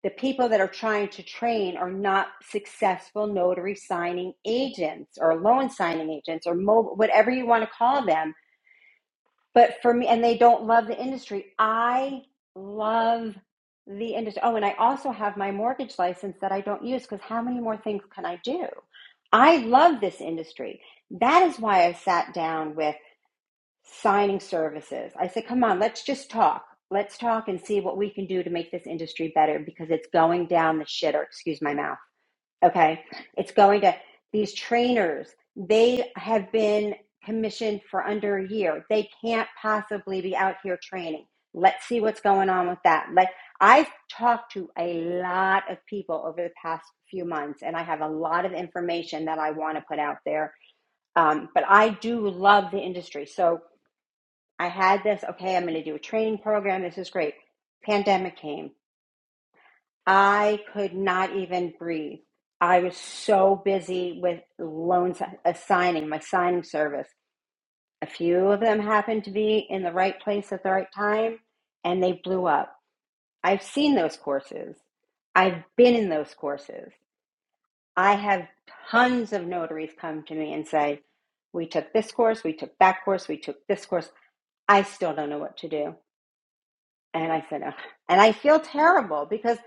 Speaker 10: the people that are trying to train are not successful notary signing agents or loan signing agents or mobile, whatever you want to call them but for me, and they don't love the industry. I love the industry. Oh, and I also have my mortgage license that I don't use because how many more things can I do? I love this industry. That is why I sat down with signing services. I said, come on, let's just talk. Let's talk and see what we can do to make this industry better because it's going down the shitter, excuse my mouth Okay. It's going to these trainers. They have been commissioned for under a year. They can't possibly be out here training. Let's see what's going on with that. Like I've talked to a lot of people over the past few months, and I have a lot of information that I want to put out there. Um, but I do love the industry. So I had this, okay, I'm going to do a training program. This is great. Pandemic came. I could not even breathe. I was so busy with loans assigning my signing service. A few of them happened to be in the right place at the right time and they blew up. I've seen those courses. I've been in those courses. I have tons of notaries come to me and say, We took this course, we took that course, we took this course. I still don't know what to do. And I said, "Ugh." and I feel terrible because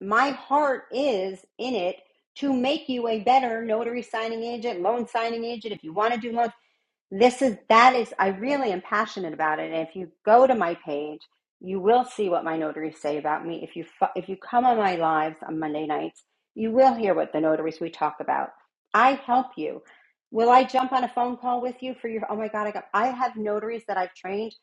Speaker 10: my heart is in it to make you a better notary signing agent, loan signing agent. If you want to do loans, this is that is I really am passionate about it. And if you go to my page, you will see what my notaries say about me. If you if you come on my lives on Monday nights, you will hear what the notaries we talk about. I help you. Will I jump on a phone call with you for your? Oh my God, I got. I have notaries that I've trained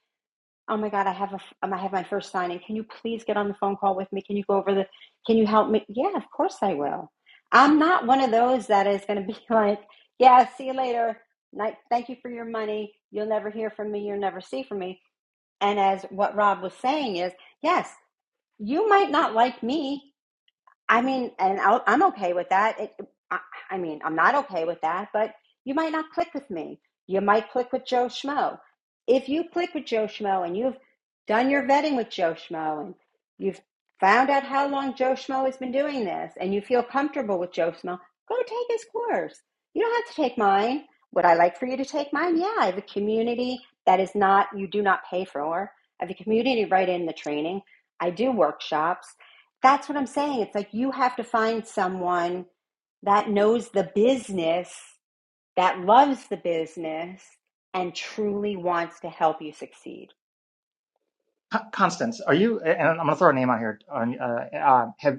Speaker 10: oh my god i have a I have my first signing can you please get on the phone call with me can you go over the can you help me yeah of course i will i'm not one of those that is going to be like yeah see you later Like, thank you for your money you'll never hear from me you'll never see from me and as what rob was saying is yes you might not like me I mean, and I'll, I'm okay with that. It, I, I mean, I'm not okay with that, but you might not click with me. You might click with Joe Schmo. If you click with Joe Schmo and you've done your vetting with Joe Schmo and you've found out how long Joe Schmo has been doing this and you feel comfortable with Joe Schmo, go take his course. You don't have to take mine. Would I like for you to take mine? Yeah, I have a community that is not, you do not pay for. I have a community right in the training. I do workshops. That's what I'm saying. It's like you have to find someone that knows the business, that loves the business, and truly wants to help you succeed.
Speaker 5: constance are you and i'm going to throw a name out here uh, uh, have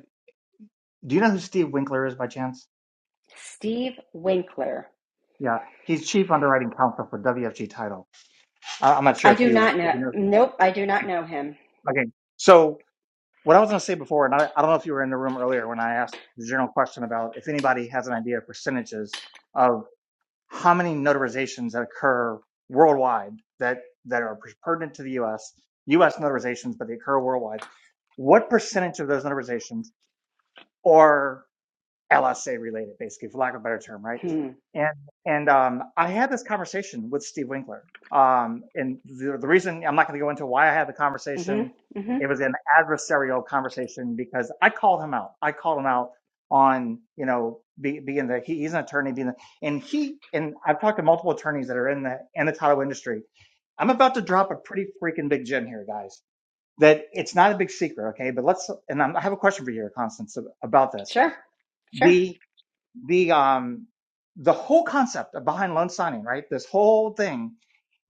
Speaker 5: do you know who steve winkler is by chance
Speaker 10: Steve Winkler.
Speaker 5: Yeah, he's chief underwriting counsel for WFG Title. I, I'm not sure
Speaker 10: I
Speaker 5: if
Speaker 10: do
Speaker 5: you
Speaker 10: not
Speaker 5: if
Speaker 10: know.
Speaker 5: you know.
Speaker 10: Nope, I do not know him.
Speaker 5: Okay, so what I was going to say before, and I, I don't know if you were in the room earlier when I asked the general question about if anybody has an idea of percentages of how many notarizations that occur worldwide that that are pertinent to the U.S. U.S. notarizations, but they occur worldwide. What percentage of those notarizations are LSA related, basically, for lack of a better term, right?
Speaker 10: Hmm.
Speaker 5: And and um, I had this conversation with Steve Winkler. Um, and the, the reason I'm not going to go into why I had the conversation,
Speaker 10: Mm-hmm. Mm-hmm.
Speaker 5: it was an adversarial conversation because I called him out. I called him out on you know be, being the he, he's an attorney being the, and he and I've talked to multiple attorneys that are in the in the title industry. I'm about to drop a pretty freaking big gem here, guys. That it's not a big secret, okay? But let's and I'm, I have a question for you, Constance, ab- about this.
Speaker 10: Sure. Sure.
Speaker 5: The the um the whole concept of behind loan signing, right? This whole thing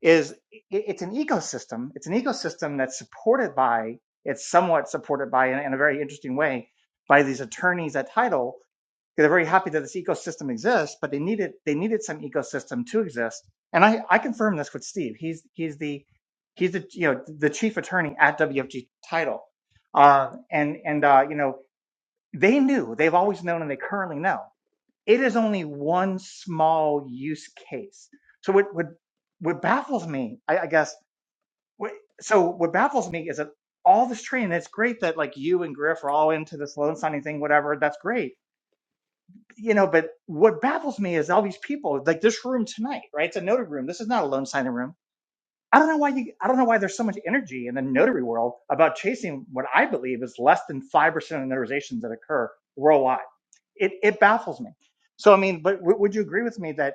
Speaker 5: is i it's an ecosystem. It's an ecosystem that's supported by it's somewhat supported by in, in a very interesting way by these attorneys at Title. 'cause They're very happy that this ecosystem exists, but they needed they needed some ecosystem to exist. And I I confirmed this with Steve. He's he's the he's the you know the chief attorney at WFG title. Uh, and and uh, you know they knew they've always known and they currently know it is only one small use case. So what what what baffles me, I, I guess. What, so what baffles me is that all this training. It's great that like you and Griff are all into this loan signing thing, whatever. That's great, you know. But what baffles me is all these people, like this room tonight, right? It's a notary room. This is not a loan signing room. I don't know why you. I don't know why there's so much energy in the notary world about chasing what I believe is less than five percent of the notarizations that occur worldwide. It it baffles me. So I mean, but w- would you agree with me that?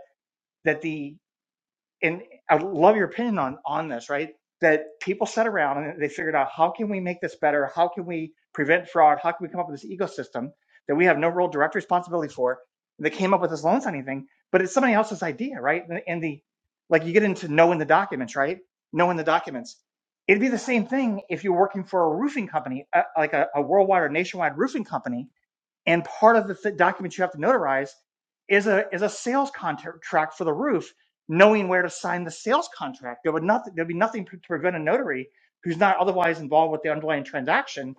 Speaker 5: that the and I love your opinion on on this, right? That people sat around and they figured out how can we make this better? How can we prevent fraud? How can we come up with this ecosystem that we have no real direct responsibility for? And they came up with this loan signing thing, but it's somebody else's idea, right? And, and the like you get into knowing the documents, right? Knowing the documents. It'd be the same thing if you're working for a roofing company, uh, like a, a worldwide or nationwide roofing company and part of the th- document you have to notarize is a is a sales contract for the roof, knowing where to sign the sales contract. There would not there'd be nothing to prevent a notary who's not otherwise involved with the underlying transaction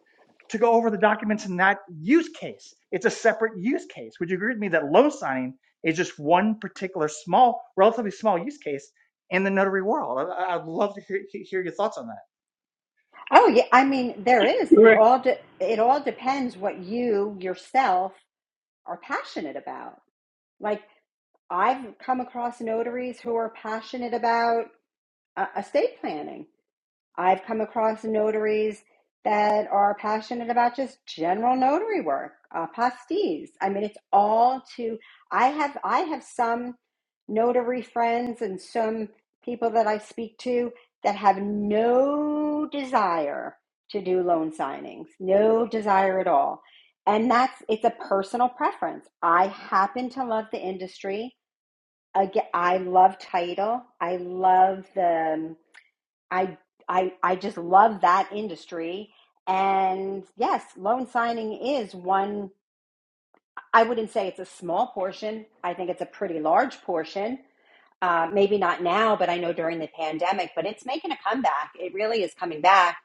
Speaker 5: to go over the documents in that use case. It's a separate use case. Would you agree with me that loan signing is just one particular small, relatively small use case in the notary world? I, I'd love to hear, hear your thoughts on that.
Speaker 10: Oh yeah. I mean, there is. It
Speaker 8: Greg,
Speaker 10: all. De- it all depends what you yourself are passionate about. Like I've come across notaries who are passionate about uh, estate planning. I've come across notaries that are passionate about just general notary work, uh, pastis. I mean, it's all to. I have I have some notary friends and some people that I speak to that have no desire to do loan signings, no desire at all. And that's it's a personal preference. I happen to love the industry. Again, I love title. I love the um, I I I just love that industry. And yes, loan signing is one. I wouldn't say it's a small portion. I think it's a pretty large portion. Uh, maybe not now, but I know during the pandemic, but it's making a comeback. It really is coming back.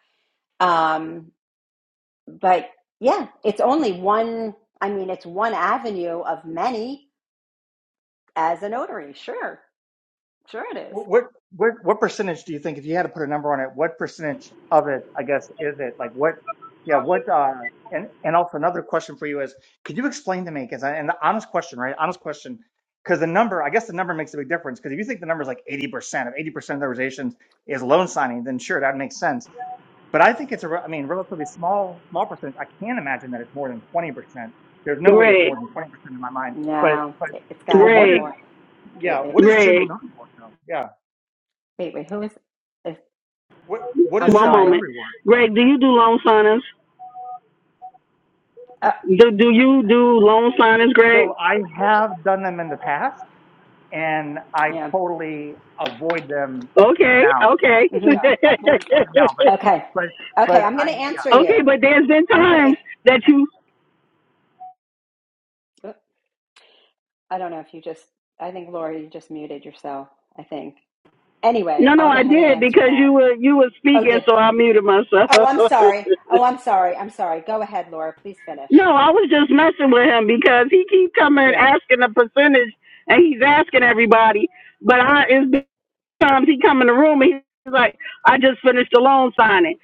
Speaker 10: Um, but yeah, it's only one. I mean, it's one avenue of many as a notary. Sure, sure it is.
Speaker 5: What, what what what percentage do you think, if you had to put a number on it, what percentage of it, I guess, is it? Like what? Yeah, what? Uh, and and also another question for you is, could you explain to me? Because and the honest question, right? Honest question, because the number, I guess, the number makes a big difference. Because if you think the number is like eighty percent of eighty percent of the organizations is loan signing, then sure, that makes sense. But I think it's a, re- I mean, relatively small small percentage. I can't imagine that it's more than twenty percent. There's no way it's
Speaker 8: Greg,
Speaker 5: more than twenty percent in my mind. But
Speaker 10: No,
Speaker 5: but
Speaker 10: it, it's got to
Speaker 5: but
Speaker 10: be
Speaker 5: what
Speaker 8: Greg,
Speaker 5: is?
Speaker 10: more. Wait,
Speaker 5: Yeah,
Speaker 10: wait,
Speaker 5: what is general
Speaker 8: Greg,
Speaker 5: knowledge? work though? Yeah.
Speaker 10: wait, wait. Who is? is
Speaker 5: What what
Speaker 10: I'm
Speaker 5: is
Speaker 8: one
Speaker 5: general
Speaker 10: sorry.
Speaker 8: moment.
Speaker 5: notary work though?
Speaker 8: Greg, do you do loan signings? Do do you do loan signings, Greg?
Speaker 5: So I have done them in the past, and I
Speaker 10: Yeah.
Speaker 5: totally avoid them
Speaker 8: Okay,
Speaker 5: now.
Speaker 8: okay,
Speaker 5: Yeah,
Speaker 10: hmm
Speaker 5: I
Speaker 8: okay.
Speaker 5: totally avoid them now. But
Speaker 10: Okay.
Speaker 5: but but
Speaker 10: Okay. I'm going
Speaker 5: I.
Speaker 10: to
Speaker 5: Yeah.
Speaker 10: answer you.
Speaker 8: But there's been
Speaker 10: I'm going
Speaker 8: times that you
Speaker 10: to. I don't know if you just. I think Lori, you just muted yourself. I think. Anyway,
Speaker 8: No, no,
Speaker 10: I'll go
Speaker 8: I
Speaker 10: ahead and
Speaker 8: did
Speaker 10: answer
Speaker 8: because
Speaker 10: that.
Speaker 8: you were you were
Speaker 10: Oh,
Speaker 8: speaking,
Speaker 10: did.
Speaker 8: so I muted myself.
Speaker 10: Oh,
Speaker 8: no,
Speaker 10: I'm sorry. Oh, I'm sorry. I'm sorry. Go ahead, Laura. Please finish.
Speaker 8: I was just messing with him because he keep coming and
Speaker 10: Yeah.
Speaker 8: asking a percentage, and he's asking everybody. But I, it's been times he come in the room and he's like, "I just finished the loan signing."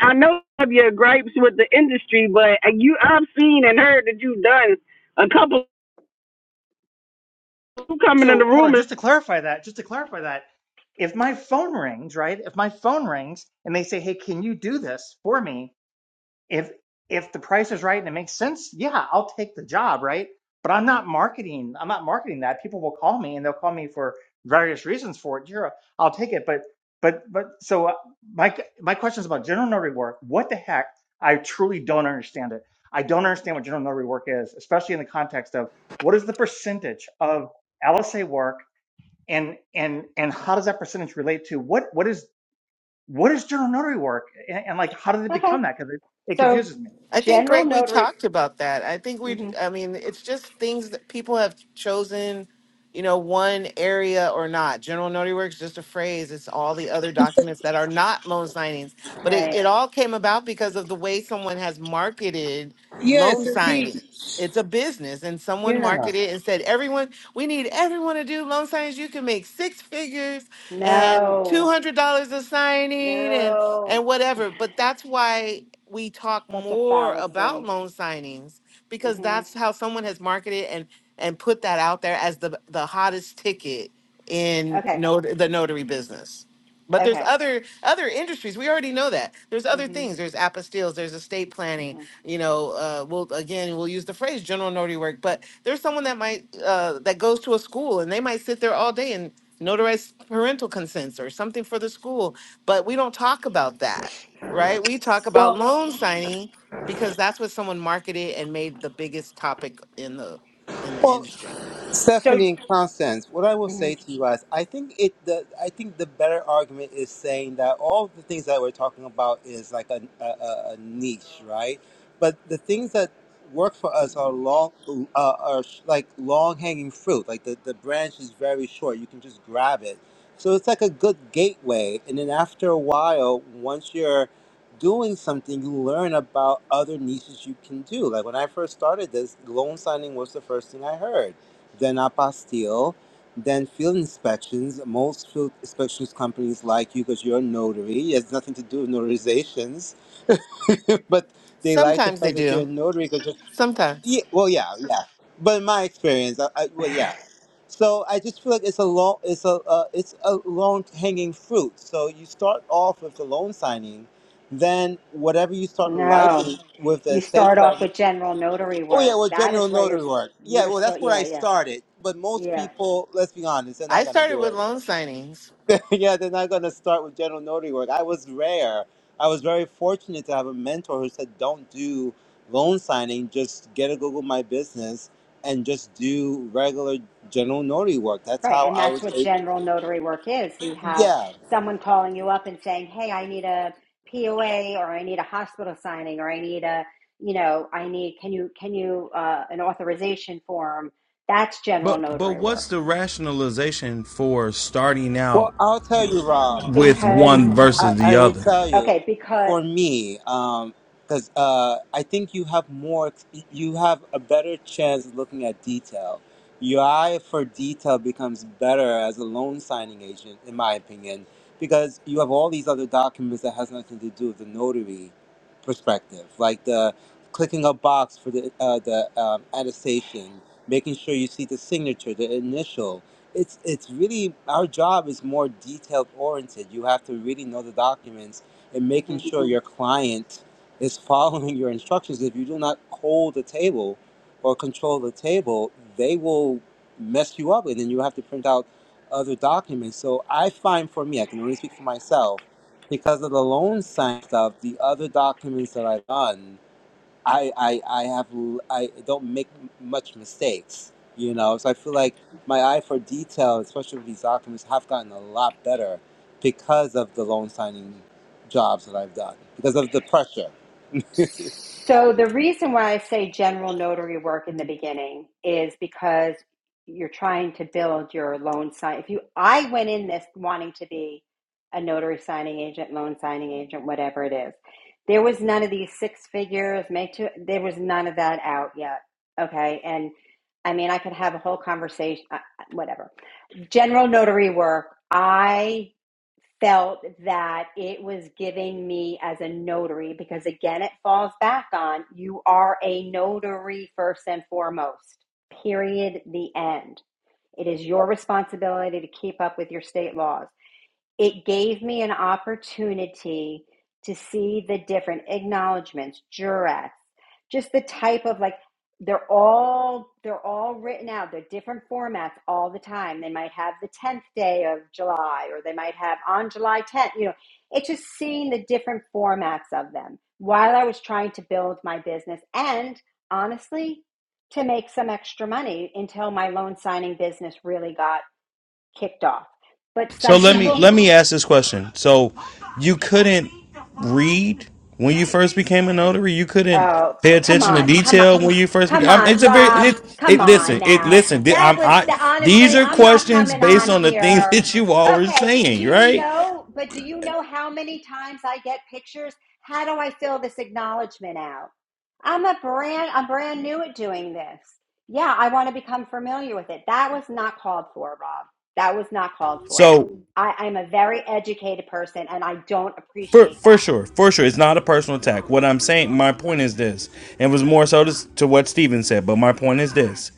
Speaker 8: I know of your gripes with the industry, but you, I've seen and heard that you've done a couple coming in the
Speaker 5: So hold on,
Speaker 8: room.
Speaker 5: just to clarify that, just to clarify that, if my phone rings, right? If my phone rings and they say, "Hey, can you do this for me?" if if the price is right and it makes sense, yeah, I'll take the job, right? But I'm not marketing. I'm not marketing that. People will call me and they'll call me for various reasons for it. Sure, I'll take it. But but but so uh, my my question is about general notary work. What the heck? I truly don't understand it. I don't understand what general notary work is, especially in the context of what is the percentage of LSA work and and and how does that percentage relate to what what is what is general notary work and, and like how did it
Speaker 10: Okay.
Speaker 5: become that? Because it, it
Speaker 10: So,
Speaker 5: confuses me.
Speaker 3: I think,
Speaker 10: general
Speaker 3: Greg, we
Speaker 10: notary.
Speaker 3: talked about that. I think we,
Speaker 10: hmm
Speaker 3: I mean, it's just things that people have chosen, you know, one area or not. General notary work is just a phrase. It's all the other documents that are not loan signings. But it,
Speaker 10: Right.
Speaker 3: it all came about because of the way someone has marketed loan
Speaker 6: Yes, indeed.
Speaker 3: signings. It's a business, and someone
Speaker 6: Yeah.
Speaker 3: marketed and said, everyone, we need everyone to do loan signings. You can make six figures and
Speaker 10: No.
Speaker 3: $200 a signing and
Speaker 10: No.
Speaker 3: and whatever. But that's why we talk
Speaker 10: Such a
Speaker 3: more about
Speaker 10: fallacy.
Speaker 3: loan signings because
Speaker 10: hmm
Speaker 3: that's how someone has marketed and and put that out there as the the hottest ticket in
Speaker 10: Okay.
Speaker 3: not- the notary business. But there's
Speaker 10: Okay.
Speaker 3: other other industries. We already know that. There's other
Speaker 10: hmm
Speaker 3: things. There's apostilles. There's estate planning.
Speaker 10: hmm
Speaker 3: You know, uh, we'll again we'll use the phrase general notary work. But there's someone that might uh, that goes to a school and they might sit there all day and notarize parental consents or something for the school. But we don't talk about that right? We talk about
Speaker 6: Well,
Speaker 3: loan signing because that's what someone marketed and made the biggest topic in the in the
Speaker 6: well,
Speaker 3: industry.
Speaker 10: So.
Speaker 6: Stephanie and Constance, what I will
Speaker 10: mhm.
Speaker 6: say to you guys, I think it the I think the better argument is saying that all the things that we're talking about is like a a, a a niche, right? But the things that work for
Speaker 10: Not
Speaker 6: us
Speaker 10: a
Speaker 6: are
Speaker 10: niche.
Speaker 6: long uh, are sh- like long hanging fruit. Like the the branch is very short; you can just grab it. So it's like a good gateway, and then after a while, once you're doing something, you learn about other niches you can do. Like when I first started this, loan signing was the first thing I heard then apostille, then field inspections. Most field inspections companies like you because you're a notary. It has nothing to do with notarizations, but they like the
Speaker 3: Sometimes they
Speaker 6: fact that you're a
Speaker 3: do.
Speaker 6: notary because, yeah,
Speaker 3: Sometimes.
Speaker 6: well, yeah, yeah. But in my experience, I, I, well, yeah. So I just feel like it's a long, it's a, uh, it's a long hanging fruit. So you start off with the loan signing, then whatever you start
Speaker 10: No,
Speaker 6: liking with the
Speaker 10: you
Speaker 6: estate
Speaker 10: start off
Speaker 6: plan.
Speaker 10: with general notary
Speaker 6: Oh yeah,
Speaker 10: work.
Speaker 6: well,
Speaker 10: That
Speaker 6: general
Speaker 10: is where you're
Speaker 6: notary work. Yeah,
Speaker 10: you're
Speaker 6: well, that's
Speaker 10: supposed.
Speaker 6: where
Speaker 10: Yeah,
Speaker 6: I
Speaker 10: yeah,
Speaker 6: started. But most
Speaker 10: yeah.
Speaker 6: people, let's be honest, they're not
Speaker 3: I
Speaker 6: gonna
Speaker 3: started
Speaker 6: do
Speaker 3: with
Speaker 6: it.
Speaker 3: loan signings.
Speaker 6: yeah, they're not gonna start with general notary work. I was rare. I was very fortunate to have a mentor who said, "Don't do loan signing. Just get a Google My Business and just do regular general notary work." That's
Speaker 10: Right,
Speaker 6: how
Speaker 10: and
Speaker 6: I
Speaker 10: that's
Speaker 6: was.
Speaker 10: what
Speaker 6: Able-
Speaker 10: general notary work is. You have
Speaker 6: yeah.
Speaker 10: someone calling you up and saying, "Hey, I need a POA, or I need a hospital signing, or I need a, you know, I need can you can you uh, an authorization form." That's general
Speaker 9: But but
Speaker 10: notary
Speaker 9: what's
Speaker 10: work
Speaker 9: the rationalization for starting
Speaker 6: Well,
Speaker 9: out
Speaker 6: I'll tell you, Rob.
Speaker 9: with
Speaker 10: because
Speaker 9: one
Speaker 6: I,
Speaker 9: versus the
Speaker 6: I
Speaker 9: other?
Speaker 6: will tell you,
Speaker 10: okay because.
Speaker 6: for me, um, because uh, I think you have more, you have a better chance looking at detail. Your eye for detail becomes better as a loan signing agent, in my opinion, because you have all these other documents that has nothing to do with the notary perspective, like the clicking a box for the uh, the um, attestation, making sure you see the signature, the initial it's it's really our job is more detailed oriented. You have to really know the documents and
Speaker 10: mhm.
Speaker 6: making sure your client is following your instructions. If you do not hold the table or control the table, they will mess you up, and then you have to print out other documents. So I find for me, I can only speak for myself, because of the loan sign stuff, the other documents that I've done. I I I have l- I don't make m- much mistakes, you know. So I feel like my eye for detail, especially with these documents, have gotten a lot better because of the loan signing jobs that I've done because of the pressure.
Speaker 10: So the reason why I say general notary work in the beginning is because you're trying to build your loan sign. If you, I went in this wanting to be a notary signing agent, loan signing agent, whatever it is. There was none of these six figures, make two. There was none of that out yet. Okay, and I mean I could have a whole conversation, uh, uh, whatever. General notary work. I felt that it was giving me as a notary because again it falls back on you are a notary first and foremost period the end it is your responsibility to keep up with your state laws it gave me an opportunity to see the different acknowledgments, jurats, just the type of like they're all they're all written out. They're different formats all the time. They might have the tenth day of July, or they might have on July tenth. You know, it's just seeing the different formats of them while I was trying to build my business and honestly to make some extra money until my loan signing business really got kicked off. But
Speaker 9: So
Speaker 10: some
Speaker 9: let me
Speaker 10: people
Speaker 9: let me ask this question. So you couldn't read when you first became a notary. You couldn't
Speaker 10: Oh,
Speaker 9: pay
Speaker 10: come
Speaker 9: attention to
Speaker 10: on, come on,
Speaker 9: detail when you first became.
Speaker 10: come
Speaker 9: I'm, it's
Speaker 10: on,
Speaker 9: a very
Speaker 10: Rob,
Speaker 9: it,
Speaker 10: come
Speaker 9: it.
Speaker 10: on
Speaker 9: Listen, it
Speaker 10: now.
Speaker 9: listen. th-
Speaker 10: That
Speaker 9: I'm,
Speaker 10: was the
Speaker 9: I these
Speaker 10: honestly,
Speaker 9: are
Speaker 10: I'm not
Speaker 9: questions
Speaker 10: coming
Speaker 9: based
Speaker 10: on
Speaker 9: on the things
Speaker 10: here.
Speaker 9: that you all were
Speaker 10: Okay, do
Speaker 9: saying,
Speaker 10: you
Speaker 9: right?
Speaker 10: know, but do you know how many times I get pictures? How do I fill this acknowledgement out? I'm a brand, I'm brand new at doing this. Yeah, I want to become familiar with it. That was not called for, Rob. That was not called for.
Speaker 9: So
Speaker 10: I, I'm a very educated person and I don't
Speaker 9: For
Speaker 10: appreciate
Speaker 9: for
Speaker 10: that.
Speaker 9: sure, for sure, it's not a personal attack. What I'm saying, my point is this, and it was more so to, to what Steven said, but my point is this: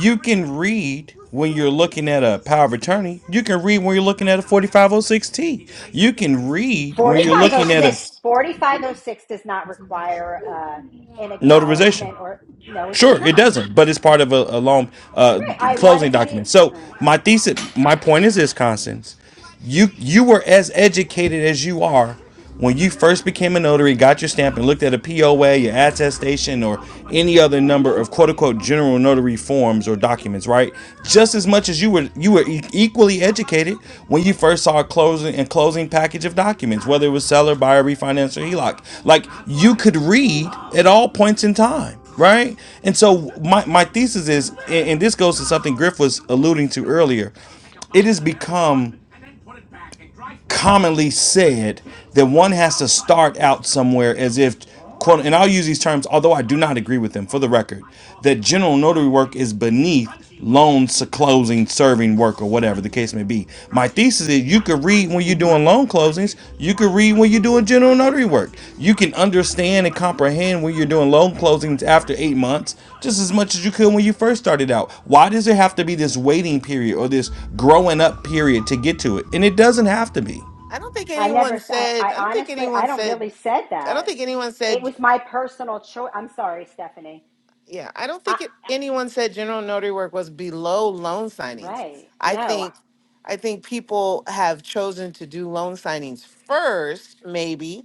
Speaker 9: you can read when you're looking at a power of attorney. You can read when you're looking at a 4506T. You can read when
Speaker 10: Forty
Speaker 9: you're
Speaker 10: five oh
Speaker 9: looking at a
Speaker 10: six, forty five oh six does not require uh, an
Speaker 9: notarization.
Speaker 10: acknowledgement or no it does
Speaker 9: Sure, it
Speaker 10: not
Speaker 9: doesn't, but it's part of a, a long uh,
Speaker 10: right i want
Speaker 9: closing
Speaker 10: it to be
Speaker 9: document. So
Speaker 10: uh,
Speaker 9: my thesis, my point is this, Constance, you you were as educated as you are when you first became a notary, got your stamp, and looked at a POA, your attestation, or any other
Speaker 10: right
Speaker 9: number of quote unquote general notary forms or documents, right? Just as much as you were you were e- equally educated when you first saw a closing and closing package of documents, whether it was seller, buyer, refinance, or HELOC. Like you could read at all points in time right? And so my, my thesis is, and this goes to something Griff was alluding to earlier, it has become commonly said that one has to start out somewhere as if quote and I'll use these terms although I do not agree with them for the record that general notary work is beneath loan s- closing serving work or whatever the case may be. My thesis is you could read
Speaker 10: Mm.
Speaker 9: when you're doing loan closings, you could read when you're doing general notary work. You can understand and comprehend when you're doing loan closings after 8 months just as much as you could when you first started out. Why does there have to be this waiting period or this growing up period to get to it? And it doesn't have to be.
Speaker 3: I don't think
Speaker 10: i never
Speaker 3: anyone
Speaker 10: s- I,
Speaker 3: said
Speaker 10: I
Speaker 3: I don't think
Speaker 10: honestly i
Speaker 3: anyone
Speaker 10: don't
Speaker 3: said
Speaker 10: really said
Speaker 3: I don't
Speaker 10: that
Speaker 3: think anyone
Speaker 10: it
Speaker 3: said
Speaker 10: was my personal choice i'm sorry stephanie
Speaker 3: Yeah, I don't
Speaker 10: I,
Speaker 3: think it, anyone said general notary work was below loan signings.
Speaker 10: right
Speaker 3: I
Speaker 10: no
Speaker 3: think, I think people have chosen to do loan signings first, maybe,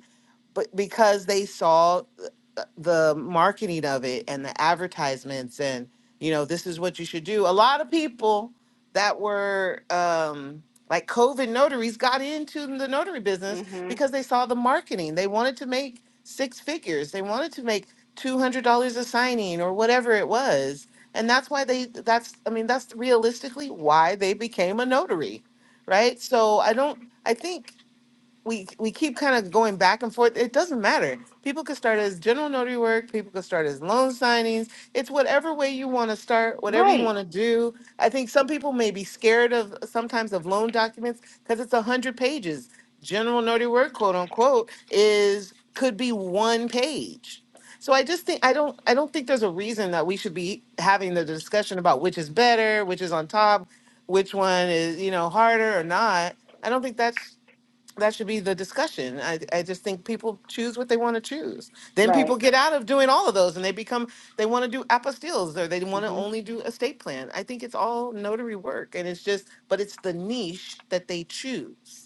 Speaker 3: but because they saw th- the marketing of it and the advertisements and, you know, this is what you should do. A lot of people that were um, like COVID notaries got into the notary business
Speaker 10: mm-hmm.
Speaker 3: because they saw the marketing. They wanted to make six figures. They wanted to make two hundred dollars a signing or whatever it was, and that's why they. That's I mean that's realistically why they became a notary, right? So I don't. I think we we keep kind of going back and forth. It doesn't matter. People could start as general notary work. People could start as loan signings. It's whatever way you want to start, whatever you
Speaker 10: right
Speaker 3: want to do. I think some people may be scared of sometimes of loan documents because it's a hundred pages. General notary work, quote unquote, is could be one page. So I just think I don't I don't think there's a reason that we should be having the discussion about which is better, which is on top, which one is you know harder or not. I don't think that's that should be the discussion. I, I just think people choose what they want to choose. Then
Speaker 10: right
Speaker 3: people get out of doing all of those and they become, they want to do apostilles or they want to
Speaker 10: mm-hmm.
Speaker 3: only do estate plan. I think it's all notary work and it's just, but it's the niche that they choose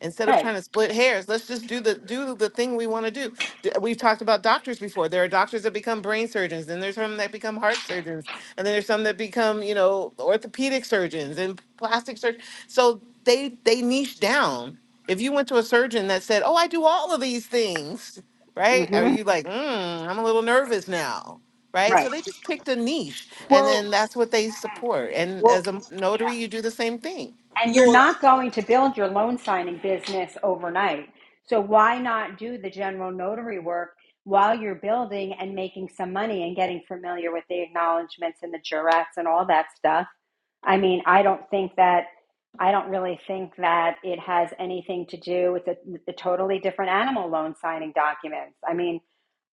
Speaker 3: instead of
Speaker 10: right
Speaker 3: trying to split hairs let's just do the do the thing we want to do D- we've talked about doctors before there are doctors that become brain surgeons then there's some that become heart surgeons and then there's some that become you know orthopedic surgeons and plastic surgeons so they they niche down if you went to a surgeon that said oh i do all of these things right are
Speaker 10: mm-hmm.
Speaker 3: you like mm, i'm a little nervous now right so
Speaker 10: right
Speaker 3: they just picked a niche and then that's what they support and as a
Speaker 10: Yeah.
Speaker 3: notary you do the same thing
Speaker 10: And you're not going to build your loan signing business overnight. So why not do the general notary work while you're building and making some money and getting familiar with the acknowledgments and the jurats and all that stuff? I mean, I don't think that I don't really think that it has anything to do with a, a totally different animal loan signing documents. I mean,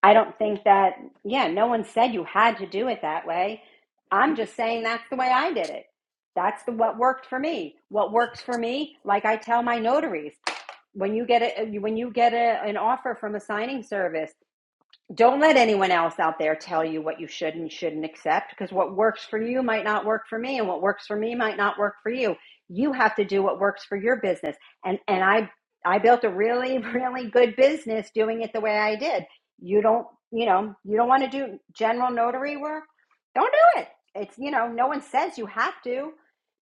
Speaker 10: I don't think that, yeah, no one said you had to do it that way. I'm just saying that's the way I did it. That's the what worked for me. What works for me, like I tell my notaries, when you get a when you get a, an offer from a signing service, don't let anyone else out there tell you what you should and shouldn't accept because what works for you might not work for me and what works for me might not work for you you have to do what works for your business and and i i built a really really good business doing it the way i did you don't you know you don't want to do general notary work don't do it it's you know no one says you have to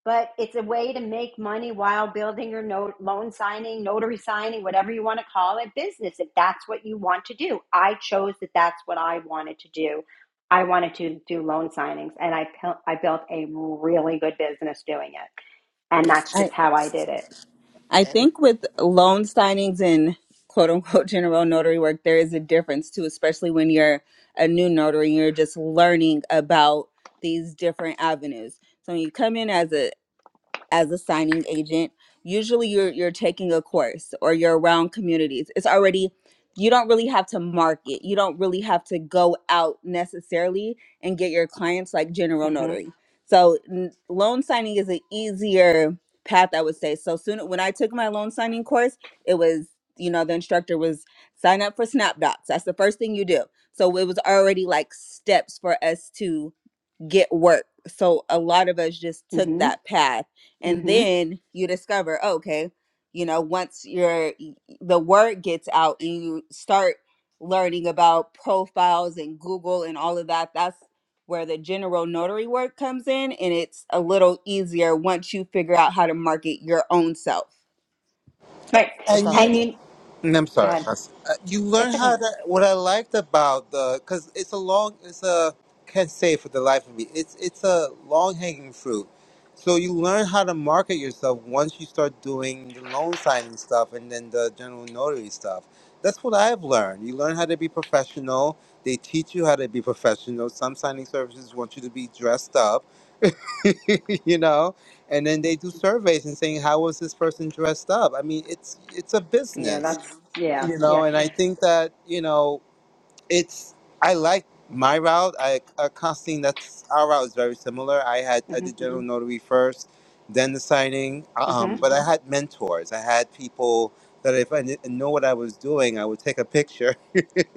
Speaker 10: but it's a way to make money while building your note, loan signing, notary signing, whatever you want to call it, business. If that's what you want to do, I chose that that's what I wanted to do. I wanted to do loan signings, and I I built a really good business doing it, and that's
Speaker 1: I
Speaker 10: just how I did it.
Speaker 1: I
Speaker 3: and
Speaker 1: think with loan signings and quote unquote general notary work, there is a difference too, especially when you're a new notary and you're just learning about these different avenues. So when you come in as a as a signing agent usually you're you're taking a course or you're around communities it's already you don't really have to market you don't really have to go out necessarily and get your clients like general
Speaker 10: hmm
Speaker 1: notary so n- loan signing is an easier path i would say so soon when i took my loan signing course it was you know the instructor was sign up for SnapDocs. that's the first thing you do so it was already like steps for us to get work. So a lot of us just took
Speaker 10: hmm
Speaker 1: that path. And
Speaker 10: hmm
Speaker 1: then you discover, oh, okay, you know, once your the word gets out and you start learning about profiles and Google and all of that, that's where the general notary work comes in and it's a little easier once you figure out how to market your own self.
Speaker 10: Right,
Speaker 1: That's
Speaker 6: And
Speaker 1: all I
Speaker 6: you
Speaker 10: and you
Speaker 6: And I'm
Speaker 10: go
Speaker 6: sorry,
Speaker 10: ahead.
Speaker 6: Cass. Uh, You learn
Speaker 10: It's
Speaker 6: how
Speaker 10: okay.
Speaker 6: to. What I liked about the, because it's a long, it's a can't say for the life of me. It's it's a long hanging fruit. So you learn how to market yourself once you start doing the loan signing stuff and then the general notary stuff. That's what I've learned. You learn how to be professional. They teach you how to be professional. Some signing services want you to be dressed up you know and then they do surveys and saying how was this person dressed up i mean it's it's a
Speaker 10: Yeah,
Speaker 6: business
Speaker 10: that's yeah,
Speaker 6: you know
Speaker 10: yeah.
Speaker 6: and i think that you know it's i like my route i uh, constantine that's our route is very similar i had i
Speaker 10: hmm
Speaker 6: did general notary first then the signing um,
Speaker 10: hmm
Speaker 6: but i had mentors i had people that if i didn't know what i was doing i would take a picture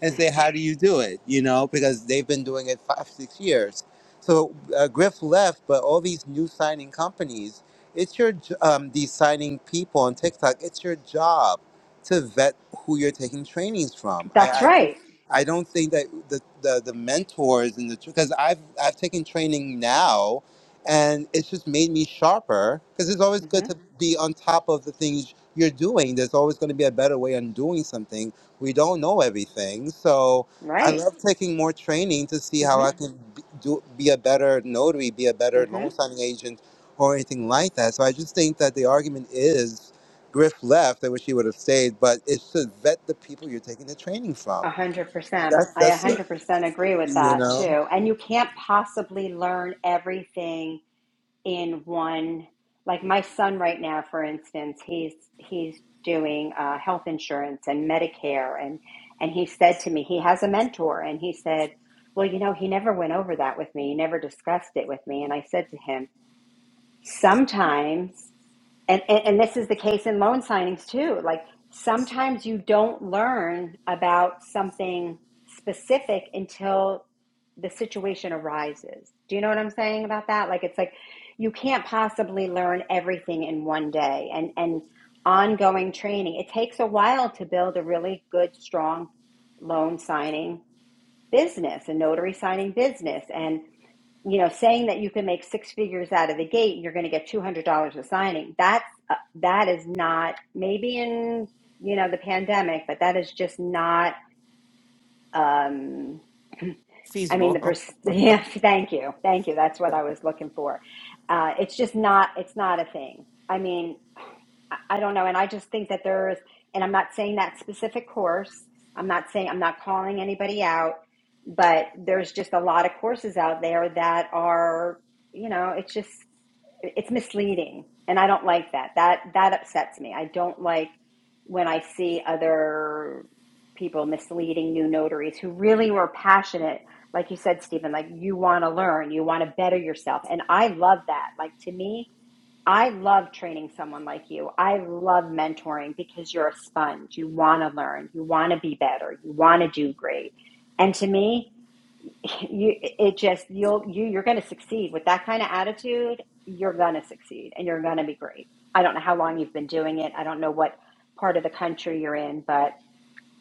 Speaker 6: and say, how do you do it? You know, because they've been doing it five, six years. So uh, Griff left, but all these new signing companies, it's your, j- um, these signing people on TikTok, it's your job to vet who you're taking trainings from. I,
Speaker 10: That's
Speaker 6: I,
Speaker 10: right.
Speaker 6: I don't think that the, the, the mentors and the, because I've, I've taken training now and it's just made me sharper because it's always
Speaker 10: Mm-hmm.
Speaker 6: good to be on top of the things you're doing. There's always going to be a better way on doing something we don't know everything. So I
Speaker 10: Right.
Speaker 6: love taking more training to see how I
Speaker 10: Mm-hmm.
Speaker 6: can b- do, be a better notary, be a better
Speaker 10: Mm-hmm.
Speaker 6: loan signing agent, or anything like that. So I just think that the argument is Griff left. I wish he would have stayed, but it's to vet the people you're taking the training from.
Speaker 10: A hundred percent.
Speaker 6: That's
Speaker 10: I a
Speaker 3: it's
Speaker 6: that's
Speaker 10: hundred percent agree with
Speaker 6: you
Speaker 10: that
Speaker 6: know.
Speaker 10: too. And you can't possibly learn everything in one. Like my son right now, for instance, he's he's doing uh, health insurance and Medicare, and and he said to me, he has a mentor, and he said, well, you know, he never went over that with me. He never discussed it with me. And I said to him, sometimes. and, and and this is the case in loan signings too like sometimes you don't learn about something specific until the situation arises do you know what i'm saying about that like it's like you can't possibly learn everything in one day and and ongoing training it takes a while to build a really good strong loan signing business a notary signing business and you know, saying that you can make six figures out of the gate and you're going to get two hundred dollars a signing. That's uh, that is not maybe in you know the pandemic, but that is just not. Um, I mean, the
Speaker 3: feasible
Speaker 10: pers- yeah. Thank you, thank you. That's what I was looking for. Uh, it's just not. It's not a thing. I mean, I I don't know. And I just think that there is, and I'm not saying that specific course. I'm not saying, I'm not calling anybody out, but there's just a lot of courses out there that are, you know, it's just, it's misleading. And I don't like that. That, that upsets me. I don't like when I see other people misleading new notaries who really were passionate. Like you said, Stephen, like you want to learn, you want to better yourself. And I love that. Like to me, I love training someone like you. I love mentoring because you're a sponge. You want to learn, you want to be better, you want to do great. And to me, you it just you'll you you're going to succeed with that kind of attitude. You're going to succeed and you're going to be great. I don't know how long you've been doing it. I don't know what part of the country you're in, but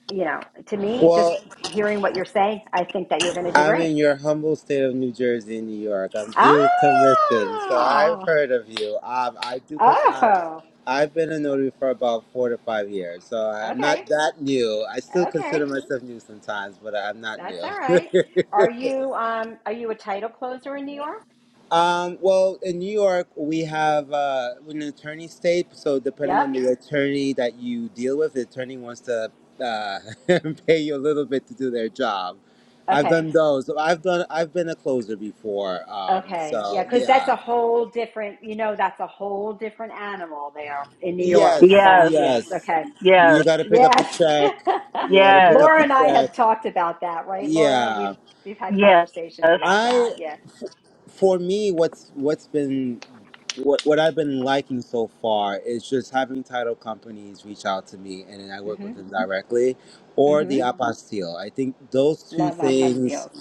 Speaker 10: you know, to me, just
Speaker 6: Well,
Speaker 10: hearing what you're saying, I think that you're going to do
Speaker 6: I'm
Speaker 10: great.
Speaker 6: in your humble state of New Jersey and New York. I'm
Speaker 10: Ah.
Speaker 6: dual commission, so I've heard of you. Um, I do. Com- I,
Speaker 10: Oh.
Speaker 6: I've been a notary for about four to five years, so I'm
Speaker 10: Okay.
Speaker 6: not that new. I still
Speaker 10: Okay.
Speaker 6: consider myself new sometimes, but I'm not
Speaker 10: That's
Speaker 6: new.
Speaker 10: all right. Are you um are you a title closer in New York?
Speaker 6: Um, well, in New York, we have uh, an attorney state. So depending
Speaker 10: Yep.
Speaker 6: on the attorney that you deal with, the attorney wants to uh, pay you a little bit to do their job. I've
Speaker 10: Okay.
Speaker 6: done those. So I've done. I've been a closer before. Um,
Speaker 10: Okay. Yeah,
Speaker 6: so
Speaker 10: cuz that's
Speaker 6: yeah.
Speaker 10: a whole different, you know, that's a whole different animal there in New York
Speaker 6: Yes.
Speaker 10: about yes.
Speaker 6: Yes.
Speaker 10: Okay.
Speaker 6: You got to pick up the
Speaker 10: Yes.
Speaker 6: check. You got to pick up
Speaker 10: Laura
Speaker 6: the
Speaker 10: and I have
Speaker 6: check.
Speaker 10: talked about that, right? Laura,
Speaker 6: Yeah.
Speaker 10: we've we've had conversations about
Speaker 6: I.
Speaker 10: that. Yeah.
Speaker 6: for me, what's what's been what what I've been liking so far is just having title companies reach out to me and then I work with
Speaker 10: Mhm.
Speaker 6: them directly, or the
Speaker 10: Mhm.
Speaker 6: apostille. I think those two
Speaker 10: Love our
Speaker 6: things
Speaker 10: apostilles.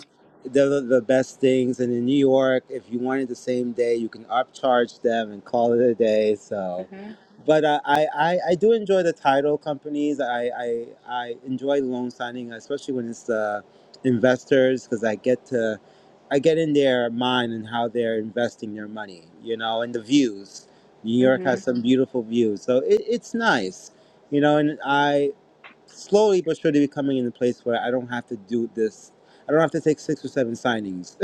Speaker 6: they're the the best things. And in New York, if you wanted the same day, you can upcharge them and call it a day. So
Speaker 10: Mhm.
Speaker 6: but uh, I, I I do enjoy the title companies. I I, I enjoy loan signing, especially when it's the investors, because I get to I get in their mind and how they're investing their money, you know, and the views. New York has
Speaker 10: Mhm.
Speaker 6: some beautiful views, so it, it's nice, you know. And I slowly but surely becoming in a place where I don't have to do this. I don't have to take six or seven signings.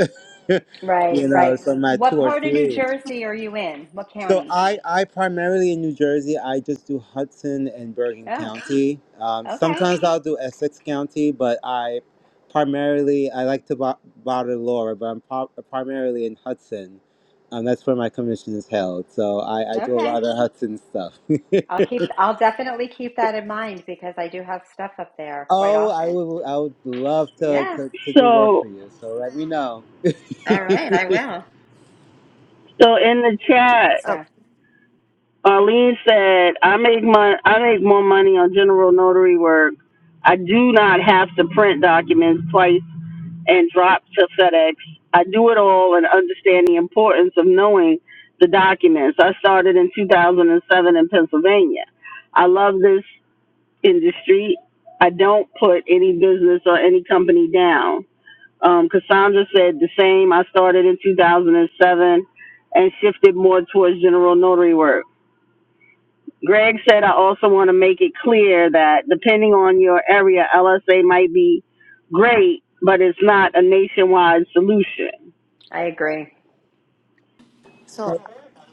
Speaker 10: Right,
Speaker 6: you know,
Speaker 10: right.
Speaker 6: so my two
Speaker 10: What
Speaker 6: or
Speaker 10: part of New
Speaker 6: three.
Speaker 10: Jersey are you in? What
Speaker 6: So
Speaker 10: county?
Speaker 6: I, I primarily in New Jersey, I just do Hudson and Bergen
Speaker 10: Oh,
Speaker 6: County. Um,
Speaker 10: okay.
Speaker 6: sometimes I'll do Essex County, but I primarily I like to bo- bother Laura, but I'm pro- primarily in Hudson. Um, that's where my commission is held. So I, I do a
Speaker 10: Okay.
Speaker 6: lot of Hudson stuff.
Speaker 10: I'll keep, I'll definitely keep that in mind because I do have stuff up there quite
Speaker 6: oh, I
Speaker 10: often.
Speaker 6: would I would love to,
Speaker 10: Yeah.
Speaker 6: to, to do work for
Speaker 8: So,
Speaker 6: you. So let me know.
Speaker 10: All right. I will.
Speaker 8: so in the chat.
Speaker 10: So
Speaker 8: Arlene said, "I make mon- I make more money on general notary work. I do not have to print documents twice and drop to FedEx. I do it all and understand the importance of knowing the documents. I started in 2007 in Pennsylvania. I love this industry. I don't put any business or any company down." Um, Cassandra said the same. I started in 2007 and seven and shifted more towards general notary work. Greg said, I also want to make it clear that depending on your area, LSA might be great, but it's not a nationwide solution.
Speaker 10: I agree.
Speaker 3: So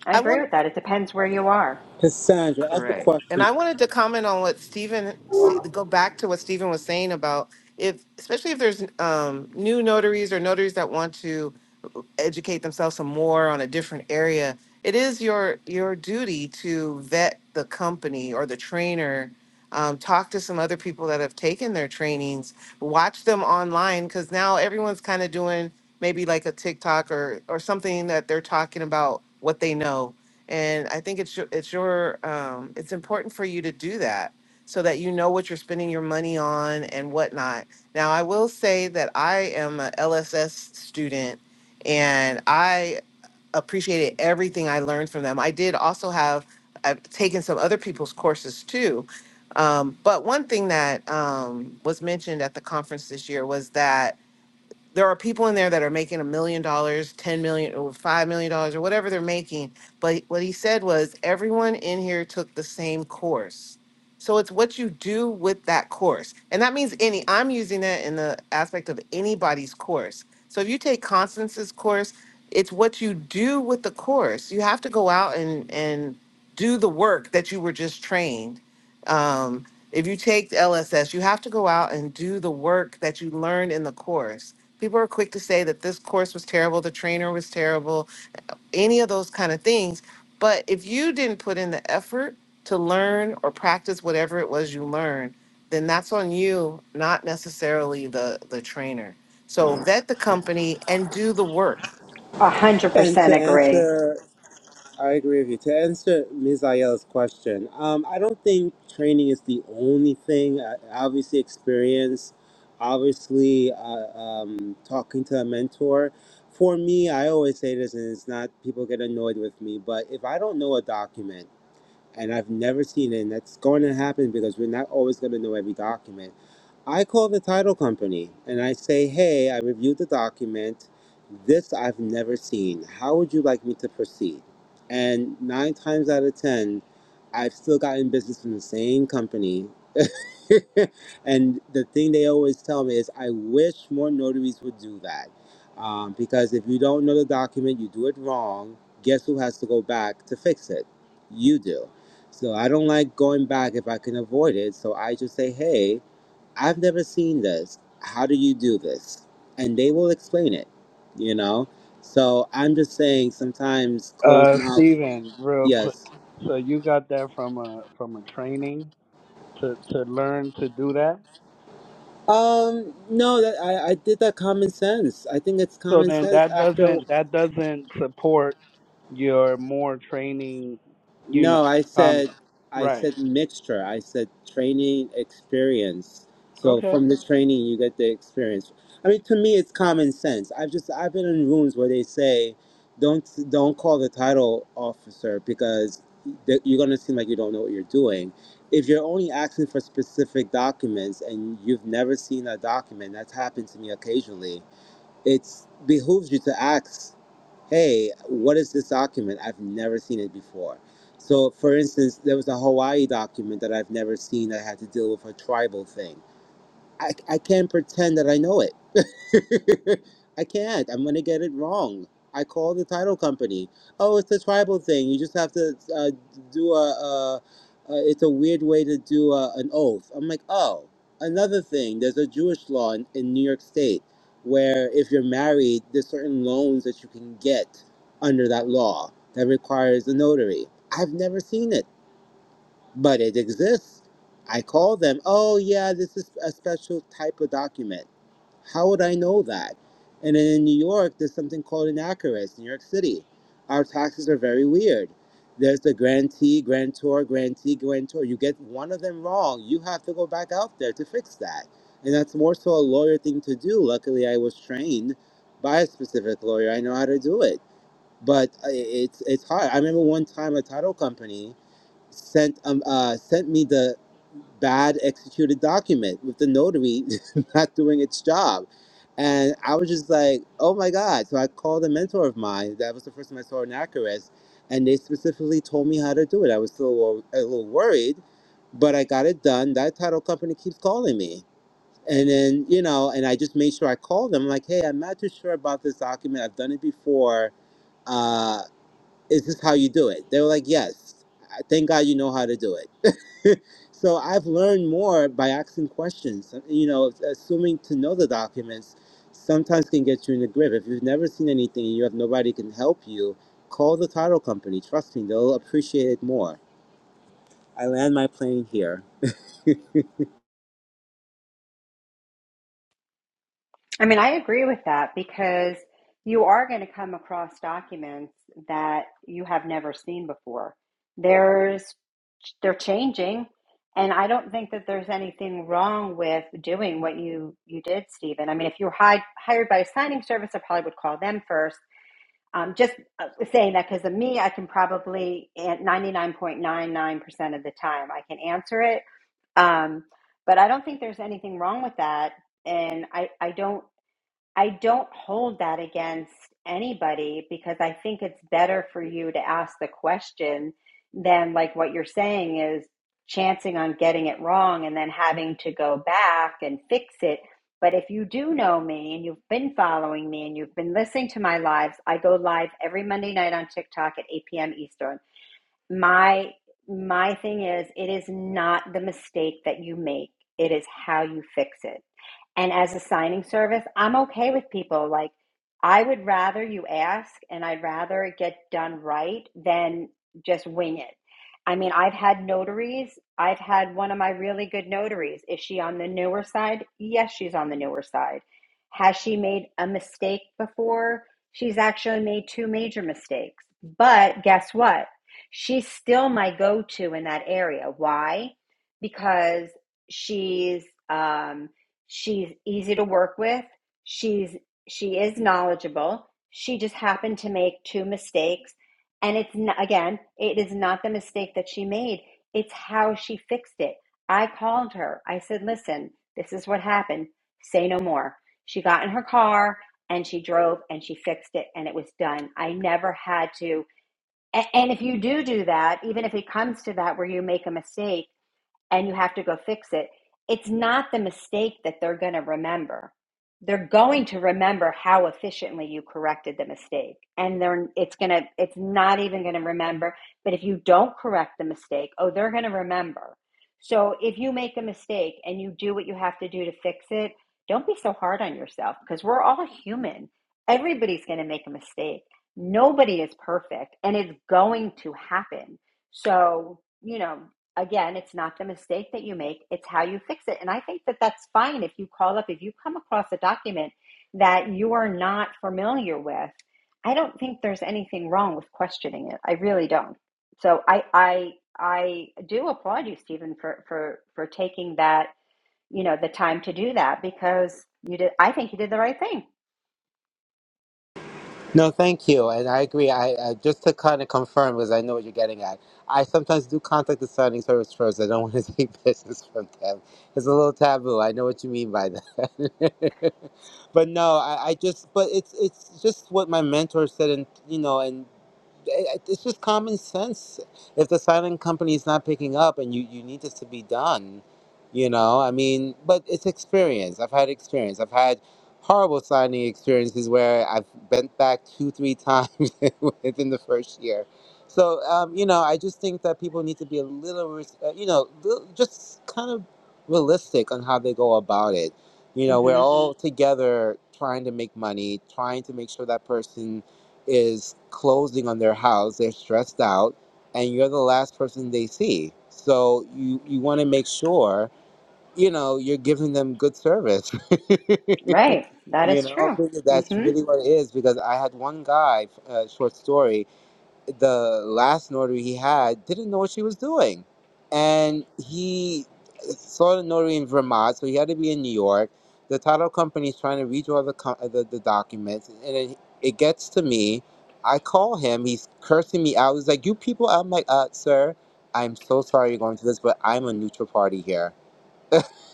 Speaker 10: I
Speaker 3: I
Speaker 10: agree
Speaker 3: want
Speaker 10: with that. It depends where you are.
Speaker 6: Cassandra, I have a
Speaker 3: correct, and
Speaker 6: question.
Speaker 3: I wanted to comment on what Stephen Ste- go back to what Stephen was saying about if, especially if there's um, new notaries or notaries that want to uh, educate themselves some more on a different area. It is your your duty to vet the company or the trainer. Um, talk to some other people that have taken their trainings. Watch them online because now everyone's kind of doing maybe like a TikTok or or something that they're talking about what they know and I think it's your, it's your um, it's important for you to do that so that you know what you're spending your money on and whatnot. Now, I will say that I am a LSS student and I appreciated everything I learned from them. I did also have I've taken some other people's courses too. Um, but one thing that um, was mentioned at the conference this year was that there are people in there that are making a million dollars, ten million, or five million dollars, or whatever they're making. But what he said was everyone in here took the same course. So it's what you do with that course. And that means any, I'm using that in the aspect of anybody's course. So if you take Constance's course, it's what you do with the course. You have to go out and and do the work that you were just trained um, if you take the LSS, you have to go out and do the work that you learned in the course. People are quick to say that this course was terrible, the trainer was terrible, any of those kind of things. But if you didn't put in the effort to learn or practice whatever it was you learned, then that's on you, not necessarily the the trainer. So vet the company and do the work.
Speaker 10: A hundred
Speaker 6: And
Speaker 10: percent
Speaker 6: to
Speaker 10: agree.
Speaker 6: answer I agree with you. To answer Ms. Ayala's question, um, I don't think training is the only thing. Uh, obviously, experience, obviously, uh, um, talking to a mentor. For me, I always say this, and it's not people get annoyed with me, but if I don't know a document and I've never seen it, and that's going to happen because we're not always going to know every document. I call the title company and I say, hey, I reviewed the document. This I've never seen. How would you like me to proceed? And nine times out of 10, I've still gotten business from the same company. and the thing they always tell me is, I wish more notaries would do that. Um, because if you don't know the document, you do it wrong, guess who has to go back to fix it? You do. So I don't like going back if I can avoid it. So I just say, hey, I've never seen this. How do you do this? And they will explain it, you know? So I'm just saying sometimes closed
Speaker 11: Uh,
Speaker 6: mouth,
Speaker 11: Steven, real quick.
Speaker 6: yes.
Speaker 11: So you got that from a from a training to to learn to do that.
Speaker 6: Um, no, that I, I did that common sense. I think it's
Speaker 11: So
Speaker 6: common
Speaker 11: then
Speaker 6: sense
Speaker 11: that
Speaker 6: after.
Speaker 11: doesn't that doesn't support your more training, you know,
Speaker 6: No, I
Speaker 11: comment.
Speaker 6: said, I
Speaker 11: Right.
Speaker 6: said mixture. I said training experience. So
Speaker 11: Okay.
Speaker 6: from the training, you get the experience. I mean, to me, it's common sense. I've just I've been in rooms where they say, don't don't call the title officer because th- you're gonna seem like you don't know what you're doing. If you're only asking for specific documents and you've never seen a document, that's happened to me occasionally. It behooves you to ask hey, what is this document? I've never seen it before. So, for instance, there was a Hawaii document that I've never seen that had to deal with a tribal thing. I, I can't pretend that I know it I can't. I'm gonna get it wrong. I call the title company. Oh, it's a tribal thing. You just have to uh, do a. Uh, uh, it's a weird way to do a, an oath. I'm like, oh, another thing. There's a Jewish law in, in New York State where if you're married, there's certain loans that you can get under that law that requires a notary. I've never seen it, but it exists. I call them. Oh yeah, this is a special type of document. How would I know that? And in New York, there's something called inaccurates, New York City. Our taxes are very weird. There's the grantee, grantor, grantee, grantor. You get one of them wrong, you have to go back out there to fix that. And that's more so a lawyer thing to do. Luckily, I was trained by a specific lawyer. I know how to do it. But I- it's it's hard. I remember one time a title company sent um uh sent me the bad executed document with the notary not doing its job. And I was just like, oh my God. So I called a mentor of mine. That was the first time I saw an Icarus. And they specifically told me how to do it. I was still a little, a little worried, but I got it done. That title company keeps calling me. And then, you know, and I just made sure I called them like, hey, I'm not too sure about this document. I've done it before. Uh, is this how you do it? They were like, yes. I- Thank God you know how to do it. so I've learned more by asking questions. Uh, You know, assuming to know the documents sometimes can get you in the grip. If you've never seen anything and you have nobody can help you, call the title company. Trust me, they'll appreciate it more. I land my plane here.
Speaker 10: I mean, I agree with that because you are going to come across documents that you have never seen before. There's they're changing, and I don't think that there's anything wrong with doing what you you did, Stephen. I mean, if you're hired hired by a signing service, I probably would call them first. Um, just uh, saying that because of me, I can probably at 99.99% of the time I can answer it. Um, but I don't think there's anything wrong with that. And I, I don't I don't hold that against anybody because I think it's better for you to ask the question than like what you're saying is chancing on getting it wrong and then having to go back and fix it. But if you do know me and you've been following me and you've been listening to my lives, I go live every Monday night on TikTok at 8 p.m. Eastern. My my thing is it is not the mistake that you make. It is how you fix it. And as a signing service, I'm okay with people. Like, I would rather you ask and I'd rather it get done right than just wing it. I mean, I've had notaries. I've had one of my really good notaries. Is she on the newer side? Yes, she's on the newer side. Has she made a mistake before? She's actually made two major mistakes. But guess what? She's still my go to in that area. Why? Because she's, um, She's easy to work with. She's she is knowledgeable. She just happened to make two mistakes, and it's n again, it is not the mistake that she made. It's how she fixed it. I called her. I said, "Listen, this is what happened. Say no more." She got in her car and she drove and she fixed it and it was done. I never had to. And if you do do that, even if it comes to that where you make a mistake and you have to go fix it. It's not the mistake that they're going to remember. They're going to remember how efficiently you corrected the mistake. And they're it's going to it's not even going to remember, but if you don't correct the mistake, oh, they're going to remember. So if you make a mistake and you do what you have to do to fix it, don't be so hard on yourself because we're all human. Everybody's going to make a mistake. Nobody is perfect and it's going to happen. So, you know, again, it's not the mistake that you make, it's how you fix it. And I think that that's fine if you call up, if you come across a document that you are not familiar with. I don't think there's anything wrong with questioning it. I really don't. So I I I do applaud you, Stephen, for for for taking that, you know, the time to do that because you did I think you did the right thing.
Speaker 6: No, thank you, and I agree. I, I just to kind of confirm because I know what you're getting at. I sometimes do contact the signing service first. I don't want to take business from them. It's a little taboo. I know what you mean by that. but no, I, I just but it's it's just what my mentor said, and you know, and it- it's just common sense. If the silent company is not picking up and you, you need this to be done, you know, I mean, but it's experience. I've had experience. I've had horrible signing experiences where I've bent back two, three times within the first year. So, um, you know, I just think that people need to be a little, res- uh, you know, li- just kind of realistic on how they go about it. You know, we're
Speaker 10: Mhm.
Speaker 6: all Mhm. together trying to make money, trying to make sure that person is closing on their house, they're stressed out, and you're the last person they see. So you, you want to make sure, you know, you're giving them good service.
Speaker 10: Right. That
Speaker 6: You
Speaker 10: is
Speaker 6: know,
Speaker 10: true.
Speaker 6: really, that's
Speaker 10: Mhm.
Speaker 6: really what it is because I had one guy, uh, short story, the last notary he had didn't know what she was doing. And he saw the notary in Vermont, so he had to be in New York. The title company is trying to redraw the, co- uh, the, the documents, and it, it gets to me. I call him, he's cursing me out. He's like, You people, I'm like, uh, Sir, I'm so sorry you're going through this, but I'm a neutral party here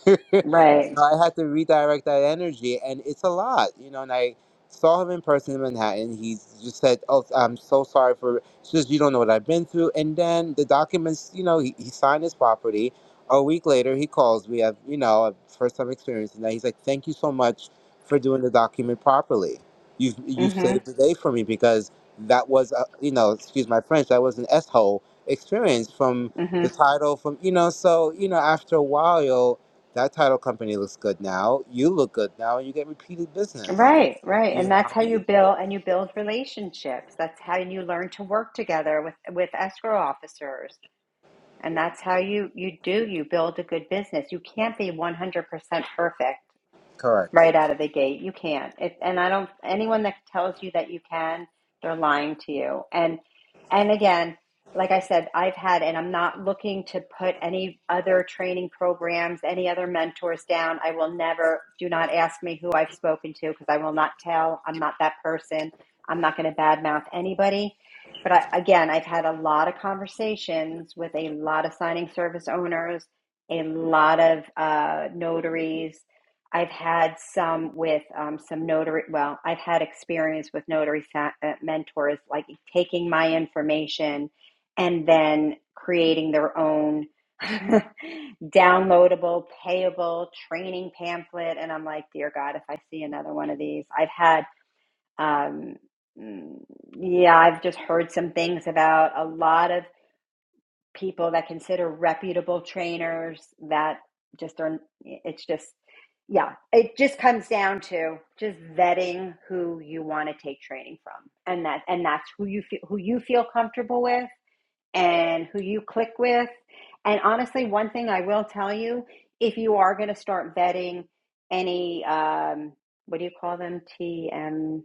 Speaker 6: you
Speaker 10: Right.
Speaker 6: know, I had to redirect that energy, and it's a lot, you know. And I saw him in person in Manhattan. He just said, "Oh, I'm so sorry for it's just you don't know what I've been through." And then the documents, you know, he, he signed his property. A week later, he calls me. I've, you know, a first time experience, and he's like, "Thank you so much for doing the document properly. You've you've
Speaker 10: Mhm.
Speaker 6: saved the day for me because that was, a, you know, excuse my French, that was an s hole experience from."
Speaker 10: Mhm.
Speaker 6: The title from you know, so you know, after a while, that title company looks good now. You look good now, and you get repeated business.
Speaker 10: Right, right. And
Speaker 6: You
Speaker 10: that's
Speaker 6: know,
Speaker 10: how you build and you build relationships. That's how you learn to work together with with escrow officers. And that's how you you do you build a good business. You can't be 100% perfect
Speaker 6: correct.
Speaker 10: right out of the gate. You can't. If, and I don't, anyone that tells you that you can, they're lying to you. And, and again, like I said, I've had, and I'm not looking to put any other training programs, any other mentors down. I will never, do not ask me who I've spoken to because I will not tell. I'm not that person. I'm not going to badmouth anybody. But I, again, I've had a lot of conversations with a lot of signing service owners, a lot of uh, notaries, I've had some with um, some notary. Well, I've had experience with notary sa- uh, mentors, like taking my information and then creating their own downloadable, payable training pamphlet. And I'm like, dear God, if I see another one of these, I've had, um, mm, yeah, I've just heard some things about a lot of people that consider reputable trainers that just are it's just yeah it just comes down to just vetting who you want to take training from and that and that's who you feel who you feel comfortable with and who you click with and honestly one thing i will tell you if you are going to start vetting any um what do you call them tm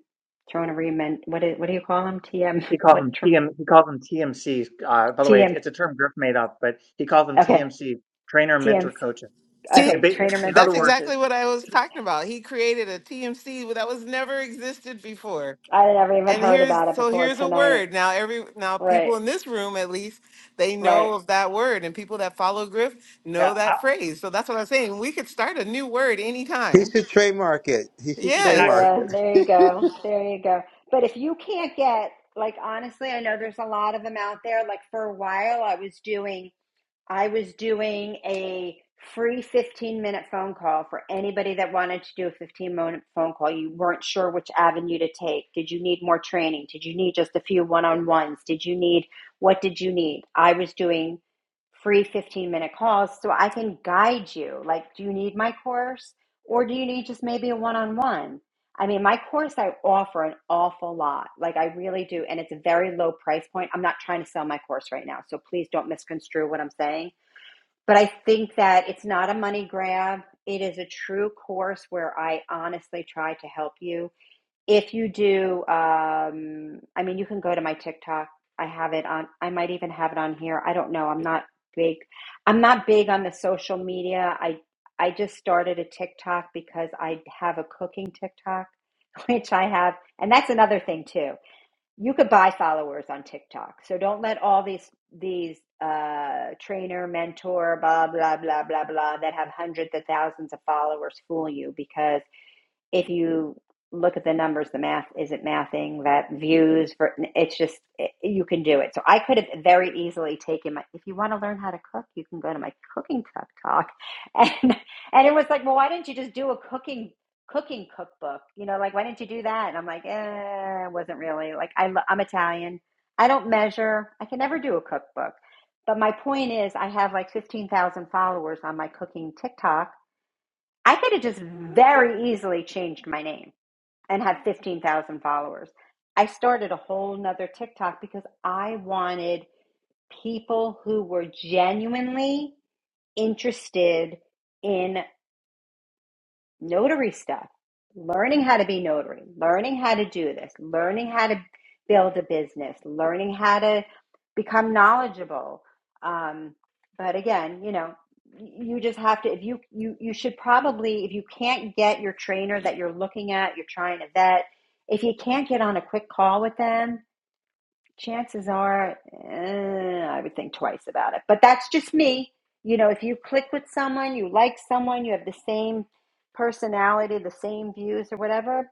Speaker 10: Trying to remember what do, what do you call them tm
Speaker 5: He calls
Speaker 10: what
Speaker 5: them TM. He calls them TMC. Uh, by the way, it's,
Speaker 10: tm
Speaker 5: it's a term Griff made up, but he calls them
Speaker 10: okay
Speaker 5: TMC, trainer, mentor,
Speaker 10: tmc
Speaker 5: coaches.
Speaker 3: See,
Speaker 5: And
Speaker 10: Okay,
Speaker 5: ba-
Speaker 10: trainer,
Speaker 5: in
Speaker 10: mentor,
Speaker 3: That's
Speaker 5: other words,
Speaker 10: coaches.
Speaker 3: exactly what I was talking about. He created a TMC that was never existed before
Speaker 10: I had never even
Speaker 3: And
Speaker 10: heard
Speaker 3: here's
Speaker 10: about it
Speaker 3: so
Speaker 10: before
Speaker 3: here's a
Speaker 10: tonight.
Speaker 3: word. Now every now
Speaker 10: Right,
Speaker 3: people in this room at least they
Speaker 10: right.
Speaker 3: know of that word and people that follow Griff
Speaker 5: yeah,
Speaker 3: know
Speaker 5: I,
Speaker 3: that phrase. So that's what I'm saying. We could start a new word
Speaker 6: He
Speaker 3: anytime.
Speaker 6: should trademark it. He should
Speaker 5: exactly
Speaker 3: Yes.
Speaker 6: trademark
Speaker 10: Yeah,
Speaker 6: it.
Speaker 10: there you go. There you go. But if you can't get, like, honestly, I know there's a lot of them out there. Like, for a while, I was doing I was doing a free 15 minute phone call for anybody that wanted to do a 15 minute phone call. You weren't sure which avenue to take. Did you need more training? Did you need just a few one on ones? Did you need what did you need? I was doing free 15 minute calls so I can guide you. Like, do you need my course or do you need just maybe a one on one? I mean, my course, I offer an awful lot. Like, I really do. And it's a very low price point. I'm not trying to sell my course right now. So please don't misconstrue what I'm saying. But I think that it's not a money grab. It is a true course where I honestly try to help you if you do, um, I mean, you can go to my TikTok. I have it on, I might even have it on here. I don't know. I'm not big. I'm not big on the social media. I I just started a TikTok because I have a cooking TikTok, which I have, and that's another thing too. You could buy followers on TikTok. So don't let all these these uh trainer, mentor, blah blah blah blah blah that have hundreds of thousands of followers fool you because if you look at the numbers, the math isn't mathing that views for it's just it, you can do it. So I could have very easily taken my if you want to learn how to cook, you can go to my cooking tuck talk. And and it was like, well, why didn't you just do a cooking cooking cookbook? You know, like why didn't you do that? And I'm like, eh, it wasn't really like I I'm Italian. I don't measure. I can never do a cookbook. But my point is, I have like 15,000 followers on my cooking TikTok I could have just very easily changed my name and had 15,000 followers. I started a whole nother TikTok because I wanted people who were genuinely interested in notary stuff, learning how to be notary, learning how to do this, learning how to build a business, learning how to become knowledgeable. Um, but again, you know, you just have to if you you you should probably if you can't get your trainer that you're looking at, you're trying to vet, if you can't get on a quick call with them, chances are eh, I would think twice about it. But that's just me. You know, if you click with someone, you like someone, you have the same personality, the same views or whatever,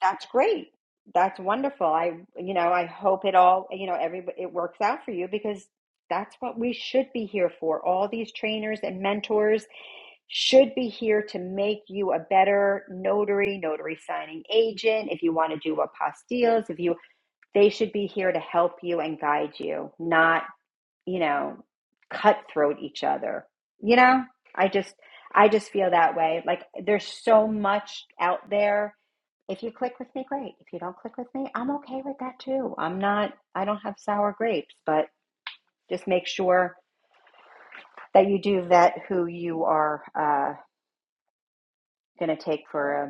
Speaker 10: that's great. That's wonderful. I you know, I hope it all, you know, every it works out for you because that's what we should be here for. All these trainers and mentors should be here to make you a better notary, notary signing agent. If you want to do apostilles, if you they should be here to help you and guide you, not, you know, cutthroat each other. You know, I just I just feel that way. Like there's so much out there. If you click with me, great. If you don't click with me, I'm okay with that too. I'm not I don't have sour grapes, but just make sure that you do vet who you are uh, going to take for a.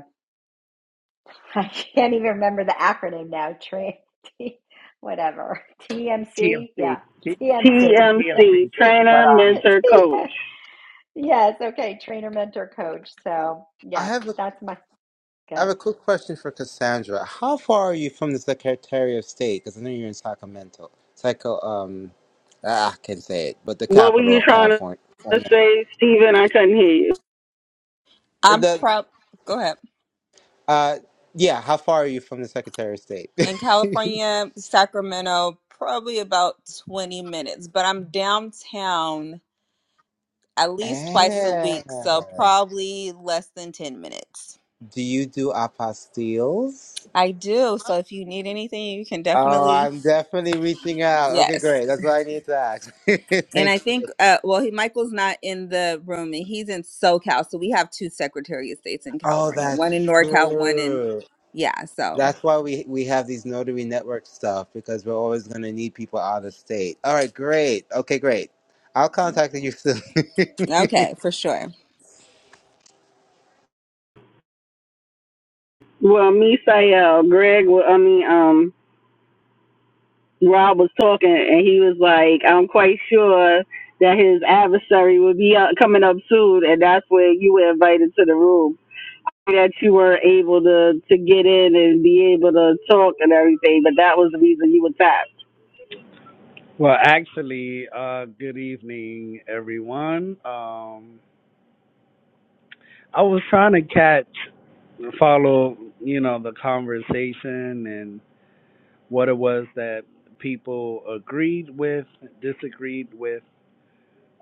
Speaker 10: I can't even remember the acronym now. Tra- T- whatever. TMC?
Speaker 5: TMC,
Speaker 10: Yeah. TMC.
Speaker 5: TMC.
Speaker 8: TMC,
Speaker 10: TMC.
Speaker 5: But
Speaker 8: trainer,
Speaker 5: um,
Speaker 8: mentor, coach.
Speaker 10: yes. Okay. Trainer, mentor, coach. So,
Speaker 6: I
Speaker 10: yes,
Speaker 6: have a
Speaker 10: that's my
Speaker 6: I
Speaker 10: good.
Speaker 6: have a quick question for Cassandra. How far are you from the Secretary of State? Because I know you're in Sacramento. Psycho, um, ah, I can say it, but the
Speaker 8: What were
Speaker 6: capital
Speaker 8: you
Speaker 6: of
Speaker 8: trying
Speaker 6: California.
Speaker 8: to say, Stephen? I couldn't hear you.
Speaker 1: I'm
Speaker 6: The
Speaker 1: proud go ahead.
Speaker 6: uh, yeah. How far are you from the Secretary of State?
Speaker 1: In California, Sacramento, probably about 20 minutes, but I'm downtown at least twice a
Speaker 6: Ah.
Speaker 1: week, so probably less than 10 minutes.
Speaker 6: Do you do apostilles?
Speaker 1: I do. So if you need anything, you can
Speaker 6: Oh,
Speaker 1: definitely
Speaker 6: I'm definitely reaching out. Okay,
Speaker 1: yes.
Speaker 6: great. That's what I need to ask.
Speaker 1: And I
Speaker 6: Thank you.
Speaker 1: think uh well, he Michael's not in the room and he's in SoCal, so we have two Secretary of States in
Speaker 6: Oh,
Speaker 1: California, one
Speaker 6: that's
Speaker 1: in NorCal, one in
Speaker 6: true.
Speaker 1: yeah, so
Speaker 6: That's why we we have these notary network stuff because we're always going to need people out of state. All right, great. Okay, great. I'll contact you soon.
Speaker 1: okay, for sure.
Speaker 8: Well, Misael, Greg, wa- I mean, um, Rob was talking and he was like, I'm quite sure that his adversary would be out, coming up soon, and that's where you were invited to the room. that you were able to to get in and be able to talk and everything, but that was the reason you were tapped.
Speaker 11: Well, actually, uh, good evening, everyone. Um, I was trying to catch, follow, you know, the conversation and what it was that people agreed with, disagreed with.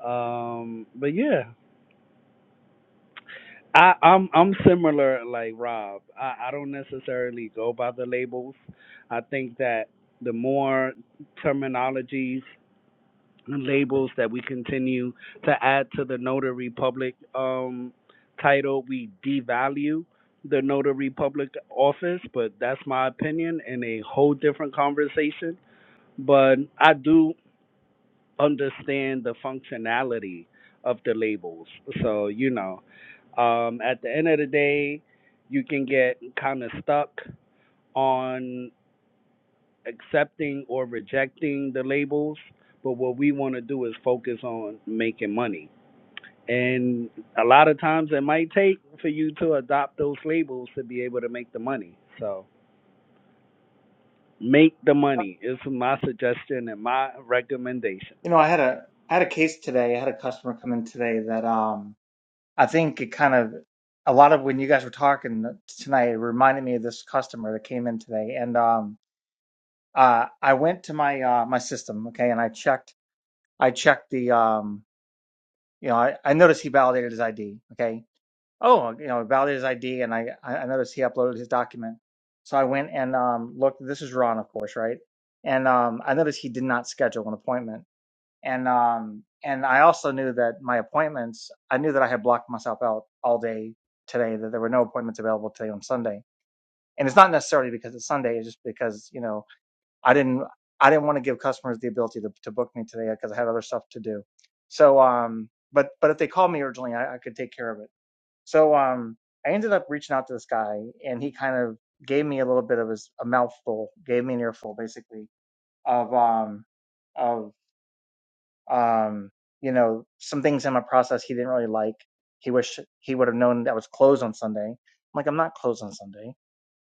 Speaker 11: Um, but yeah, I, I'm I'm similar like Rob. I, I don't necessarily go by the labels. I think that the more terminologies and labels that we continue to add to the notary public um title, we devalue the notary public office, but that's my opinion in a whole different conversation. But I do understand the functionality of the labels. So, you know, um, at the end of the day, you can get kind of stuck on accepting or rejecting the labels. But what we want to do is focus on making money. And a lot of times it might take for you to adopt those labels to be able to make the money. So, make the money is my suggestion and my recommendation.
Speaker 5: you know, I had a I had a case today. I had a customer come in today that um, I think it kind of a lot of when you guys were talking tonight it reminded me of this customer that came in today, and um, uh, I went to my uh my system, okay, and I checked I checked the um. you know, I, I noticed he validated his ID. Okay. Oh, you know, validated his ID, and I I noticed he uploaded his document. So I went and um, looked. This is Ron, of course, right? And um, I noticed he did not schedule an appointment. And um, and I also knew that my appointments. I knew that I had blocked myself out all day today. That there were no appointments available today on Sunday. And it's not necessarily because it's Sunday. It's just because you know I didn't I didn't want to give customers the ability to, to book me today because I had other stuff to do. So um but but if they called me urgently I, I could take care of it. So um I ended up reaching out to this guy and he kind of gave me a little bit of his a mouthful, gave me an earful basically of um of um you know some things in my process he didn't really like. He wished he would have known that I was closed on Sunday. I'm like I'm not closed on Sunday.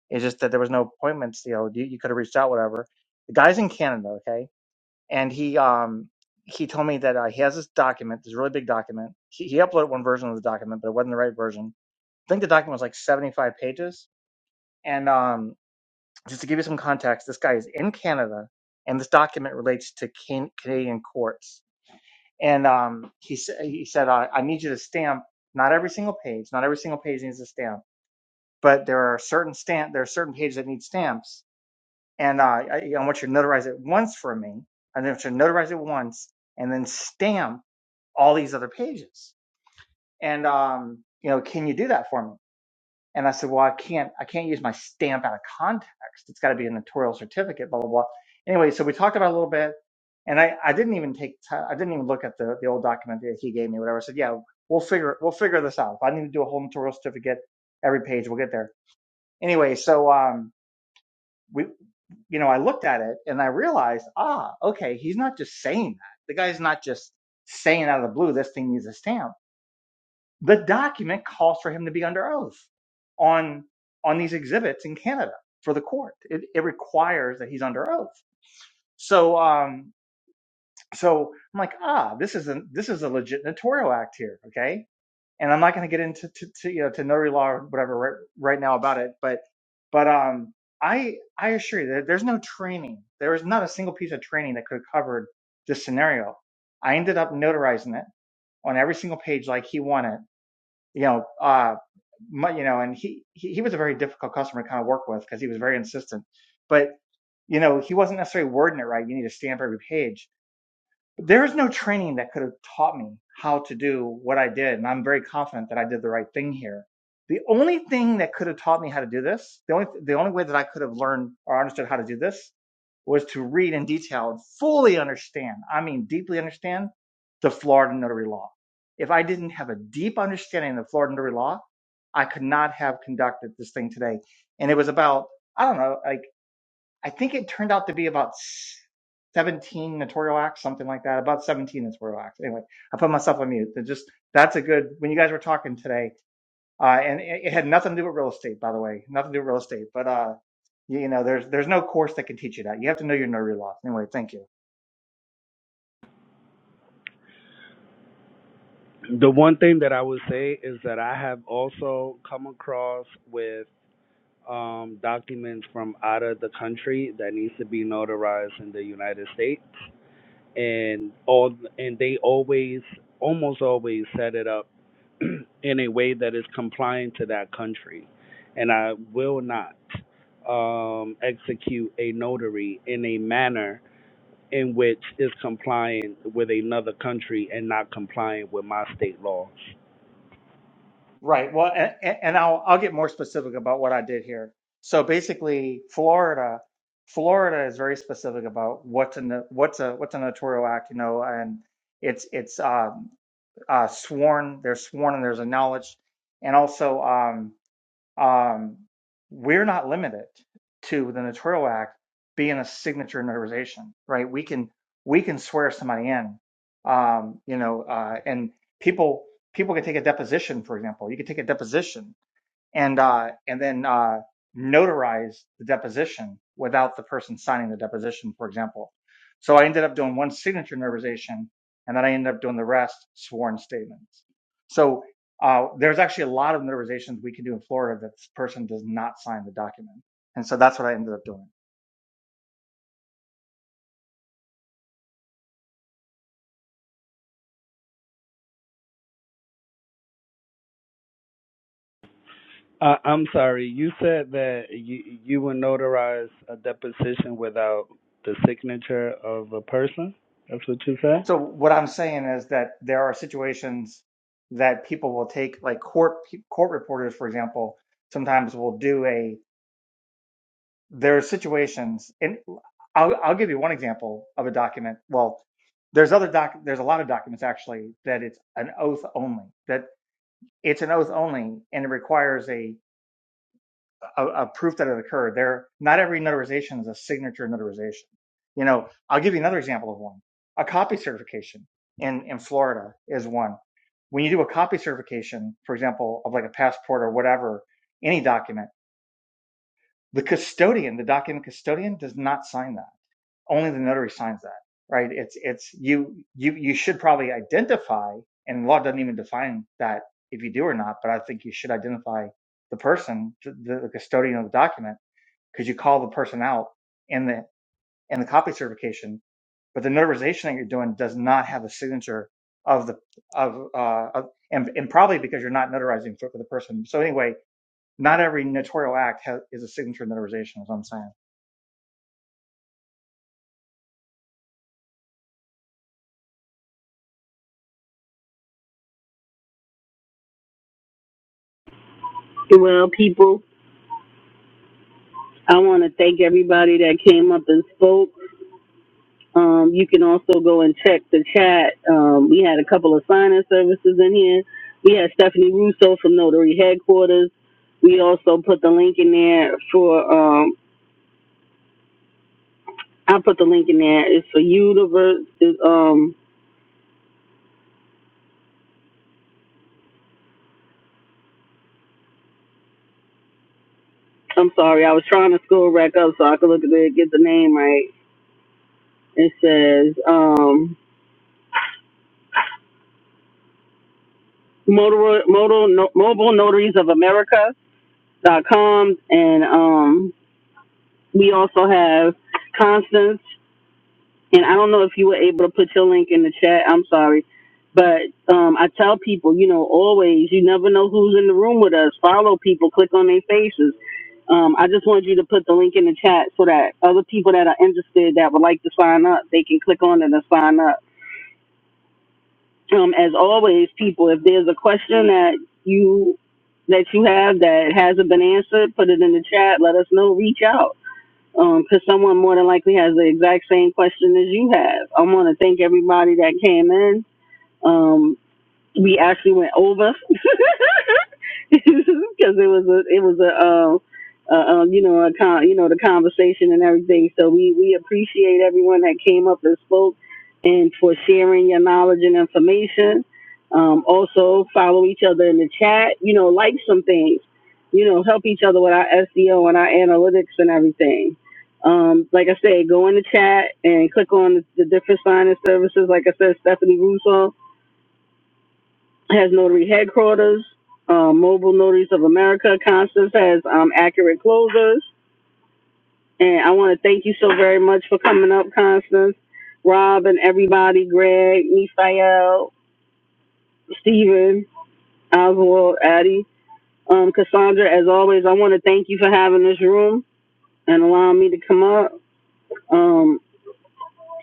Speaker 5: It's just that there was no appointments. You know, you, you could have reached out, whatever. The guy's in Canada, okay? and he um he told me that uh, he has this document, this really big document. He, he uploaded one version of the document, but it wasn't the right version. I think the document was like 75 pages. And um, just to give you some context, this guy is in Canada, and this document relates to can- Canadian courts. And um, he sa- he said, uh, I need you to stamp not every single page. Not every single page needs a stamp, but there are certain stamp there are certain pages that need stamps and uh, I, I want you to notarize it once for me. I want you to notarize it once and then stamp all these other pages. And um, you know, can you do that for me? And I said, well, I can't. I can't use my stamp out of context. It's got to be a notarial certificate. Blah blah blah. Anyway, so we talked about it a little bit, and I, I didn't even take ti I didn't even look at the the old document that he gave me. Whatever. I said, yeah, we'll figure we'll figure this out. If I need to do a whole notarial certificate every page, we'll get there. Anyway, so um, we, you know, I looked at it and I realized, ah, okay, he's not just saying that. The guy's not just saying out of the blue, this thing needs a stamp. The document calls for him to be under oath on on these exhibits in Canada for the court. It, it requires that he's under oath. So, um, so I'm like, ah, this is a this is a legit notarial act here. Okay, and I'm not going to get into to, to, you know to notary law or whatever right, right now about it, but but um, I I assure you that there's no training. There was not a single piece of training that could have covered this scenario. I ended up notarizing it on every single page like he wanted. You know, uh, my, you know, and he, he he was a very difficult customer to kind of work with because he was very insistent, but you know he wasn't necessarily wording it right. You need to stamp every page there is no training that could have taught me how to do what I did, and I'm very confident that I did the right thing here. The only thing that could have taught me how to do this, the only the only way that I could have learned or understood how to do this was to read in detail and fully understand, I mean deeply understand the Florida notary law. If I didn't have a deep understanding of Florida notary law, I could not have conducted this thing today. And it was about, I don't know, like I think it turned out to be about 17 notarial acts, something like that, about 17 notarial acts. Anyway, I put myself on mute. It just that's a good when you guys were talking today, uh, and it, it had nothing to do with real estate, by the way, nothing to do with real estate. But uh, you, you know, there's there's no course that can teach you that. You have to know your notary law. Anyway, thank you.
Speaker 11: the one thing that I would say is that I have also come across with um, documents from out of the country that needs to be notarized in the United States, and all and they always, almost always, set it up in a way that is compliant to that country, and I will not um, execute a notary in a manner in which is compliant with another country and not compliant with my state laws.
Speaker 5: Right. Well, and, and I'll I'll get more specific about what I did here. So basically, Florida. Florida is very specific about what's a no- what's a what's a notarial act, you know, and it's it's um uh, sworn. They're sworn and there's a knowledge. And also, um, um, we're not limited to the Notarial Act being a signature notarization, right? We can we can swear somebody in, um, you know, uh, and people people can take a deposition, for example. You can take a deposition and uh, and then uh, notarize the deposition without the person signing the deposition, for example. So I ended up doing one signature notarization, and then I ended up doing the rest sworn statements. So uh, there's actually a lot of notarizations we can do in Florida that this person does not sign the document, and so that's what I ended up doing.
Speaker 11: I, I'm sorry. You said that you you would notarize a deposition without the signature of a person. That's what you said.
Speaker 5: So what I'm saying is that there are situations that people will take, like court court reporters, for example, sometimes will do a there are situations, and I'll, I'll give you one example of a document. Well, there's other doc, there's a lot of documents actually that it's an oath only, that it's an oath only, and it requires a, a, a proof that it occurred. There, not every notarization is a signature notarization. You know, I'll give you another example of one. A copy certification in, in Florida is one. When you do a copy certification, for example, of like a passport or whatever, any document, the custodian, the document custodian does not sign that only the notary signs that, right? It's it's you you you should probably identify, and law doesn't even define that if you do or not. But I think you should identify the person, the, the custodian of the document, because you call the person out in the in the copy certification. But the notarization that you're doing does not have a signature of the of uh of, and and probably because you're not notarizing for, for the person. So anyway, not every notarial act has, is a signature notarization, is what I'm saying.
Speaker 8: Well, people, I want to thank everybody that came up and spoke. Um, you can also go and check the chat. Um, we had a couple of sign-in services in here. We had Stephanie Russo from Notary Headquarters. We also put the link in there for. Um, I put the link in there. It's for Universe. Um, I'm sorry, I was trying to scroll back up so I could look at it, get the name right It says, um, Motor, Motor, no, Mobile Notaries of America dot com, and um, we also have Constance. And I don't know if you were able to put your link in the chat. I'm sorry, but um, I tell people, you know, always you never know who's in the room with us. Follow people, click on their faces. Um, I just wanted you to put the link in the chat so that other people that are interested that would like to sign up, they can click on it and sign up. um, as always, people, if there's a question that you that you have that hasn't been answered, put it in the chat. Let us know. Reach out because someone more than likely has the exact same question as you have. I want to thank everybody that came in. Um, we actually went over. because it was a it was a uh, uh, um, you know a con- you know the conversation and everything. So we we appreciate everyone that came up and spoke and for sharing your knowledge and information. Um, also follow each other in the chat. You know, like some things. You know, help each other with our SEO and our analytics and everything. Um, like I said, go in the chat and click on the, the different sign and services. Like I said, Stephanie Russo has notary headquarters, uh, Mobile Notaries of America. Constance has um, Accurate Closers. And I want to thank you so very much for coming up, Constance, Rob, and everybody, Greg, Misael, Stephen, Oswald, Addie, um, Cassandra. As always, I want to thank you for having this room and allowing me to come up. Um,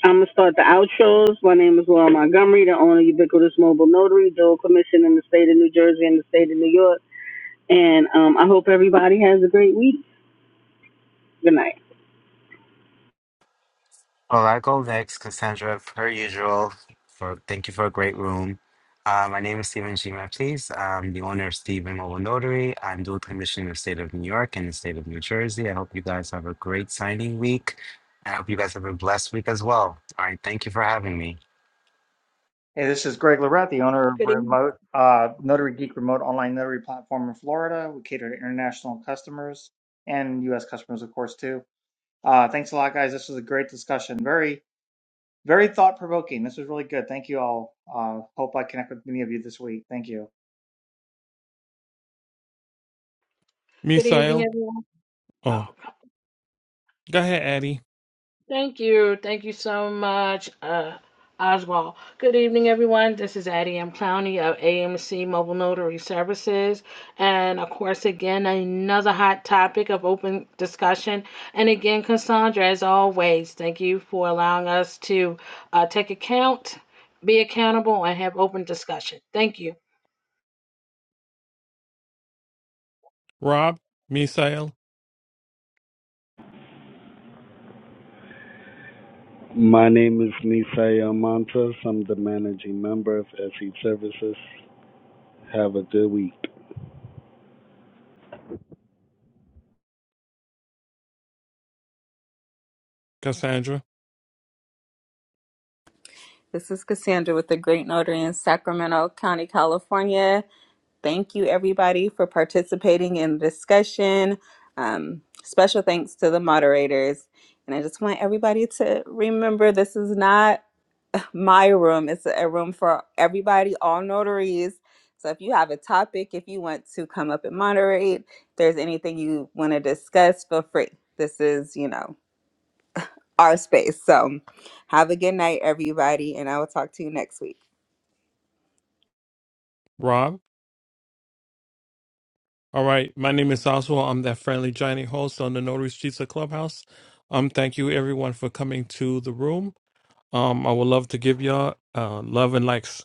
Speaker 8: I'm going to start the outros. My name is Laura Montgomery, the owner of Ubiquitous Mobile Notary, dual commission in the state of New Jersey and the state of New York. And um, I hope everybody has a great week. Good night.
Speaker 6: All right, for the room. Um, please, um, the owner Stephen Owenori. I hope you guys are week. I hope you all me.
Speaker 5: Hey, this is Greg Lorette, the owner of
Speaker 12: Good, eve-
Speaker 5: Remote uh, Notary Geek Remote Online Notary Platform in Florida. We cater to international customers and U.S. customers, of course, too. Uh, thanks a lot, guys. This was a great discussion. Very, very thought provoking. This was really good. Thank you all. Uh, hope I connect with many of you this week. Thank you.
Speaker 12: good evening,
Speaker 2: Misael.
Speaker 12: everyone.
Speaker 2: Oh,
Speaker 12: Oh,
Speaker 2: go ahead, Addy.
Speaker 12: thank you. Thank you so much, uh, Oswald. Good evening, everyone. This is Addie M. Clowney of AMC Mobile Notary Services. And of course, again, another hot topic of open discussion. And again, Cassandra, as always, thank you for allowing us to uh, take account, be accountable, and have open discussion. Thank you.
Speaker 2: Rob, Misael,
Speaker 11: My name is Nisay Montes. I'm the managing member of SE Services. Have a good week.
Speaker 2: Cassandra,
Speaker 1: This is Cassandra with the Great Notary in Sacramento County, California. Thank you, everybody, for participating in the discussion. Um, special thanks to the moderators. And I just want everybody to remember this is not my room, it's a room for everybody, all notaries. So if you have a topic, if you want to come up and moderate, if there's anything you want to discuss, feel free. This is, you know, our space. So have a good night, everybody, and I will talk to you next week.
Speaker 2: Rob. All right, my name is Oswald. I'm that friendly giant host on the Notary Streets of Clubhouse. Um, thank you everyone for coming to the room. Um, I would love to give y'all uh love and likes.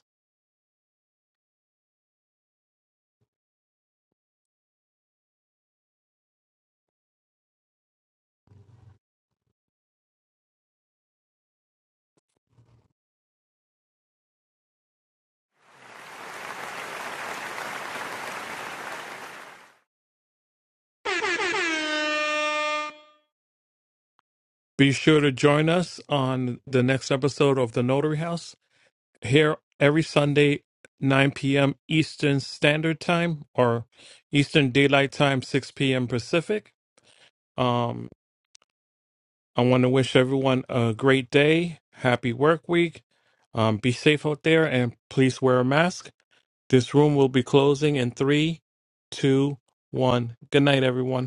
Speaker 2: Be sure to join us on the next episode of The Notary House here every Sunday, 9 p.m. Eastern Standard Time or Eastern Daylight Time, 6 p.m. Pacific. Um, I want to wish everyone a great day, happy work week. Um, be safe out there and please wear a mask. This room will be closing in three, two, one. Good night, everyone.